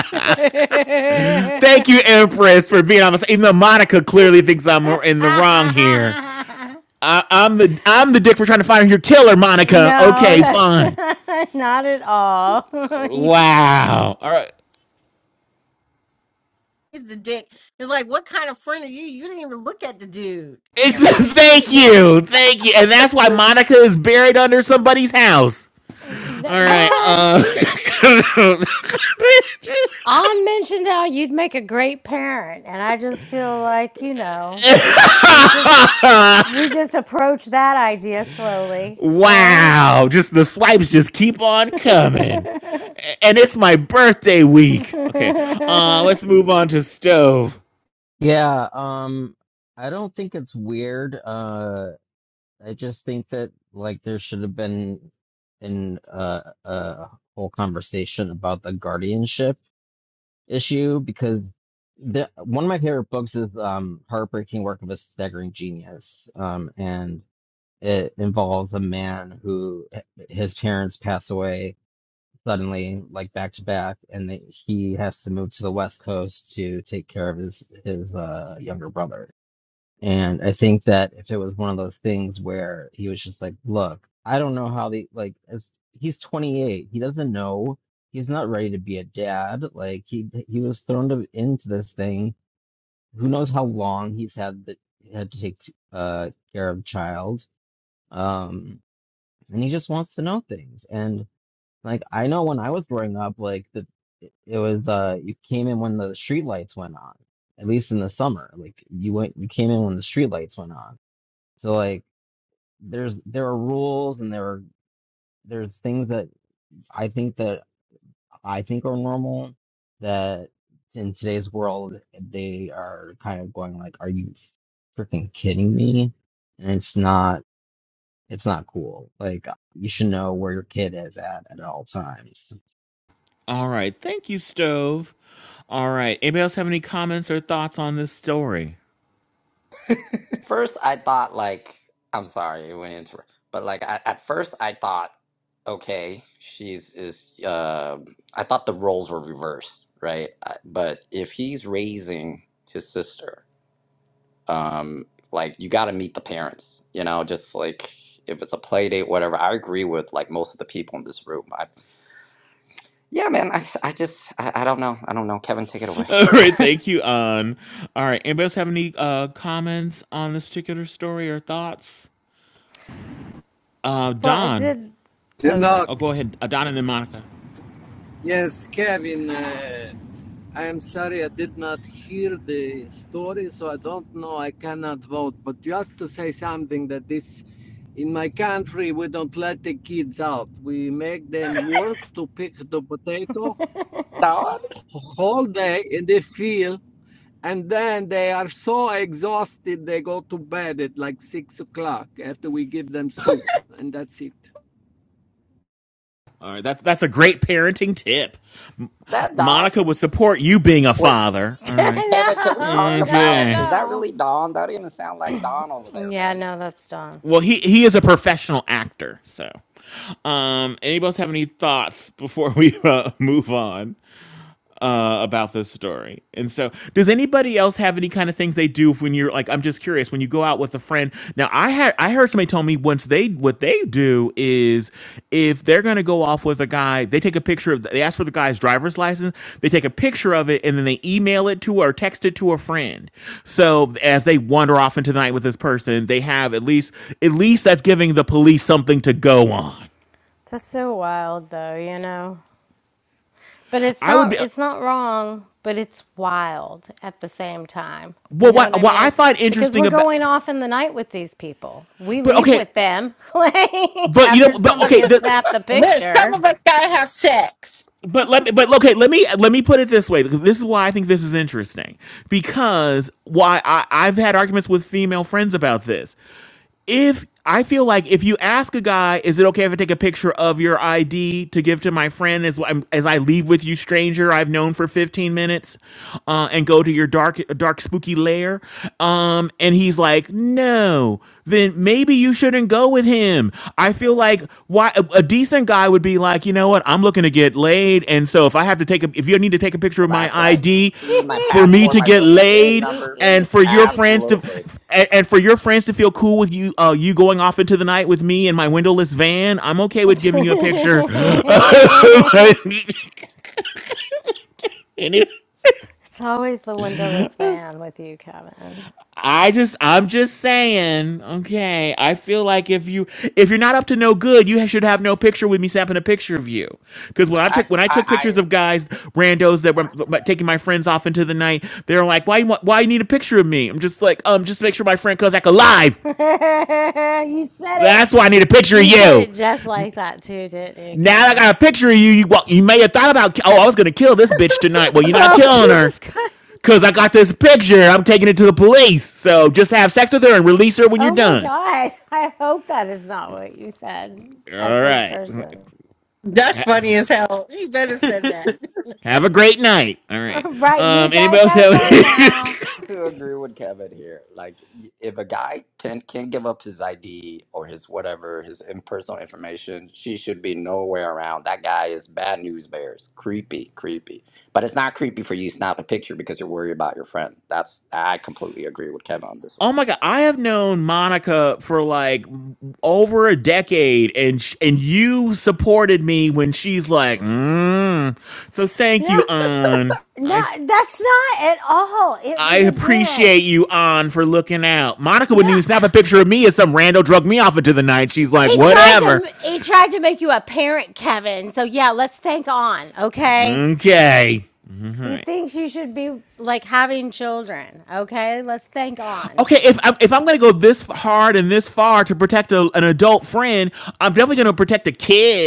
Speaker 3: Thank you, Empress, for being on this. Even though Monica clearly thinks I'm in the wrong here. I, I'm the I'm the dick for trying to find your killer, Monica.
Speaker 1: No,
Speaker 3: Okay,
Speaker 1: that's
Speaker 3: fine.
Speaker 1: not at all. He's
Speaker 3: Wow. All right.
Speaker 17: He's the dick. It's like, what kind of friend are you? You didn't even look at the dude. Did
Speaker 3: It's,
Speaker 17: you even get his
Speaker 3: thank
Speaker 17: name?
Speaker 3: you, thank you, and that's why Monica is buried under somebody's house. All
Speaker 1: that,
Speaker 3: right. Uh,
Speaker 1: what? On mentioned how you'd make a great parent, and I just feel like you know we just we just approach that idea slowly, right?
Speaker 3: wow. Just the swipes just keep on
Speaker 1: no,
Speaker 3: coming, and it's my birthday week. Okay. Uh, let's move on to stove.
Speaker 7: Yeah. Um, I don't think it's weird. Uh. I just think that like there should have been an uh, a whole conversation about the guardianship issue because the one of my favorite books is um Heartbreaking Work of a Staggering Genius um and it involves a man who his parents pass away suddenly like back to back and they, he has to move to the west coast to take care of his his uh younger brother and I think that if it was one of those things where he was just like, look, I don't know how the like as he's 28, he doesn't know. He's not ready to be a dad. Like he he was thrown to, into this thing. Who knows how long he's had the, had to take uh care of a child. Um and he just wants to know things. And like I know when I was growing up like the it was uh you came in when the street lights went on. At least in the summer. Like you went you came in when the street lights went on so like there's there are rules and there are there's things that I think that I think are normal that in today's world they are kind of going like, Are you freaking kidding me? And it's not it's not cool. Like you should know where your kid is at at all times.
Speaker 3: All right. Thank you, Stove. All right. Anybody else have any comments or thoughts on this story?
Speaker 14: First, I thought like I'm sorry, it went into but like at, at first I thought okay, she's is uh, I thought the roles were reversed, right? I, but if he's raising his sister um like you got to meet the parents you know just like if it's a play date whatever i agree with like most of the people in this room I, yeah man i, I just I, I don't know i don't know kevin take it away
Speaker 3: All right. Thank you, Un. All right. Anybody else have any uh, comments on this particular story or thoughts? Uh, Don.
Speaker 18: Enoch,
Speaker 3: Oh, go ahead. Uh, Don and then Monica.
Speaker 18: yes, Kevin, uh, I am sorry I did not hear the story, so I don't know, I cannot vote. But just to say something that this, in my country, we don't let the kids out. We make them work to pick the potato
Speaker 14: Dawn?
Speaker 18: whole day in the field, and then they are so exhausted they go to bed at like six o'clock after we give them soup, and that's it.
Speaker 3: All right. That's that's a great parenting tip. M-
Speaker 14: Is that Dawn?
Speaker 3: Monica would support you being a
Speaker 14: Wait,
Speaker 3: father. All
Speaker 14: Ke-
Speaker 3: right.
Speaker 14: Kevin, can we talk
Speaker 1: not
Speaker 14: about?
Speaker 1: at
Speaker 3: Okay.
Speaker 14: Is that
Speaker 1: all.
Speaker 14: really Dawn? That even sound like Dawn over there,
Speaker 1: Yeah,
Speaker 14: man.
Speaker 1: no, that's done.
Speaker 3: Well, he he is a professional actor, so. Um, anybody else have any thoughts before we uh, move on? uh, about this story. And so, does anybody else have any kind of things they do if when you're like, I'm just curious, when you go out with a friend? Now, I had I heard somebody tell me once they what they do is if they're going to go off with a guy, they take a picture of they ask for the guy's driver's license, they take a picture of it, and then they email it to or text it to a friend. So as they wander off into the night with this person, they have at least at least that's giving the police something to go on.
Speaker 1: That's so wild, though. You know. But it's
Speaker 3: I would
Speaker 1: not
Speaker 3: be
Speaker 1: it's not wrong, but it's wild at the same time. You
Speaker 3: well.
Speaker 1: know what
Speaker 3: What
Speaker 1: I
Speaker 3: what I
Speaker 1: mean?
Speaker 3: find
Speaker 1: Because
Speaker 3: interesting
Speaker 1: we're
Speaker 3: about,
Speaker 1: going off in the night with these people. We
Speaker 3: but
Speaker 1: leave
Speaker 3: okay.
Speaker 1: with them like
Speaker 3: but you know,
Speaker 1: after
Speaker 3: but
Speaker 1: somebody
Speaker 3: okay,
Speaker 1: has
Speaker 3: the
Speaker 1: snapped the
Speaker 17: Liz, some
Speaker 1: picture.
Speaker 17: of us gotta have sex.
Speaker 3: but let me, but okay, let me let me put it this way because this is why I think this is interesting because why I, I've had arguments with female friends about this. If I feel like if you ask a guy, is it okay if I take a picture of your ID to give to my friend as as I leave with you, stranger I've known for fifteen minutes, uh, and go to your dark dark spooky lair, um, and he's like, no, then maybe you shouldn't go with him. I feel feel like why a, a decent guy would be like, you know what, I'm looking to get laid, and so if I have to take a, if you need to take a picture
Speaker 14: Well,
Speaker 3: of my
Speaker 14: that's right.
Speaker 3: ID
Speaker 14: See my
Speaker 3: for me
Speaker 14: passport,
Speaker 3: to
Speaker 14: my
Speaker 3: get
Speaker 14: social
Speaker 1: it's
Speaker 14: security
Speaker 3: laid,
Speaker 14: number.
Speaker 3: and for your friends to,
Speaker 14: Absolutely.
Speaker 3: and, and for your friends to feel cool with you, uh, you going off into the night with me in my windowless van, I'm okay with giving you a picture.
Speaker 1: always the windowless van with you, Kevin.
Speaker 3: I just I'm just saying, okay. I feel like if you if you're not up to no good, you should have no picture with me snapping a picture of you. Because when I
Speaker 14: I,
Speaker 3: took when I took pictures
Speaker 14: I,
Speaker 3: of guys, randos that were m- taking my friends off into the night, they're like, why you want why you need a picture of me? I'm just like, um, just make sure my friend comes back alive.
Speaker 1: you said it.
Speaker 3: That's why I need a picture of
Speaker 1: You said
Speaker 3: you.
Speaker 1: it just like that too, didn't you,
Speaker 3: Now that I
Speaker 1: Kevin?
Speaker 3: got a picture of you. You well, you may have thought about oh I was gonna kill this bitch tonight. Well, you're not
Speaker 1: Bro,
Speaker 3: killing her.
Speaker 1: Jesus Christ.
Speaker 3: Cause I got this picture, I'm taking it to the police. So just have sex with her and release her when you're
Speaker 1: Oh my
Speaker 3: done.
Speaker 1: God. I hope that is not what you said at
Speaker 3: All
Speaker 1: this
Speaker 3: right.
Speaker 1: person.
Speaker 17: That's funny as hell. He better said
Speaker 14: I.
Speaker 17: that.
Speaker 3: Have a great night. All right.
Speaker 1: right. You
Speaker 3: Um, anybody
Speaker 1: guys
Speaker 3: else
Speaker 1: have
Speaker 3: have?
Speaker 1: fun now.
Speaker 14: to agree with Kevin here. Like, y- if a guy can can give up his ID or his whatever, his in- personal information, she should be nowhere around. That guy is bad news bears. Creepy, creepy. But it's not creepy for you to snap a picture because you're worried about your friend. That's I completely agree with Kevin on this one.
Speaker 3: oh my god, I have known Monica for like over a decade, and sh- and you supported me when she's like, mm. so thank you,
Speaker 1: No,
Speaker 3: An.
Speaker 1: no,
Speaker 3: I
Speaker 1: that's not at all. It
Speaker 3: I
Speaker 1: was again.
Speaker 3: appreciate you, An, for looking out. Monica wouldn't
Speaker 1: No.
Speaker 3: even snap a picture of me as some rando drug me off into the night. She's like,
Speaker 1: He tried
Speaker 3: whatever.
Speaker 1: to he tried to make you a parent, Kevin. So yeah, let's think on, okay?
Speaker 3: Okay. All
Speaker 1: He
Speaker 3: right.
Speaker 1: thinks you should be like having children, okay? Let's think on.
Speaker 3: Okay, if I'm if I'm gonna go this hard and this far to protect a, an adult friend, I'm definitely gonna protect a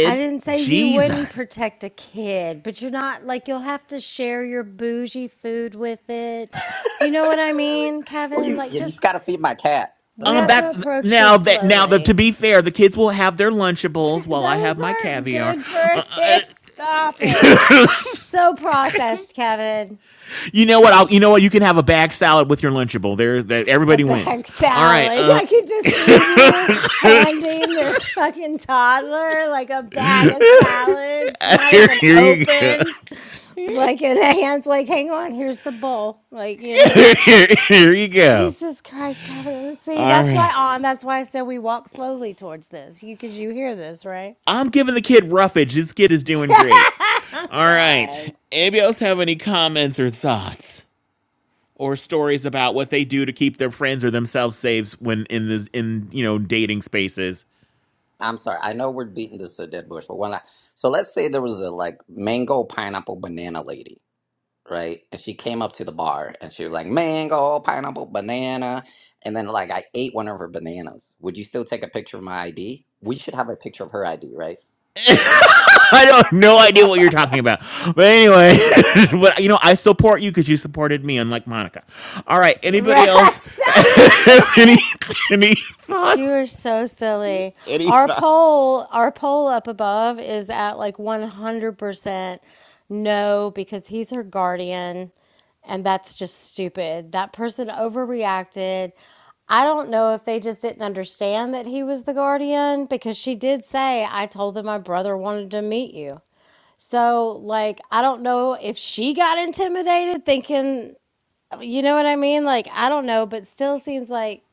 Speaker 1: I didn't say you wouldn't
Speaker 3: Jesus.
Speaker 1: protect a kid, but you're not like you'll have to share your bougie food with it. You know what I mean,
Speaker 14: Well,
Speaker 1: Kevin?
Speaker 14: you,
Speaker 1: Like,
Speaker 14: you just
Speaker 1: just
Speaker 14: got to feed my cat as
Speaker 1: we
Speaker 3: Um,
Speaker 1: have
Speaker 14: well.
Speaker 1: to
Speaker 3: that
Speaker 1: approach this
Speaker 3: now that now that to
Speaker 1: slowly.
Speaker 3: be fair, the kids will have their Lunchables while I
Speaker 1: Those
Speaker 3: have my
Speaker 1: aren't
Speaker 3: caviar.
Speaker 1: good for a
Speaker 3: Uh, uh,
Speaker 1: kid. Stop it. So processed, Kevin.
Speaker 3: you know what? I'll, you know what? You can have a bag salad with your Lunchable. There, that
Speaker 1: a
Speaker 3: everybody wins.
Speaker 1: bag
Speaker 3: All right.
Speaker 1: salad.
Speaker 3: Uh,
Speaker 1: I could just see you handing this fucking toddler like a bag of salad. It's not
Speaker 3: here,
Speaker 1: even
Speaker 3: here you go.
Speaker 1: opened. Like in hands, like, hang on, here's the bowl. Like, you know.
Speaker 3: here, here you go.
Speaker 1: Jesus Christ, Kevin. See,
Speaker 3: All
Speaker 1: that's
Speaker 3: right.
Speaker 1: why on that's why I said we walk slowly towards this. You cause you hear this, right?
Speaker 3: I'm giving the kid roughage. This kid is doing great. All right.
Speaker 1: God.
Speaker 3: Anybody else have any comments or thoughts? or stories about what they do to keep their friends or themselves safe when in the in you know dating spaces.
Speaker 14: I'm sorry. I know we're beating this to a dead bush, but when I so let's say there was a like mango pineapple banana lady. right? And she came up to the bar and she was like, mango, pineapple, banana. And then, like, I ate one of her bananas. Would you still take a picture of my ID? We should have a picture of her ID, right?
Speaker 3: I don't no idea what you're talking about, but anyway, but you know I support you because you supported me, unlike Monica. All right, anybody
Speaker 1: Right.
Speaker 3: else?
Speaker 1: Stop
Speaker 3: any
Speaker 1: it.
Speaker 3: any
Speaker 1: You
Speaker 3: thoughts?
Speaker 1: are so silly.
Speaker 3: Any
Speaker 1: Our
Speaker 3: thoughts?
Speaker 1: poll, our poll up above is at like 100% no because he's her guardian and that's just stupid. That person overreacted. I don't know if they just didn't understand that he was the guardian because she did say, I told them my brother wanted to meet you. So, like, I don't know if she got intimidated thinking, you know what I mean? Like, I don't know, but still seems like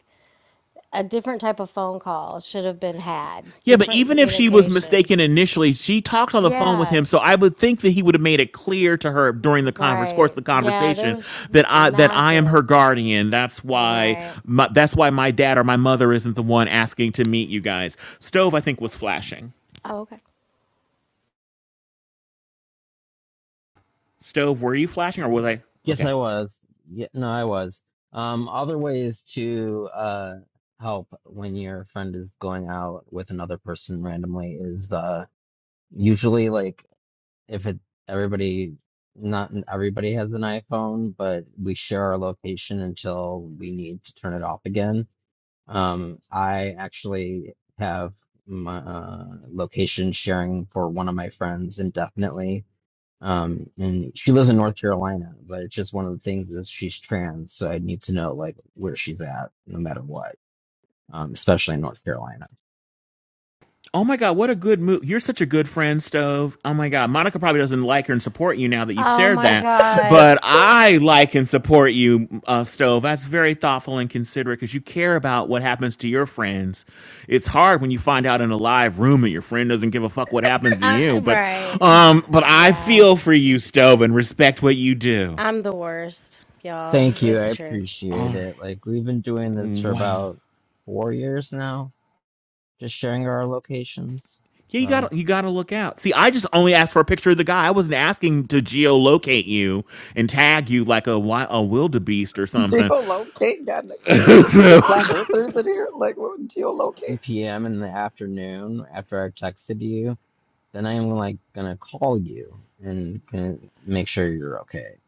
Speaker 1: a different type of phone call should have been had,
Speaker 3: Yeah, but
Speaker 1: different
Speaker 3: even if she was
Speaker 1: communication.
Speaker 3: mistaken initially, she talked on the phone with him, so
Speaker 1: Yes,
Speaker 3: I would think that he would have made it clear to her during the converse course of
Speaker 1: right.
Speaker 3: the
Speaker 1: Yeah, there
Speaker 3: conversation
Speaker 1: was
Speaker 3: that I that I am her
Speaker 1: massive.
Speaker 3: guardian. That's why
Speaker 1: Right.
Speaker 3: my, that's why my dad or my mother isn't the one asking to meet you guys. Stove, I think, was flashing.
Speaker 1: Oh, okay.
Speaker 3: Stove, were you flashing or was I?
Speaker 7: Yes,
Speaker 3: Okay.
Speaker 7: I was. Yeah, no, I was. Um, other ways to uh help when your friend is going out with another person randomly is uh usually like if it everybody not everybody has an iPhone, but we share our location until we need to turn it off again. Um, I actually have my uh, location sharing for one of my friends indefinitely. Um, and she lives in North Carolina, but it's just one of the things is she's trans, so I need to know like where she's at, no matter what, um, especially in North Carolina.
Speaker 3: Oh my God, what a good move. You're such a good friend, Stove. Oh my God. Monica probably doesn't like her and support you now that you've
Speaker 1: Oh
Speaker 3: shared
Speaker 1: my
Speaker 3: that,
Speaker 1: God.
Speaker 3: but I like and support you, uh, Stove. That's very thoughtful and considerate because you care about what happens to your friends. It's hard when you find out in a live room that your friend doesn't give a fuck what happens to
Speaker 1: Uh,
Speaker 3: you, but,
Speaker 1: right.
Speaker 3: um, but I
Speaker 1: Yeah,
Speaker 3: feel for you, Stove, and respect what you do.
Speaker 1: I'm the worst, y'all.
Speaker 7: Thank you, I
Speaker 1: It's true.
Speaker 3: All
Speaker 7: appreciate it. Like we've been doing
Speaker 3: right.
Speaker 7: this for
Speaker 3: Wow.
Speaker 7: about four years now just sharing our locations.
Speaker 3: Yeah, you
Speaker 7: So
Speaker 3: gotta you gotta look out. See, I just only asked for a picture of the guy. I wasn't asking to geolocate you and tag you like a wi- a wildebeest or something.
Speaker 14: Geolocate? God, like, is
Speaker 3: so,
Speaker 14: it flat earthers in here? Like, what would geolocate?
Speaker 7: 1 p.m. in the afternoon after I texted you, then I'm like gonna call you and can make sure you're okay.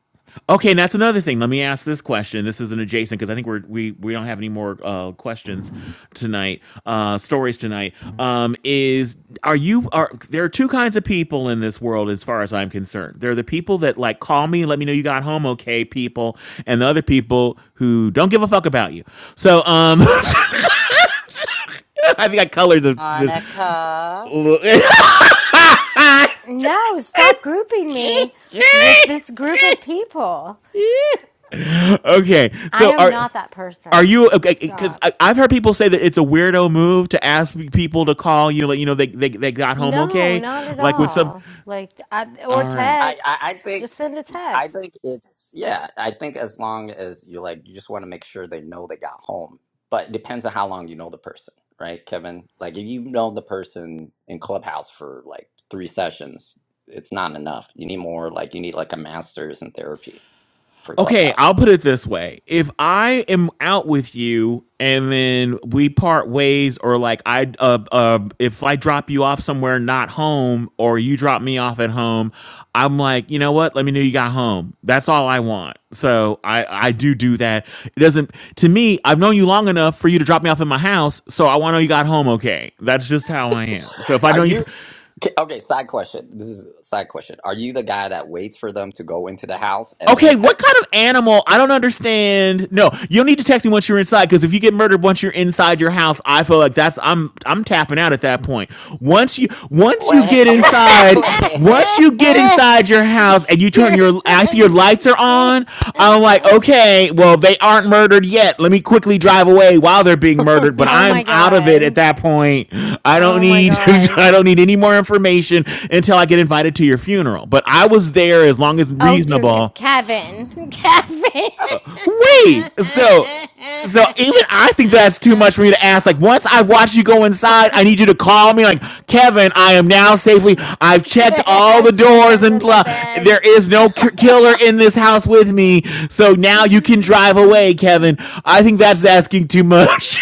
Speaker 3: okay, and that's another thing. Let me ask this question. This is an adjacent because I think we're we we don't have any more uh, questions tonight. Uh, stories tonight. Um, is are you are there are two kinds of people in this world as far as I'm concerned. There are the people that like call me and let me know you got home okay, people, and the other people who don't give a fuck about you. So um I think I colored the the.
Speaker 5: Monica.
Speaker 1: No, stop grouping me with this group of people.
Speaker 3: okay,
Speaker 1: I
Speaker 3: so
Speaker 1: am
Speaker 3: are
Speaker 1: not that
Speaker 3: are
Speaker 1: person.
Speaker 3: you
Speaker 1: You
Speaker 3: okay? Because
Speaker 1: stop.
Speaker 3: I've heard people say that it's a weirdo move to ask people to call you, like you know they they they got home
Speaker 1: No,
Speaker 3: okay.
Speaker 1: not at
Speaker 3: Like when some,
Speaker 1: all. Like, I, or
Speaker 3: all right,
Speaker 14: I, I
Speaker 1: text.
Speaker 14: I think
Speaker 1: Just send a
Speaker 14: I
Speaker 1: text.
Speaker 14: think it's yeah. I think as long as you're like you just want to make sure they know they got home, but it depends on how long you know the person, right, Kevin? Like if you know the person in Clubhouse for like three sessions, it's not enough. You need more. Like you need like a master's in therapy for
Speaker 3: Okay,
Speaker 14: Clubhouse.
Speaker 3: I'll put it this way. If I am out with you and then we part ways or like I uh, uh if I drop you off somewhere not home or you drop me off at home, I'm like, "You know what? Let me know you got home." That's all I want. So, I I do do that. It doesn't to me, I've known you long enough for you to drop me off at my house, so I want to know you got home okay. That's just how I am. So, if I
Speaker 14: Are
Speaker 3: know you for
Speaker 14: you okay? okay, Side question. This is a side question. Are you the guy that waits for them to go into the house and then
Speaker 3: Okay, what kind
Speaker 14: text?
Speaker 3: of animal? I don't understand. No, you'll need to text me once you're inside because if you get murdered once you're inside your house, I feel like that's I'm I'm tapping out at that point. Once you once you
Speaker 14: Wait, hang-
Speaker 3: get
Speaker 14: oh, wait,
Speaker 3: inside,
Speaker 14: wait,
Speaker 3: once you get inside your house and you turn
Speaker 1: You're
Speaker 3: your I see your
Speaker 1: funny.
Speaker 3: lights are on, I'm like, okay, well they aren't murdered yet. Let me quickly drive away while they're being murdered,
Speaker 14: wait.
Speaker 3: but
Speaker 1: Oh
Speaker 3: I'm
Speaker 1: my
Speaker 3: out of it at
Speaker 1: god.
Speaker 3: that point. I don't
Speaker 1: Oh my
Speaker 3: need
Speaker 1: god.
Speaker 3: I don't need any more information until I get invited to your funeral. But I was there as long as
Speaker 1: Oh dear, G-
Speaker 3: reasonable
Speaker 1: Kevin. Kevin.
Speaker 3: we. So so even I think that's too much for me to ask. Like
Speaker 1: Funeral.
Speaker 3: once I've watched you go inside, I need you to call me. Like Kevin, I am now safely. I've checked all the
Speaker 1: I've checked
Speaker 3: doors
Speaker 1: under
Speaker 3: and
Speaker 1: the
Speaker 3: blah. There
Speaker 1: beds.
Speaker 3: is no k- killer in this house with me. So now you can drive away, Kevin. I think that's asking too much.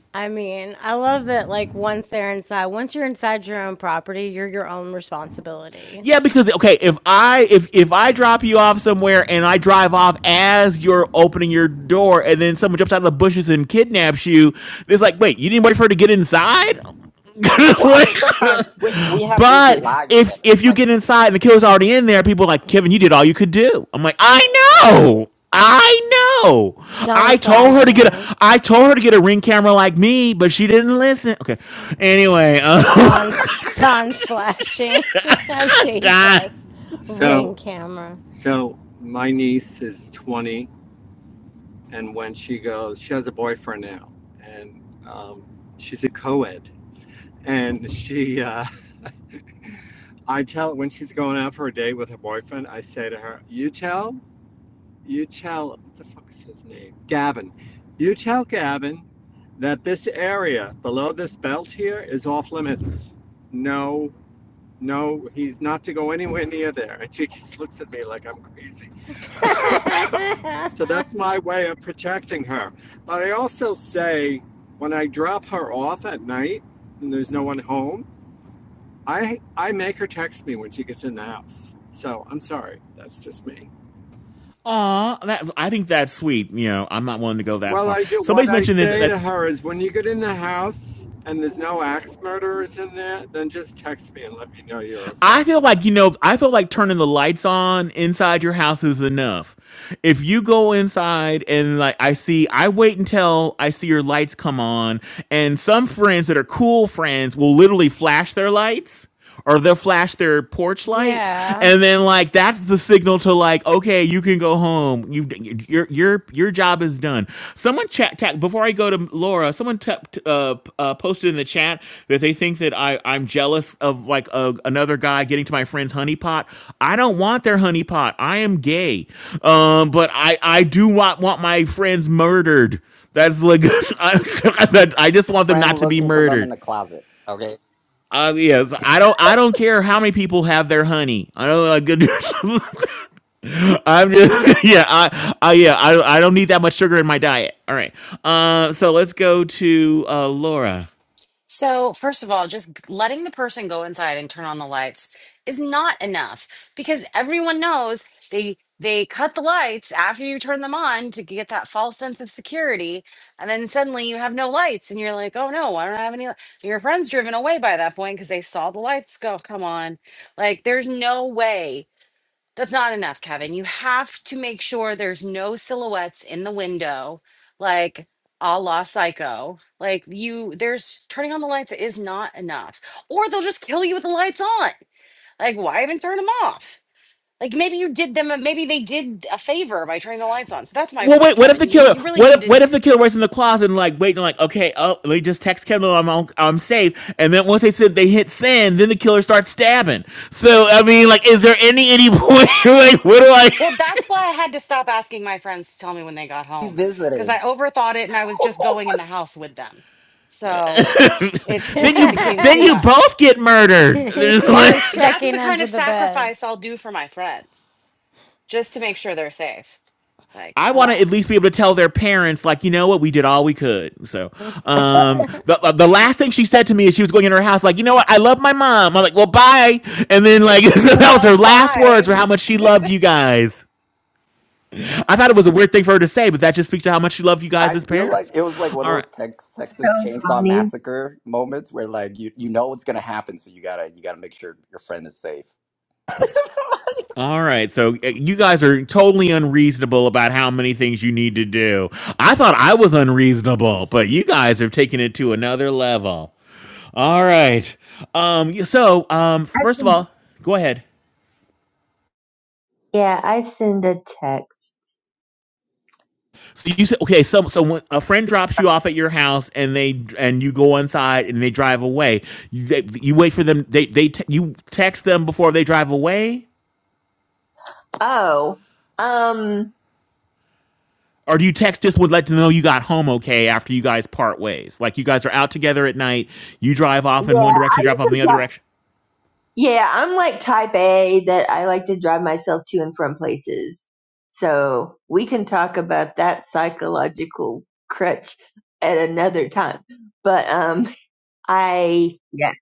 Speaker 1: I mean, I love that, like, once they're inside, once you're inside your own property, you're your own responsibility.
Speaker 3: Yeah, because okay, if I if if I drop you off somewhere and I drive off as you're opening your door, and then someone jumps out of the bushes and kidnaps you, it's like, wait, you didn't wait for her to get inside.
Speaker 14: Well, okay,
Speaker 3: like-
Speaker 14: sometimes we, we have busy
Speaker 3: but
Speaker 14: lives,
Speaker 3: if
Speaker 14: Kevin.
Speaker 3: if you
Speaker 14: Like,
Speaker 3: get inside and the killer's already in there, people are like Kevin, you did all you could do. I'm like, I know, I know.
Speaker 1: Dawn
Speaker 3: I told her to get
Speaker 1: splashing.
Speaker 3: a I told her to get a ring camera like me, but she didn't listen. Okay, anyway,
Speaker 1: Don's
Speaker 3: um,
Speaker 1: Don's flashing. oh Jesus. Ring
Speaker 18: So,
Speaker 1: camera.
Speaker 18: so my niece is 20 And when she goes, she has a boyfriend now, and um, she's a co-ed. And she, uh, I tell when she's going out for a date with her boyfriend, I say to her, "You tell, you tell, what the fuck is his name? Gavin. You tell Gavin that this area below this belt here is off limits. No, no, he's not to go anywhere near there." And she just looks at me like I'm crazy. So that's my way of protecting her. But I also say when I drop her off at night and there's no one home, I I make her text me when she gets in the house. So I'm sorry, that's just me.
Speaker 3: Aw, that I think that's sweet. You know, I'm not willing to go that
Speaker 18: Well,
Speaker 3: far.
Speaker 18: I do. What
Speaker 3: Somebody's
Speaker 18: I
Speaker 3: mentioned that,
Speaker 18: say to
Speaker 3: that
Speaker 18: her is, when you get in the house and there's no axe murderers in there, then just text me and let me know you're
Speaker 3: I
Speaker 18: okay.
Speaker 3: feel like you know, I feel like turning the lights on inside your house is enough. If you go inside and like I see, I wait until I see your lights come on, and some friends that are cool friends will literally flash their lights or they'll flash their porch light
Speaker 1: Yeah.
Speaker 3: and then like that's the signal to like okay you can go home you are your your job is done. Someone chat ta- before I go to Laura. Someone ta- t- uh, p- uh, posted in the chat that they think that I I'm jealous of like a, another guy getting to my friend's honey pot. I don't want their honey pot. I am gay, um, but I I do want want my friends murdered. That's like I, that, I just want them
Speaker 14: friend
Speaker 3: not to be
Speaker 14: looking for them in
Speaker 3: murdered.
Speaker 14: the closet, okay?
Speaker 3: Uh, yes, I don't. I don't care how many people have their honey. I don't like good. I'm just yeah, I, I yeah, I I don't need that much sugar in my diet. All right. Uh, so let's go to uh Laura.
Speaker 5: So, first of all, just letting the person go inside and turn on the lights is not enough because everyone knows they they cut the lights after you turn them on to get that false sense of security, and then suddenly you have no lights and you're like, "Oh no, I don't have any." li-" Your friend's driven away by that point because they saw the lights go. Come on, like there's no way. That's not enough, Kevin. You have to make sure there's no silhouettes in the window, like a la psycho. Like you, there's turning on the lights is not enough. Or they'll just kill you with the lights on. Like, why even turn them off? Like maybe you did them, a- maybe they did a favor by turning the lights on. So that's my
Speaker 3: Well, wait.
Speaker 5: point,
Speaker 3: What if the
Speaker 5: Kevin. You
Speaker 3: killer?
Speaker 5: you really
Speaker 3: What if what
Speaker 5: needed.
Speaker 3: if the killer was in the closet and like waiting, like okay, oh, let me just text Kendall, I'm on, I'm safe. And then once they said they hit send, then the killer starts stabbing. So I mean, like, is there any any point? like, what do I?
Speaker 5: Well, that's why I had to stop asking my friends to tell me when they got
Speaker 14: We
Speaker 5: home because I
Speaker 14: Visited.
Speaker 5: overthought it and I was just going in the house with them. So it's
Speaker 1: she
Speaker 3: Then
Speaker 5: just it
Speaker 3: you
Speaker 5: became
Speaker 3: then
Speaker 5: too
Speaker 3: you
Speaker 5: much.
Speaker 3: both get murdered. It's like
Speaker 1: was
Speaker 5: Yes, that's
Speaker 1: checking
Speaker 5: the kind
Speaker 1: under
Speaker 5: of
Speaker 1: the bed.
Speaker 5: sacrifice I'll do for my friends just to make sure they're safe. Like,
Speaker 3: I want to at least
Speaker 5: alas.
Speaker 3: be able to tell their parents, like, you know what, we did all we could. So, um, the uh, the last thing she said to me is she was going in her house, like, you know what, I love my mom. I'm like, well, bye. And then like so that was
Speaker 5: Well,
Speaker 3: her last words
Speaker 5: bye.
Speaker 3: for how much she loved you guys. I thought it was a weird thing for her to say, but that just speaks to how much she loved you guys
Speaker 14: I
Speaker 3: as
Speaker 14: feel like
Speaker 3: parents.
Speaker 14: it was like one of
Speaker 3: All right.
Speaker 14: those Tex- Texas Chainsaw
Speaker 10: funny.
Speaker 14: Massacre moments where like you, you know what's gonna happen, so you gotta you gotta make sure your friend is safe.
Speaker 3: All right, so uh, you guys are totally unreasonable about how many things you need to do. I thought I was unreasonable, but you guys have taken it to another level. All right. Um. yeah, So, um. First of all, go ahead.
Speaker 10: Yeah, I send a text.
Speaker 3: So you said okay. So, so when a friend drops you off at your house, and they and you go inside, and they drive away. You, they, you wait for them. They they te- you text them before they drive away,
Speaker 10: Oh, um,
Speaker 3: or do you text just would let them know you got home okay after you guys part ways? Like you guys are out together at night. You drive
Speaker 10: yeah,
Speaker 3: off in one
Speaker 10: I
Speaker 3: direction, drive off in the
Speaker 10: just
Speaker 3: other
Speaker 10: like,
Speaker 3: direction.
Speaker 10: yeah, I'm like type A that I like to drive myself to and from places. So we can talk about that psychological crutch at another time. But, um, I, yeah,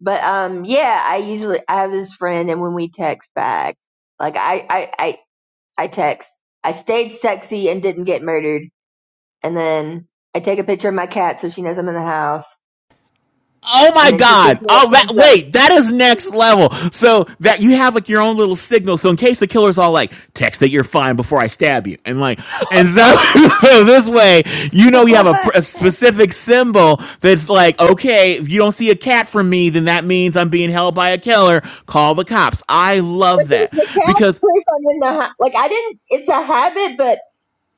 Speaker 10: but, um, yeah, I usually, I have this friend and when we text back, like I I, I, I text, I stayed sexy and didn't get murdered. And then I take a picture of my cat so she knows I'm in the house.
Speaker 3: Oh
Speaker 10: And
Speaker 3: my
Speaker 10: then she
Speaker 3: God!
Speaker 10: sends me
Speaker 3: Oh,
Speaker 10: a
Speaker 3: that,
Speaker 10: thumbs up.
Speaker 3: wait, that is next level. So that you have like your own little signal. So in case the killer's all like, "Text that you're fine before I stab you," and like, and so so this way, you
Speaker 1: What?
Speaker 3: know, you have
Speaker 1: No,
Speaker 3: a, a specific symbol that's like, okay, if you don't see a cat from me, then that means I'm being held by a killer. Call the cops. I
Speaker 10: But
Speaker 3: love
Speaker 10: there's
Speaker 3: that
Speaker 10: the cash
Speaker 3: because
Speaker 10: proof I'm in the house. Like, I didn't, it's a habit, but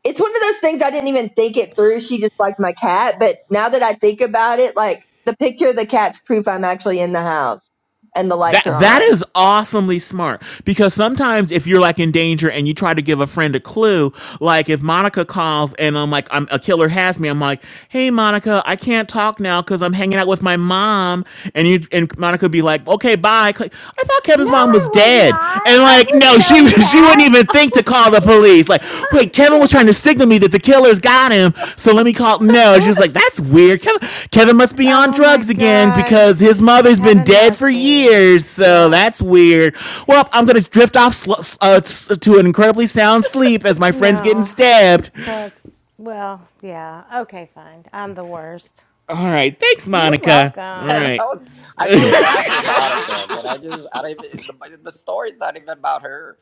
Speaker 10: it's one of those things I didn't even think it through. She just liked my cat. But now that I think about it, like, the picture of the cat's proof I'm actually in the house and the
Speaker 3: That
Speaker 10: lights are
Speaker 3: that
Speaker 10: on.
Speaker 3: is awesomely smart because sometimes if you're like in danger and you try to give a friend a clue, like if Monica calls and I'm like I'm a killer has me, I'm like, "Hey Monica, I can't talk now cuz I'm hanging out with my mom." And you and Monica be like, "Okay, bye." Click, I thought Kevin's mom
Speaker 1: I
Speaker 3: was
Speaker 1: would
Speaker 3: dead.
Speaker 1: not.
Speaker 3: And
Speaker 1: I
Speaker 3: like,
Speaker 1: would
Speaker 3: "No, she
Speaker 1: know
Speaker 3: she wouldn't
Speaker 1: that.
Speaker 3: even
Speaker 1: Oh
Speaker 3: think to call the police.
Speaker 1: my god.
Speaker 3: Like, wait,
Speaker 1: God
Speaker 3: Kevin was
Speaker 1: damn
Speaker 3: trying to
Speaker 1: it.
Speaker 3: signal me that the killers got him, so let me call. No, she was
Speaker 1: That's
Speaker 3: like, that's weird. Kevin, Kevin must be on
Speaker 1: oh my
Speaker 3: drugs again
Speaker 1: god.
Speaker 3: because his mother's been
Speaker 1: Kevin
Speaker 3: dead for
Speaker 1: Musby.
Speaker 3: years, so
Speaker 1: Yeah.
Speaker 3: that's weird. Well, I'm gonna drift off sl- uh, to an incredibly sound sleep as my friend's getting
Speaker 1: No,
Speaker 3: stabbed.
Speaker 1: that's, well, yeah. Okay, fine. I'm the worst.
Speaker 3: All right, thanks,
Speaker 1: You're
Speaker 3: Monica.
Speaker 14: Man,
Speaker 1: welcome.
Speaker 14: I,
Speaker 3: right,
Speaker 14: was, I feel bad for Monica. Can I just? I don't even. The, the story's not even about her.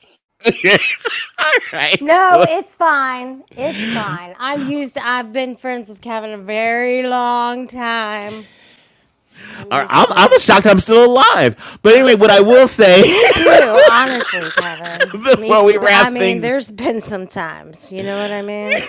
Speaker 3: all right.
Speaker 1: No, it's fine. It's fine. I'm used to, I've been friends with Kevin a very long time. I'm
Speaker 3: All right,
Speaker 1: used
Speaker 3: I'm,
Speaker 1: to
Speaker 3: I'm
Speaker 1: it.
Speaker 3: shocked I'm still alive. But anyway, what I will say
Speaker 1: Me too, honestly, Kevin. Me,
Speaker 3: before we
Speaker 1: I
Speaker 3: wrap
Speaker 1: mean,
Speaker 3: things
Speaker 1: there's been some times. You know what I mean?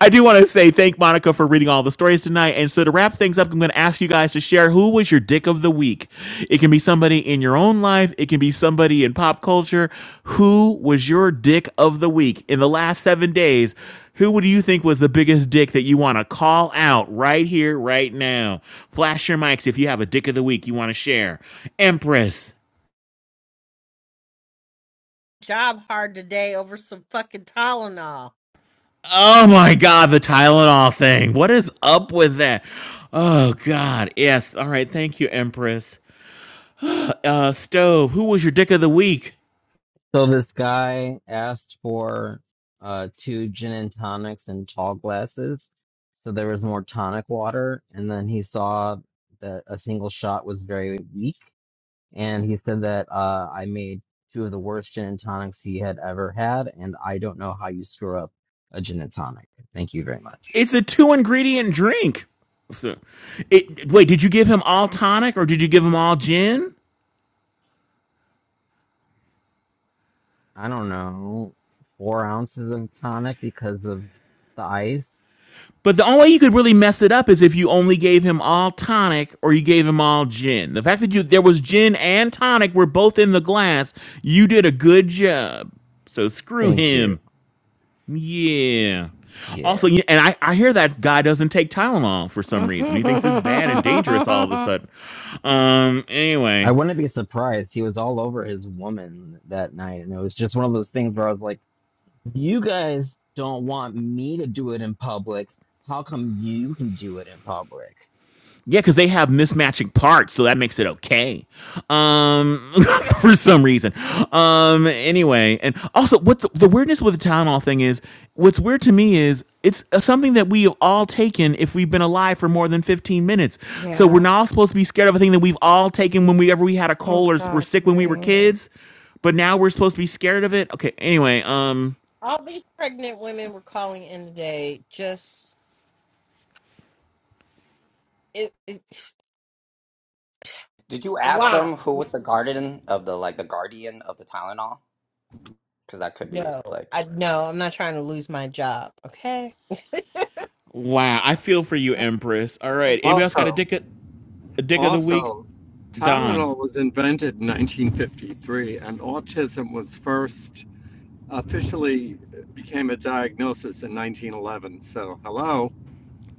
Speaker 3: I do want to say thank Monica for reading all the stories tonight. And so to wrap things up, I'm going to ask you guys to share who was your dick of the week. It can be somebody in your own life, it can be somebody in pop culture. Who was your dick of the week in the last seven days? Who would you think was the biggest dick that you want to call out right here, right now? Flash your mics if you have a dick of the week you want to share. Empress.
Speaker 17: Job hard today over some fucking Tylenol.
Speaker 3: Oh my God, the Tylenol thing. What is up with that? Oh God. Yes. All right. Thank you, Empress. Uh, stove. Who was your dick of the week?
Speaker 7: So this guy asked for uh two gin and tonics in tall glasses. So there was more tonic water, and then he saw that a single shot was very weak. and he said that uh, I made two of the worst gin and tonics he had ever had, and I don't know how you screw up a gin and tonic. Thank you very much.
Speaker 3: It's a two ingredient drink. So- It, wait, did you give him all tonic or did you give him all gin?
Speaker 7: I don't know, four ounces of tonic because of the ice.
Speaker 3: But the only way you could really mess it up is if you only gave him all tonic or you gave him all gin. The fact that you there was gin and tonic were both in the glass, you did a good job. So screw
Speaker 7: Thank
Speaker 3: him.
Speaker 7: you.
Speaker 3: Yeah. Also,
Speaker 7: Yeah,
Speaker 3: and I, I hear that guy doesn't take Tylenol for some reason. He thinks it's bad and dangerous all of a sudden. Um.
Speaker 7: I
Speaker 3: Anyway,
Speaker 7: wouldn't be surprised. He was all over his woman that night, and it was just one of those things where I was like, "You guys don't want me to do it in public. How come you can do it in public?"
Speaker 3: Yeah, because they have mismatching parts, so that makes it okay. Um, for some reason. Um, anyway, and also what the, the weirdness with the town hall thing is, what's weird to me is it's uh, something that we have all taken if we've been alive for more than fifteen minutes. So we're
Speaker 1: Yeah,
Speaker 3: not supposed to be scared of a thing that we've all taken when we ever we had a cold or were sick when we were
Speaker 1: exactly.
Speaker 3: kids, but now we're supposed to be scared of it. Okay. Anyway, um,
Speaker 17: All these pregnant women were calling in today. Just it, it
Speaker 14: Did you ask
Speaker 17: wow.
Speaker 14: them who was the guardian of the like the guardian of the Tylenol? Because that could be
Speaker 17: No,
Speaker 14: like.
Speaker 17: I no. I'm not trying to lose my job. Okay.
Speaker 3: wow, I feel for you, Empress. All right, anybody else got a
Speaker 18: Also,
Speaker 3: dick a, a dick of the week?
Speaker 18: also,
Speaker 3: Don.
Speaker 18: Tylenol was invented in 1953, and autism was first officially became a diagnosis in 1911. So, hello.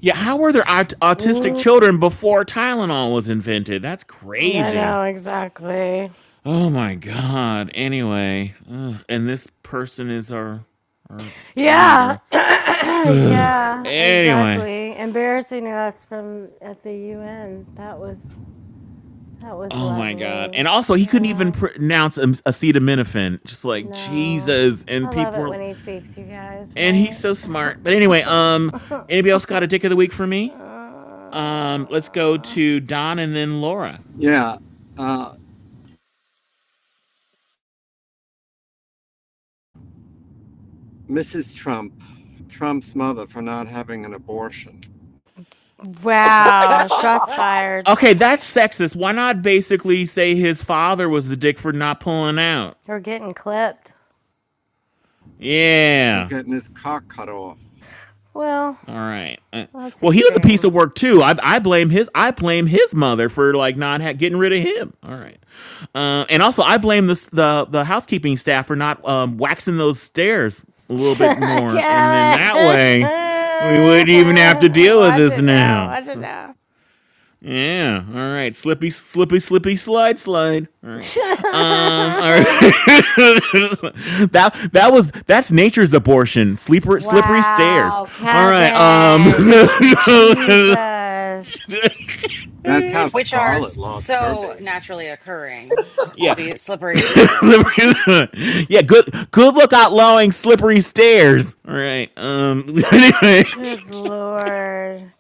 Speaker 3: Yeah, how were there aut- autistic
Speaker 17: Mm.
Speaker 3: children before Tylenol was invented? That's
Speaker 1: I
Speaker 3: crazy.
Speaker 1: know, exactly.
Speaker 3: Oh my god. Anyway, ugh, and this person is our our
Speaker 1: Yeah,
Speaker 3: leader.
Speaker 1: yeah,
Speaker 3: Anyway,
Speaker 1: exactly. Embarrassing us from at the UN. That was that was
Speaker 3: oh my god.
Speaker 1: lovely.
Speaker 3: And also, he couldn't even
Speaker 1: Yeah,
Speaker 3: pronounce am- acetaminophen. Just like
Speaker 1: no,
Speaker 3: Jesus. And
Speaker 1: I love
Speaker 3: people,
Speaker 1: it
Speaker 3: were,
Speaker 1: when he speaks. You guys,
Speaker 3: and he's
Speaker 1: right?
Speaker 3: so smart. But anyway, um, anybody else got a dick of the week for me? Um, let's go
Speaker 1: Uh,
Speaker 3: to Don and then Laura.
Speaker 18: Yeah. Uh, Mrs. Trump, Trump's mother, for not having an abortion
Speaker 1: Wow,
Speaker 14: Oh my
Speaker 1: shots
Speaker 14: god!
Speaker 1: fired.
Speaker 3: Okay, that's sexist. Why not basically say his father was the dick for not pulling out?
Speaker 1: We're getting clipped.
Speaker 18: or
Speaker 3: Yeah.
Speaker 18: getting his cock cut off.
Speaker 1: Well,
Speaker 3: All right. Uh,
Speaker 1: that's
Speaker 3: well, he was a piece
Speaker 1: extreme.
Speaker 3: of work too. I, I blame his I blame his mother for like not ha- getting rid of him. All right. Uh, and also I blame this the the housekeeping staff for not um, waxing those stairs a little bit
Speaker 1: Kevin,
Speaker 3: more, and then that way we wouldn't even have to deal with
Speaker 1: watch
Speaker 3: this
Speaker 1: it now.
Speaker 3: now.
Speaker 1: Watch
Speaker 3: So,
Speaker 1: it now.
Speaker 3: Yeah. All right. Slippy, slippy, slippy, slide, slide. All right. Um. All right. that that was that's nature's abortion. Slippery, slippery stairs.
Speaker 1: wow,
Speaker 3: All right. Um.
Speaker 1: Kevin. Jesus.
Speaker 18: That's how
Speaker 5: Which are
Speaker 18: Scarlett lost her
Speaker 5: so
Speaker 18: baby.
Speaker 5: naturally occurring. uh,
Speaker 3: yeah.
Speaker 5: Slippy, slippery stairs.
Speaker 3: yeah. Good. Good look out, lowing slippery stairs. All right. Um.
Speaker 1: Good Lord.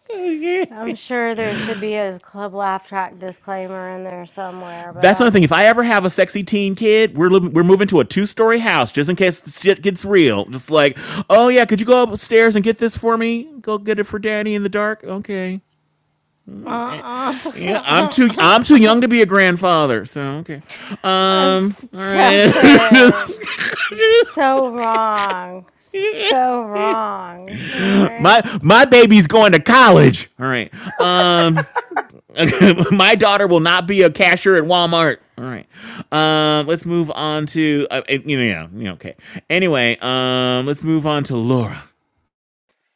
Speaker 1: I'm sure there should be a Club Laugh Track disclaimer in there somewhere, but
Speaker 3: That's another
Speaker 1: I'm
Speaker 3: thing. If I
Speaker 1: just.
Speaker 3: ever have a sexy teen kid, we're living, we're moving to a two story house just in case the shit gets real. Just like, oh yeah, could you go upstairs and get this for me? Go get it for Daddy in the dark. Okay. Eh, Yeah, I'm too
Speaker 1: Uh-uh.
Speaker 3: I'm too young to be a grandfather. So okay.
Speaker 1: Oh,
Speaker 3: Um. All right.
Speaker 1: Stop it. So wrong. So wrong. All
Speaker 3: my
Speaker 1: right?
Speaker 3: my baby's going to college. All right. Um. My daughter will not be a cashier at Walmart. All right. Um, let's move on to uh, uh, you know, yeah, you know, okay. Anyway, um, let's move on to Laura.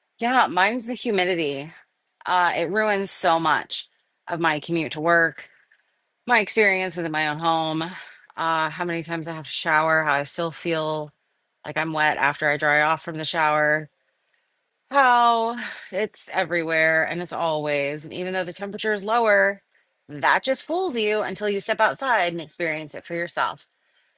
Speaker 5: yeah, mine's the humidity. Uh, it ruins so much of my commute to work, my experience within my own home, uh, how many times I have to shower, how I still feel like I'm wet after I dry off from the shower. How it's everywhere and it's always, and even though the temperature is lower, that just fools you until you step outside and experience it for yourself.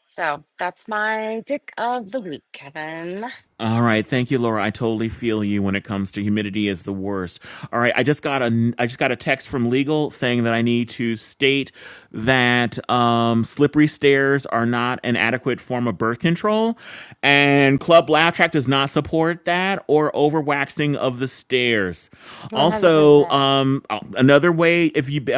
Speaker 5: So that's my dick of the week, Kevin.
Speaker 3: All right, thank you, Laura. I totally feel you when it comes to humidity is the worst. All right, I just got a I just got a text from legal saying that I need to state that um, slippery stairs are not an adequate form of birth control, and Club Laugh Track does not support that or overwaxing of the stairs. Also,
Speaker 1: 100%.
Speaker 3: um, uh, another way if you uh,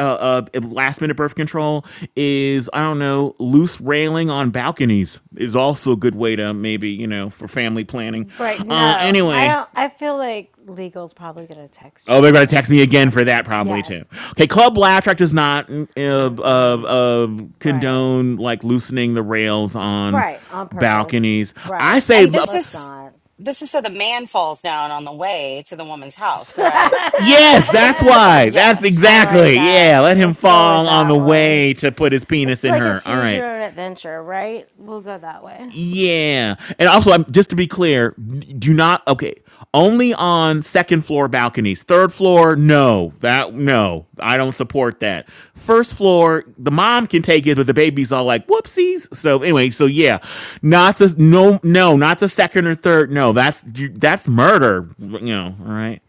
Speaker 3: uh, last minute birth control is I don't know loose railing on balconies is also a good way to maybe you know for family planning.
Speaker 1: Right.
Speaker 3: Uh,
Speaker 1: No, I
Speaker 3: anyway.
Speaker 1: don't. I feel like legal's probably going to text you
Speaker 3: Oh, they're going to
Speaker 1: again,
Speaker 3: text me again for that
Speaker 1: Kevin.
Speaker 3: probably too.
Speaker 1: Yes,
Speaker 3: Okay, Club
Speaker 1: probably.
Speaker 3: Laugh Track does not mm, uh, uh,
Speaker 1: Mm-mm.
Speaker 3: uh,
Speaker 1: Right.
Speaker 3: condone like loosening the rails on
Speaker 1: Right. On purpose.
Speaker 3: balconies. I
Speaker 1: Right.
Speaker 3: say
Speaker 5: And this
Speaker 1: Let's
Speaker 5: is
Speaker 1: not.
Speaker 5: this is so the man falls down on the way to the woman's house, right?
Speaker 3: Yes, that's
Speaker 5: The,
Speaker 1: I
Speaker 3: why. That's
Speaker 5: yes,
Speaker 1: like
Speaker 3: exactly. Yeah,
Speaker 1: that.
Speaker 3: let him
Speaker 1: Let's go with
Speaker 3: fall on
Speaker 1: that
Speaker 3: the
Speaker 1: one.
Speaker 3: way to put his penis
Speaker 1: It's
Speaker 3: in
Speaker 1: like a
Speaker 3: her. All
Speaker 1: choose
Speaker 3: right.
Speaker 1: your own adventure, right? We'll go that way.
Speaker 3: Yeah. And also, I'm just to be clear, do not okay, only on second floor balconies. Third floor, no. That no. I don't support that. First floor, the mom can take it, but the baby's all like, "Whoopsies." So anyway, so yeah. Not the no no, not the second or third. No, that's that's murder, you know, all right.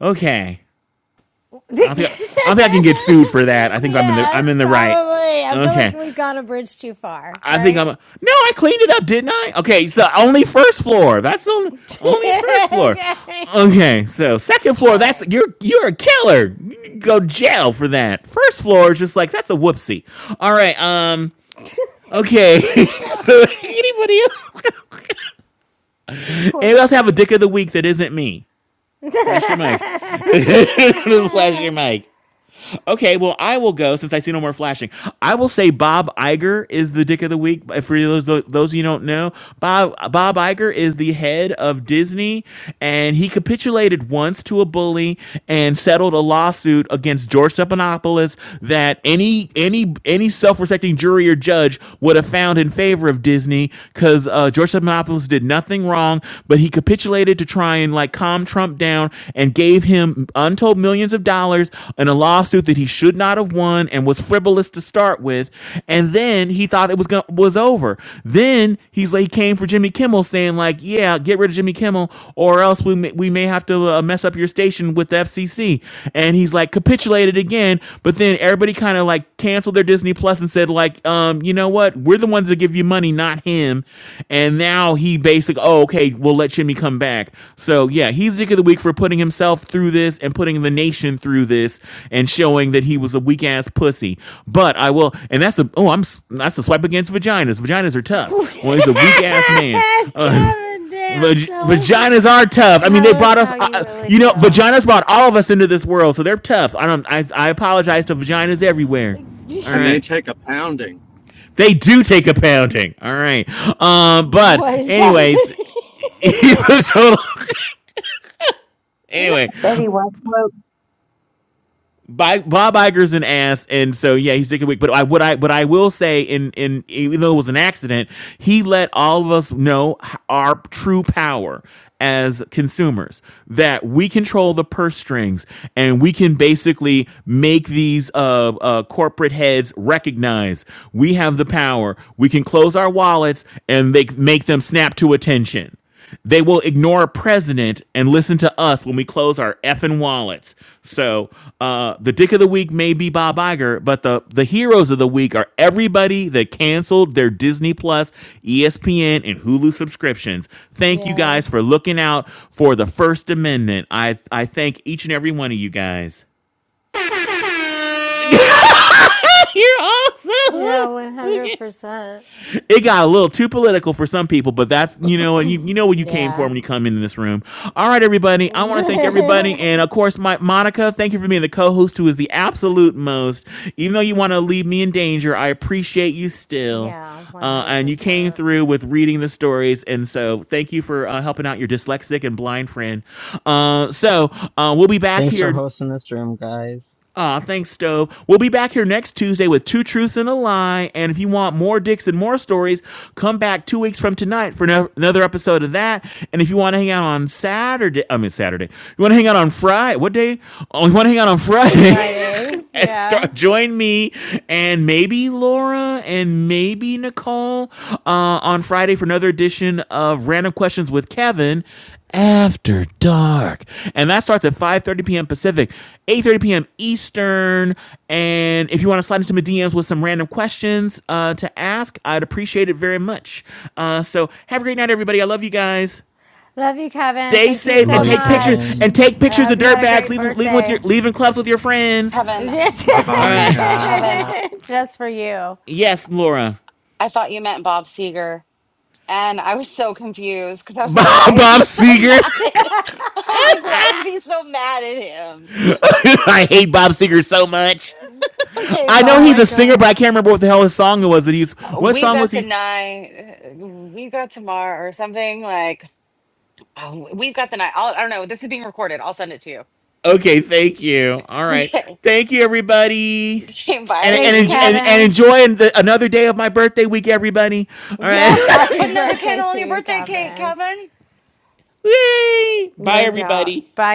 Speaker 3: Okay. I don't think I, I don't think I can get sued for that. I think I'm in the I'm
Speaker 1: yes,
Speaker 3: in the right.
Speaker 1: probably. I feel like
Speaker 3: Okay,
Speaker 1: we've gone a bridge too far,
Speaker 3: I think I'm.
Speaker 1: right?
Speaker 3: A, No, I cleaned it up, didn't I? Okay, so only first floor. That's only only first floor.
Speaker 1: okay.
Speaker 3: Okay, so second
Speaker 1: All
Speaker 3: floor. That's
Speaker 1: right.
Speaker 3: you're you're a killer. You go jail for that. First floor is just like that's a whoopsie. All right. Um.
Speaker 1: Whoopsie.
Speaker 3: Okay. so anybody else? anybody else have a dick of the week that isn't me? Flash your mic. Flash your mic. okay, well, I will go since I see no more flashing. I will say Bob Iger is the dick of the week. For those those of you who don't know, Bob Bob Iger is the head of Disney, and he capitulated once to a bully and settled a lawsuit against George Stephanopoulos that any any any self respecting jury or judge would have found in favor of Disney because uh, George Stephanopoulos did did nothing wrong, but he capitulated to try and like calm Trump down and gave him untold millions of dollars in a lawsuit that he should not have won and was frivolous to start with. And then he thought it was gonna, was over. Then he's like he came for Jimmy Kimmel saying like, "Yeah, get rid of Jimmy Kimmel or else we may, we may have to uh, mess up your station with the FCC." And he's like capitulated again, but but then everybody kind of like canceled their Disney Plus and said like, um, you know what? We're the ones that give you money, not him. And now he basically, oh, okay, we'll let Jimmy come back. So yeah, he's dick of the week for putting himself through this and putting the nation through this and showing that he was a weak ass pussy. But I will, and that's a oh, I'm that's a swipe against vaginas. Vaginas are tough. Well, he's a weak ass man. Uh,
Speaker 1: Kevin, damn,
Speaker 3: Vag-
Speaker 1: tell us,
Speaker 3: vaginas are tough. I mean,
Speaker 1: tell
Speaker 3: they
Speaker 1: us
Speaker 3: brought us.
Speaker 1: how you
Speaker 3: Uh,
Speaker 1: really
Speaker 3: you know,
Speaker 1: feel.
Speaker 3: vaginas brought all of us into this world, so they're tough. I don't. I, I apologize to vaginas everywhere. All
Speaker 18: And they
Speaker 3: right,
Speaker 18: take a pounding.
Speaker 3: they do take a pounding. All right. Um, but
Speaker 1: What is happening?
Speaker 3: anyways, he's a total. Anyway,
Speaker 10: Betty White
Speaker 3: By, Bob Iger's an ass, and so yeah, he's taking a week. But I what I what I will say, in in even though it was an accident, he let all of us know our true power as consumers that we control the purse strings and we can basically make these uh, uh, corporate heads recognize we have the power. We can close our wallets and they make them snap to attention. They will ignore a president and listen to us when we close our effing wallets. So uh, the dick of the week may be Bob Iger, but the, the heroes of the week are everybody that canceled their Disney Plus, ESPN, and Hulu subscriptions. Thank you
Speaker 1: Yeah,
Speaker 3: guys for looking out for the First Amendment. I, I thank each and every one of you guys. You're awesome.
Speaker 1: Yeah, 100%.
Speaker 3: it got a little too political for some people, but that's you know, and you, you know what you came for
Speaker 1: yeah,
Speaker 3: when you come into this room. All right, everybody. I want to thank everybody, and of course, my Monica. Thank you for being the co-host, who is the absolute most. Even though you want to leave me in danger, I appreciate you still,
Speaker 1: yeah, one
Speaker 3: uh,
Speaker 1: hundred
Speaker 3: and you came
Speaker 1: percent.
Speaker 3: through with reading the stories, and so thank you for uh, helping out your dyslexic and blind friend. Uh, so uh, we'll be back
Speaker 7: Thanks for
Speaker 3: here
Speaker 7: hosting this room, guys.
Speaker 3: Aw, thanks, Stove. We'll be back here next Tuesday with Two Truths and a Lie. And if you want more dicks and more stories, come back two weeks from tonight for no- another episode of that. And if you want to hang out on Saturday, I mean, Saturday, you want to hang out on Friday, what day? Oh, you want to hang out on Friday?
Speaker 1: Friday,
Speaker 3: and
Speaker 1: yeah.
Speaker 3: start join me and maybe Laura and maybe Nicole uh, on Friday for another edition of Random Questions with Kevin. After Dark, and that starts at 5:30 p.m. Pacific, 8:30 p.m. Eastern. And if you want to slide into my DMs with some random questions uh, to ask, I'd appreciate it very much. Uh, so have a great night, everybody. I love you guys.
Speaker 1: Love you, Kevin.
Speaker 3: Stay
Speaker 1: Thank you
Speaker 3: safe and
Speaker 7: Love
Speaker 1: so
Speaker 7: you,
Speaker 3: take pictures
Speaker 1: much,
Speaker 3: and
Speaker 7: Kevin.
Speaker 3: take
Speaker 1: and I
Speaker 3: pictures of
Speaker 1: hope you had a
Speaker 3: dirtbags.
Speaker 1: great
Speaker 3: Leave them, leave 'em with your
Speaker 1: birthday.
Speaker 3: leaving clubs with your friends.
Speaker 5: Kevin.
Speaker 18: Bye
Speaker 3: All
Speaker 18: bye,
Speaker 3: right.
Speaker 18: Kevin.
Speaker 5: Kevin,
Speaker 7: Bye.
Speaker 1: Just for you.
Speaker 3: Yes, Laura.
Speaker 5: I thought you meant Bob Seger. And I was so confused because I was like,
Speaker 3: Bob,
Speaker 5: why is
Speaker 3: Bob
Speaker 5: he so
Speaker 3: Seger.
Speaker 5: mad at I was like, why is he so mad at him?
Speaker 3: I hate Bob Seger so much.
Speaker 5: Okay,
Speaker 3: I
Speaker 1: Oh
Speaker 3: know he's
Speaker 1: my
Speaker 3: a
Speaker 5: bye.
Speaker 3: singer,
Speaker 1: God.
Speaker 3: but I can't remember what the hell his song was. That he's what
Speaker 5: We've
Speaker 3: song
Speaker 5: got
Speaker 3: was he?
Speaker 5: tonight. uh, We've got tomorrow or something like. Oh, we've got the night. I'll, I don't know. This is being recorded. I'll send it to you.
Speaker 3: Okay, thank you. All right,
Speaker 5: Okay.
Speaker 3: thank you, everybody,
Speaker 5: Okay.
Speaker 3: and
Speaker 1: Thanks,
Speaker 3: and enj- and,
Speaker 5: Bye.
Speaker 3: and
Speaker 1: Kevin.
Speaker 3: enjoy the, another day of my birthday week, everybody. All right,
Speaker 1: Yeah, happy
Speaker 5: Put another
Speaker 1: birthday
Speaker 5: candle on
Speaker 1: to
Speaker 5: your
Speaker 1: you,
Speaker 5: birthday cake,
Speaker 1: Kevin.
Speaker 5: Kevin.
Speaker 3: Yay! bye,
Speaker 1: No doubt.
Speaker 3: everybody.
Speaker 1: Bye.